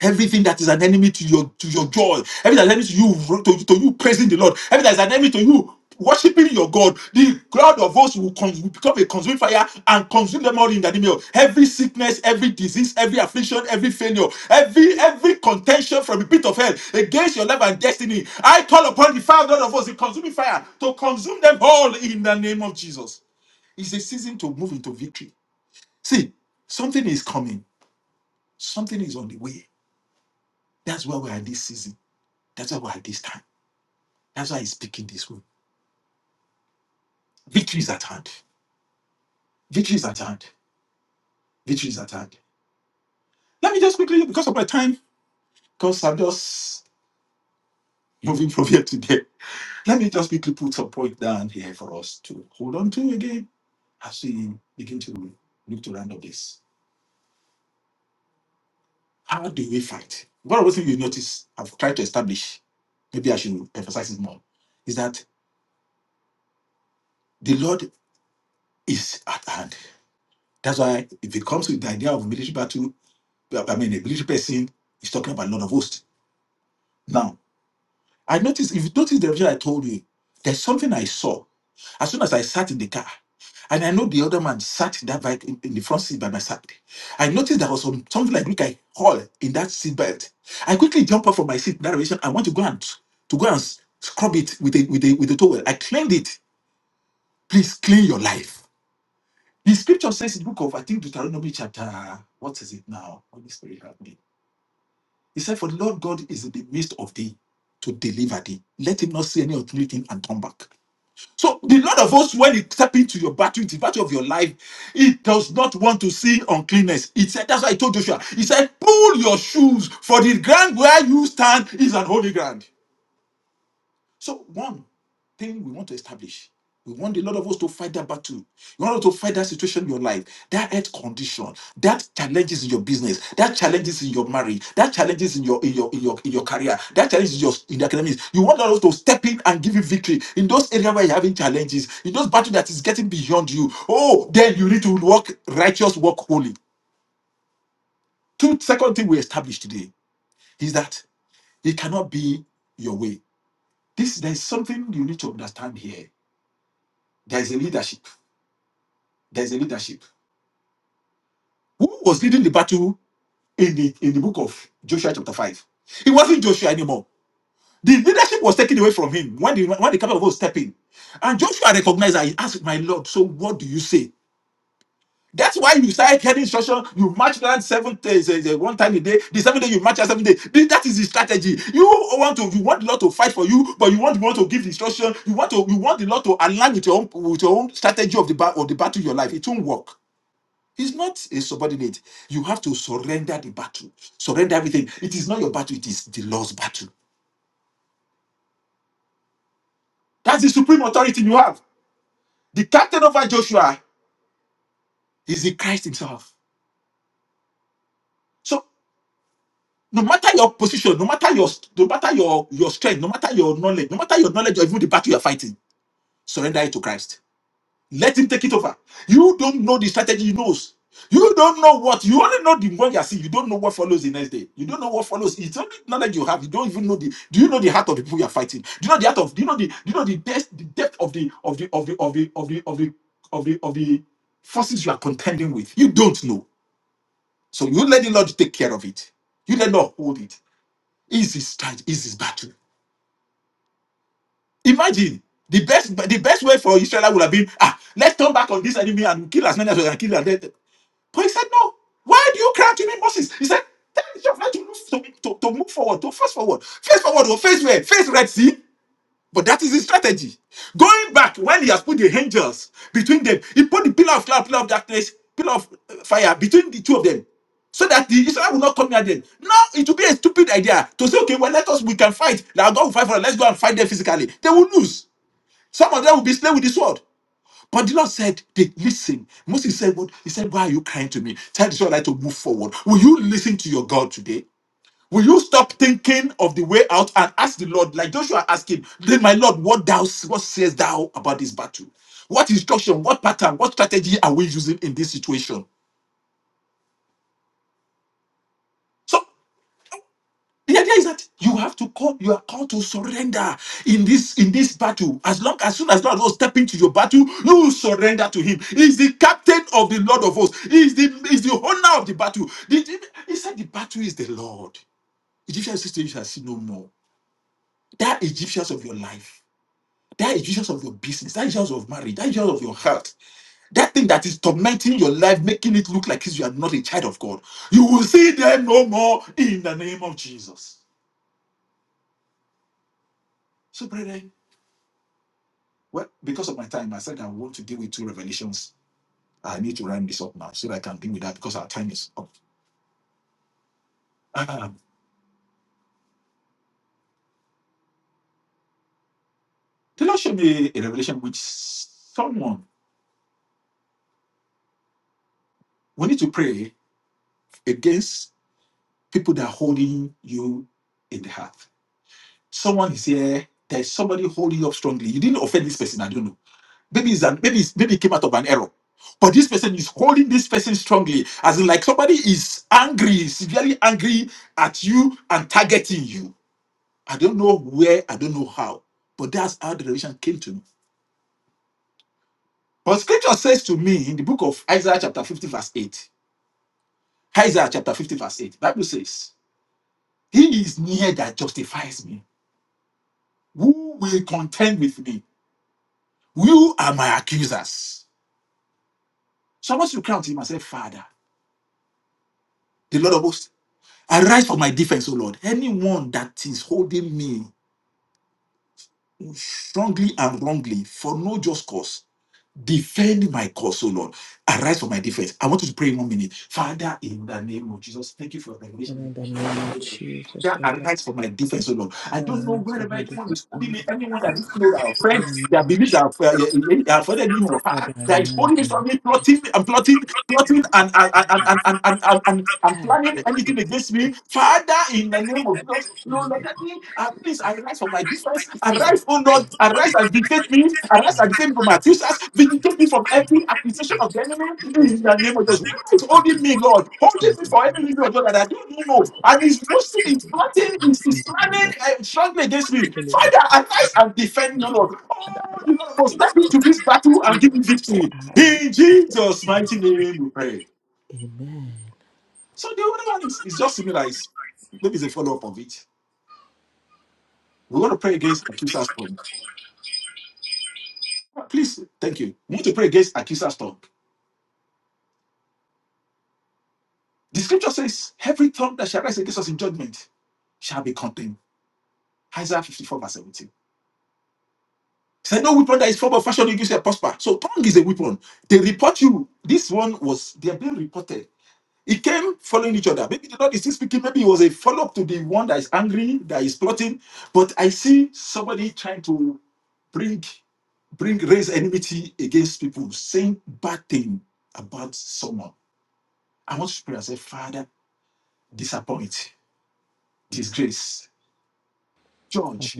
Everything that is an enemy to your to your joy, everything that is an enemy to you, to, to you praising the Lord, everything that is an enemy to you worshiping your God, the cloud of us will, cons- will become a consuming fire and consume them all in the name of every sickness, every disease, every affliction, every failure, every every contention from the pit of hell against your life and destiny. I call upon the fire of God of us, the consuming fire, to consume them all in the name of Jesus. It's a season to move into victory. See, something is coming, something is on the way. That's why we're this season. That's why we're this time. That's why he's speaking this way. Victory is at hand. Victory is at hand. Victory is at hand. Let me just quickly, because of my time, because I'm just moving from here to there. Let me just quickly put some point down here for us to hold on to again as we begin to look to round up this. How do we fight? One of the things you notice I've tried to establish, maybe I should emphasize it more, is that The Lord is at hand. That's why if it comes with the idea of military battle, I mean a military person is talking about Lord of hosts. Now, I noticed if you notice the vision I told you, there's something I saw. As soon as I sat in the car, and I know the other man sat in that bike in, in the front seat by my side. I noticed there was some, something like Greek I haul in that seat belt. I quickly jump up from my seat in that direction. I want to go and to go and scrub it with a with a with a towel. I cleaned it. Please clean your life. The scripture says in the book of, I think, Deuteronomy chapter, what is it now? Holy Spirit, help me. He said, For the Lord God is in the midst of thee to deliver thee. Let him not see any untimely thing and turn back. So the Lord of hosts, when he step into your battle, into the battle of your life, he does not want to see uncleanness. He said, that's why he told Joshua, he said, pull your shoes, for the ground where you stand is an holy ground. So, one thing we want to establish, we want a lot of us to fight that battle. You want us to fight that situation in your life, that health condition, that challenges in your business, that challenges in your marriage, that challenges in your in your in your in your career, that challenges in your in the academics. You want us to step in and give you victory in those areas where you're having challenges, in those battles that is getting beyond you. Oh, then you need to walk righteous, walk holy. Two second thing we established today is that it cannot be your way. This there's something you need to understand here There's a leadership. There's a leadership. Who was leading the battle in the in the book of Joshua chapter 5? It wasn't Joshua anymore. The leadership was taken away from him when the when the captain was stepping. And Joshua recognized that he asked, My Lord, so what do you say? That's why you started getting instruction. You march around seven days, eh, eh, one time a day. The seven day you march around seven days. Th- That is the strategy. You want to, you want the Lord to fight for you, but you want the Lord to give instruction. You want to, you want the Lord to align with your own, with your own strategy of the ba- of the battle in your life. It won't work. He's not a subordinate. You have to surrender the battle, surrender everything. It is not your battle, it is the Lord's battle. That's the supreme authority you have. The captain over Joshua is the Christ himself. So no matter your position, no matter your no matter your, your strength, no matter your knowledge, no matter your knowledge or even the battle you're fighting, surrender it to Christ. Let him take it over. You don't know the strategy he knows. You don't know what you only know the one you are seeing. You don't know what follows the next day. You don't know what follows. It's only knowledge you have. You don't even know the. Do you know the heart of the people you are fighting? Do you know the heart of? Do you know the? Do you know the depth, the depth of the of the of the of the of the of the of the of the forces you are contending with? You don't know. So you let the Lord take care of it. You let the Lord hold it. Is his strength? Is his battle? Imagine the best the best way for Israel would have been ah let's turn back on this enemy and kill as many as we can kill. But he said, No, why do you cry to me, Moses? He said, Tell Israel to move, to, to, to move forward, to face forward. Face forward or face where? Face Red Sea. But that is his strategy. Going back when he has put the angels between them, he put the pillar of cloud, pillar of darkness, pillar of uh, fire between the two of them. So that the Israel will not come near them. Now it will be a stupid idea to say, okay, well, let us we can fight. Now God will fight for us. Let's go and fight them physically. They will lose. Some of them will be slain with the sword. But the Lord said, they listen. Moses said, What he said, Why are you crying to me? Tell the Israelite to move forward. Will you listen to your God today? Will you stop thinking of the way out and ask the Lord, like Joshua asked him, Then my Lord, what thou what says thou about this battle? What instruction, what pattern, what strategy are we using in this situation? So The idea is that you have to call, you are called to surrender in this in this battle. As long as soon as God will step into your battle, you will surrender to Him. He's the captain of the Lord of hosts. He's the he's the owner of the battle. The- the- he said, "The battle is the Lord." Egyptian system you shall see no more. That Egyptians of your life, that Egyptians of your business, that Egyptians of marriage, that Egyptians of your health, that thing that is tormenting your life, making it look like you are not a child of God. You will see them no more in the name of Jesus. So, brethren. Well, because of my time, I said I want to deal with two revelations. I need to round this up now so that I can deal with that because our time is up. Um, the Lord showed me a revelation which someone we need to pray against people that are holding you in the heart. Someone is here. There's somebody holding you up strongly. You didn't offend this person. I don't know. Maybe it's an, maybe it's, maybe it came out of an error. But this person is holding this person strongly, as in like somebody is angry, severely angry at you and targeting you I don't know where, I don't know how, but that's how the revelation came to me. But scripture says to me in the book of Isaiah chapter 50, verse 8. Isaiah chapter 50, verse 8. Bible says, He is near that justifies me. Who will contend with me? You are my accusers. So I want you to cry unto him and say, Father, the Lord of hosts, arise for my defense, O Lord. Anyone that is holding me strongly and wrongly for no just cause, Defend my cause, O Lord. Arise for my defense. I want you to pray in one minute. Father, in the name of Jesus, thank you for your revelation. Father, Arise for my defense, O Lord. I don't know wherever anyone is holding me, anyone that doesn't know that our friends, their beliefs are uh, offended me, or uh, that is holding me, something plotting, and plotting plotting and and, and, and, and, and, and, and- and planning anything against me. Father, in the name of Jesus, Lord, look at me. At least arise for my defense. Arise, oh Lord. Arise and vindicate me. Arise and defend me from my accusers. Vindicate me from every accusation of the enemy. In the name of Jesus. What is holding me, Lord? Holding me for every reason, Lord, that I don't even know. And he's pushing, he's planting, he's he's planning uh, strongly against me. Father, arise and defend me, Lord. Oh, you will step into this battle and give you victory. In Jesus' mighty name, we pray. So the other one is, is just similar. It's, maybe it's a follow up of it. We're going to pray against accuser's tongue. Please, thank you. We need to pray against accuser's tongue. The scripture says, Every tongue that shall rise against us in judgment shall be condemned. Isaiah 54, verse 17. He said, No weapon that is formed or fashion against you shall prosper. So tongue is a weapon. They report you. This one was, they are being reported He came following each other. Maybe the Lord is still speaking. Maybe it was a follow up to the one that is angry, that is plotting. But I see somebody trying to bring, bring, raise enmity against people, saying bad thing about someone. I want to pray and say, Father, disappoint, disgrace, Father, judge.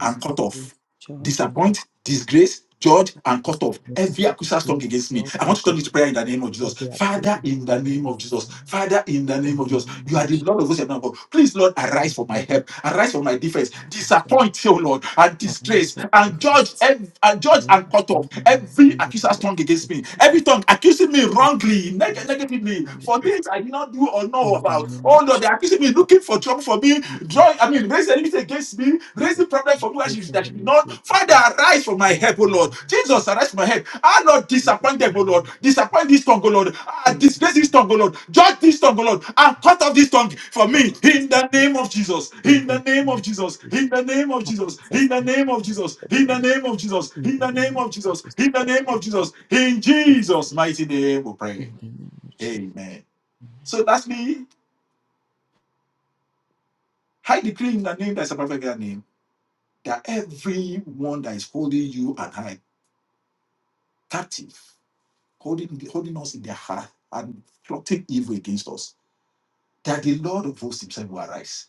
and cut off. Disappoint, disgrace, judge, and this is cut something- off. Every accuser's tongue against me. I want to turn it to prayer in the name of Jesus. Father, in the name of Jesus. Father, in the name of Jesus. You are the Lord of hosts and Lord of all. Please, Lord, arise for my help. Arise for my defense. Disappoint, O Lord, and disgrace, and judge, ev- and judge and cut off. Every accuser's tongue against me. Every tongue accusing me wrongly, neg- negatively, for things I did not do or know about. Oh Lord, they're accusing me looking for trouble for me. Draw, I mean, raise the enemies against me. Raise the problem for me where she- that she not. Father, arise from my help, O Lord. Jesus, arise from my help. I not disappoint them, O Lord. Disappoint this tongue, O Lord. Ah, disgrace this tongue, O Lord. Judge this tongue, O Lord. And cut off this tongue for me. In the name of Jesus. In the this name of Jesus. In the name of Jesus. is In the name of Jesus. In the something- name of Jesus. In the name of Jesus. In the name of Jesus. In this is Jesus' mighty name, we pray. something- Amen. So that's me. I decree in the name that's above every other name that everyone that is holding you and I captive, holding holding us in their heart and plotting evil against us, that the Lord of hosts himself will arise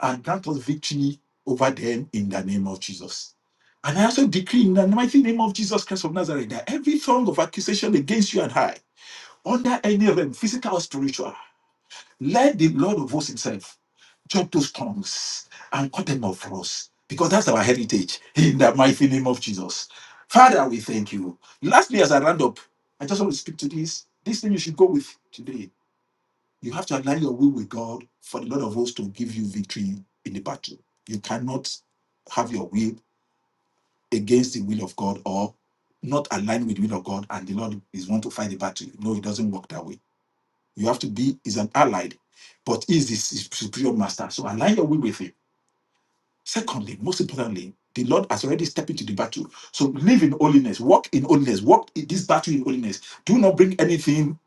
and grant us victory over them in the name of Jesus. And I also decree in the mighty name of Jesus Christ of Nazareth that every tongue of accusation against you and I, under any realm, physical or spiritual, Let the Lord of hosts himself chop those tongues and cut them off for us because that's our heritage in the mighty name of Jesus. Father, we thank you. Lastly, as I round up, I just want to speak to this. This thing you should go with today. You have to align your will with God for the Lord of hosts to give you victory in the battle. You cannot have your will against the will of God or not align with the will of God and the Lord is want to fight the battle. No, it doesn't work that way. You have to be is an allied, but is this superior master. So align your will with him. Secondly, most importantly, the Lord has already stepped into the battle. So live in holiness, walk in holiness, walk in this battle in holiness. Do not bring anything,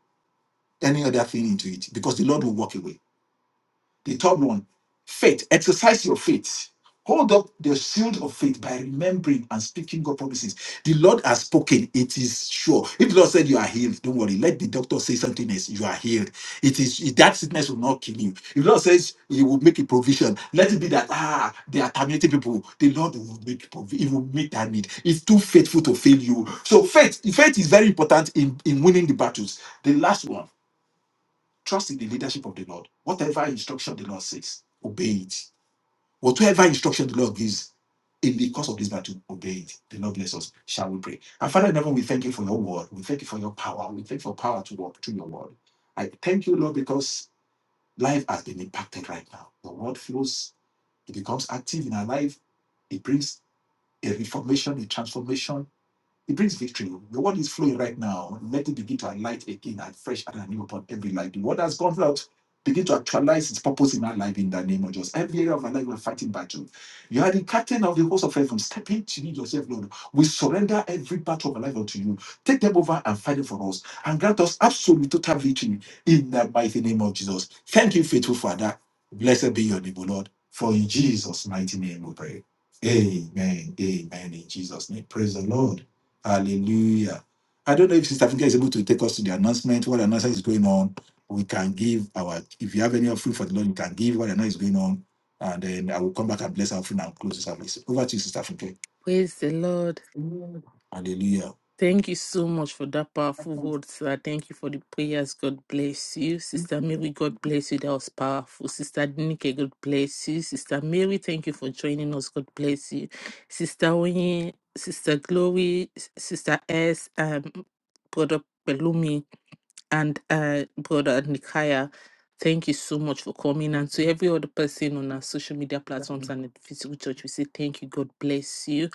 any other thing into it, because the Lord will walk away. The third one, faith. Exercise your faith. Hold up the shield of faith by remembering and speaking God promises. The Lord has spoken, it is sure. If the Lord said you are healed, don't worry. Let the doctor say something else. You are healed. It is it- that sickness will not kill you. If the Lord says he will make a provision, let it be that ah, they are terminating people. The Lord will make provision, he will meet that need. It's too faithful to fail you. So faith, faith is very important in, in winning the battles. The last one. Trust in the leadership of the Lord. Whatever instruction the Lord says, obey it. Whatever instruction the Lord gives in the course of this battle, obey it. The Lord bless us. Shall we pray? And Father in heaven, we thank you for your word. We thank you for your power. We thank you for power to walk through your word. I thank you, Lord, because life has been impacted right now. The word flows it becomes active in our life. It brings a reformation, a transformation. It brings victory. The word is flowing right now. Let it begin to alight again and fresh and anew upon every life. The word has gone out. Begin to actualize its purpose in our life in the name of Jesus. Every area of our life, we're fighting battle. You are the captain of the host of heaven. Step into yourself, Lord. We surrender every battle of our life unto you. Take them over and fight it for us. And grant us absolute total victory in the mighty name of Jesus. Thank you, faithful Father. Blessed be your name, O Lord. For in Jesus' mighty name we pray. Amen. Amen. In Jesus' name. Praise the Lord. Hallelujah. I don't know if Sister Finke is able to take us to the announcement, what announcement is going on. We can give our, if you have any offering for the Lord, you can give what announcement is going on. And then I will come back and bless our offering and close the service. Over to you, Sister Funke. Praise the Lord. Hallelujah. Thank you so much for that powerful word, sir. Thank you for the prayers. God bless you. Sister Mary, God bless you. That was powerful. Sister Nike, God bless you. Sister Mary, thank you for joining us. God bless you. Sister Onye, Sister Glory, S- Sister S, um, Brother Pelumi, And uh, Brother Nikaya, thank you so much for coming. And to every other person on our social media platforms and the physical church, we say thank you. God bless you.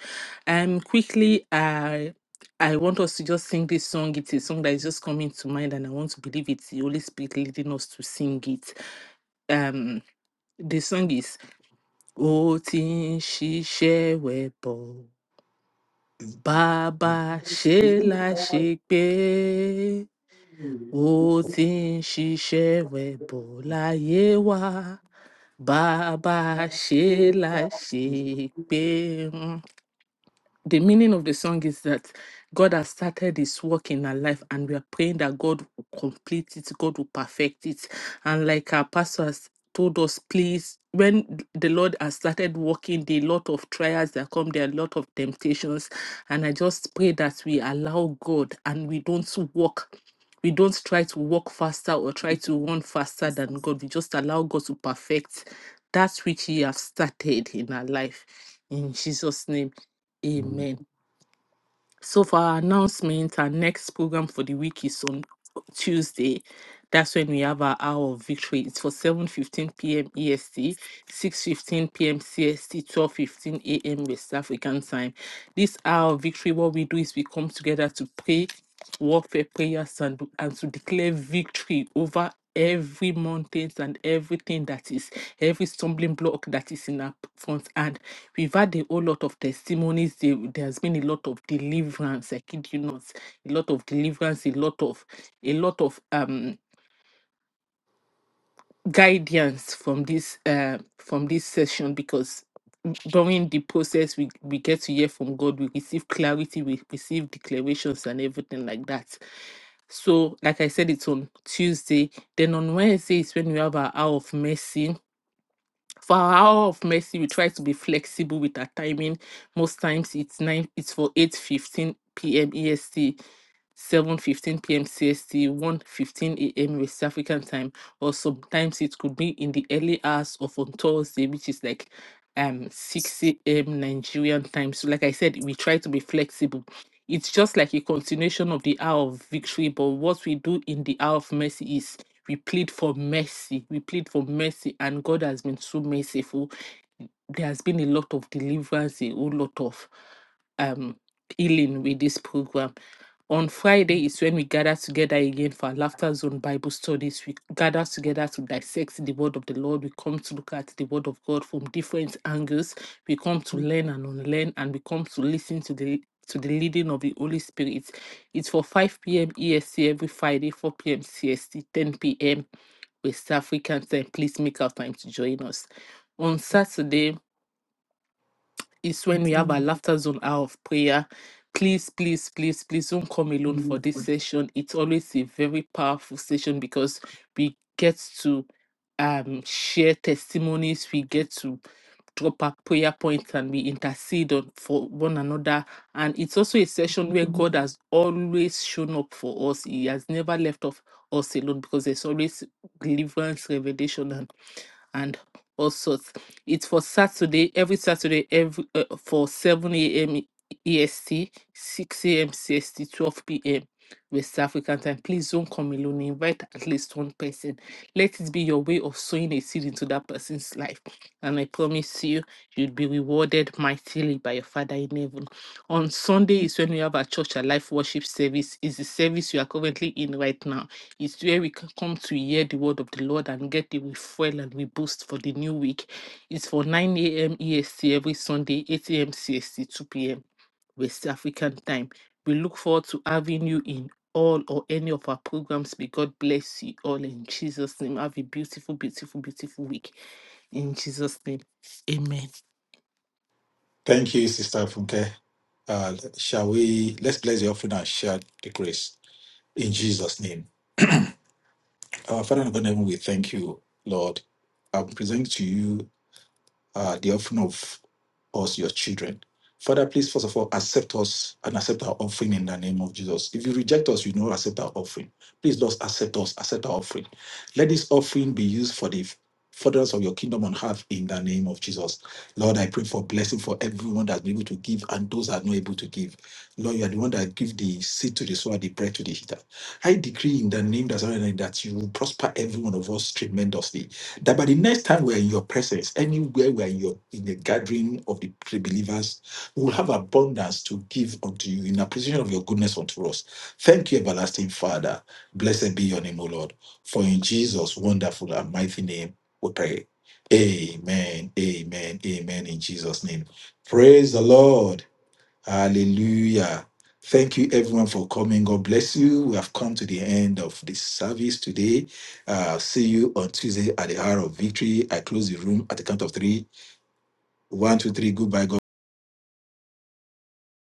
Um, quickly, I I want us to just sing this song. It's a song that is just coming to mind, and I want to believe it's the Holy Spirit leading us to sing it. Um, the song is O Tin Shishe Webo Baba Shela Shekbe. ó ti ń ṣiṣẹ́ rẹ̀ bọ̀ láyé wa bàbá ṣe é the meaning of the song is that God has started his work in our life and we are praying that God will complete it, God will perfect it. And like our pastor has told us, please, when the Lord has started working, there are a lot of trials that come, there are a lot of temptations. And I just pray that we allow God and we don't walk we don't try to walk faster or try to run faster than God. We just allow God to perfect that which He has started in our life. In Jesus' name. Amen. So for our announcement, our next program for the week is on Tuesday. That's when we have our hour of victory. It's for 7.15 p.m. EST, 6.15 p.m. CST, 12.15 a.m. West African time. This hour of victory, what we do is we come together to pray warfare prayers and, and to declare victory over every mountains and everything that is every stumbling block that is in our front hand We've had a whole lot of testimonies. There- There's been a lot of deliverance. I kid you not, a lot of deliverance, a lot of a lot of um guidance from this uh from this session because w- during the process we we get to hear from God, we receive clarity, we receive declarations and everything like that. So, like I said, it's on Tuesday. Then on Wednesday is when we have our hour of mercy for our hour of mercy, we try to be flexible with our timing. Most times it's nine, it's for eight fifteen p.m. EST. 7:15 p.m. CST, 1:15 a.m. West African time, or sometimes it could be in the early hours of on Thursday, which is like um 6 a.m. Nigerian time. So, like I said, we try to be flexible. It's just like a continuation of the hour of victory, but what we do in the hour of mercy is we plead for mercy. We plead for mercy, and God has been so merciful. There has been a lot of deliverance, a whole lot of um, healing with this program. On Friday is when we gather together again for our Laughter Zone Bible studies. We gather together to dissect the word of the Lord. We come to look at the word of God from different angles. We come to learn and unlearn, and we come to listen to the to the leading of the Holy Spirit. It's for 5 p.m. EST every Friday, 4 p.m. CST, 10 p.m. West African time. Please make our time to join us. On Saturday, is when we have our laughter zone hour of prayer. Please, please, please, please don't come alone for this session. It's always a very powerful session because we get to um, share testimonies, we get to drop our prayer points, and we intercede on, for one another. And it's also a session where God has always shown up for us. He has never left off us alone because there's always deliverance, revelation, and and all sorts. It's for Saturday, every Saturday, every uh, for 7 a.m. E- EST, 6 a.m. CST, 12 p.m. West African time. Please don't come alone. Invite at least one person. Let it be your way of sowing a seed into that person's life. And I promise you, you'll be rewarded mightily by your Father in heaven. On Sunday is when we have our church, a life worship service. Is the service you are currently in right now it's where we can come to hear the word of the Lord and get the refuel and we boost for the new week. It's for 9 a.m. EST every Sunday, 8 a.m. CST, 2 p.m. West African time. We look forward to having you in all or any of our programs. May God bless you all in Jesus' name. Have a beautiful, beautiful, beautiful week. In Jesus' name, amen. Thank you, Sister Funke. Uh, shall we, let's bless the offering and share the grace in Jesus' name. Our Father and God in heaven, we thank you, Lord. I present to you uh, the offering of us, your children. Father, please, first of all, accept us and accept our offering in the name of Jesus. If you reject us, you do not accept our offering. Please, Lord, accept us, accept our offering. Let this offering be used for the furtherance of your kingdom on earth in the name of Jesus. Lord, I pray for blessing for everyone that's been able to give and those that are not able to give. Lord, you are the one that give the seed to the sower, the bread to the eater. I decree in the name that's already that you will prosper every one of us tremendously that by the next time we're in your presence, anywhere we're in your in the gathering of the believers, we will have abundance to give unto you in appreciation of your goodness unto us. Thank you, everlasting Father. Blessed be your name, O Lord. For in Jesus' wonderful and mighty name we pray. Amen. Amen. Amen. In Jesus' name. Praise the Lord. Hallelujah. Thank you, everyone, for coming. God bless you. We have come to the end of this service today. Uh, see you on Tuesday at the hour of victory. I close the room at the count of three. One, two, three. Goodbye. God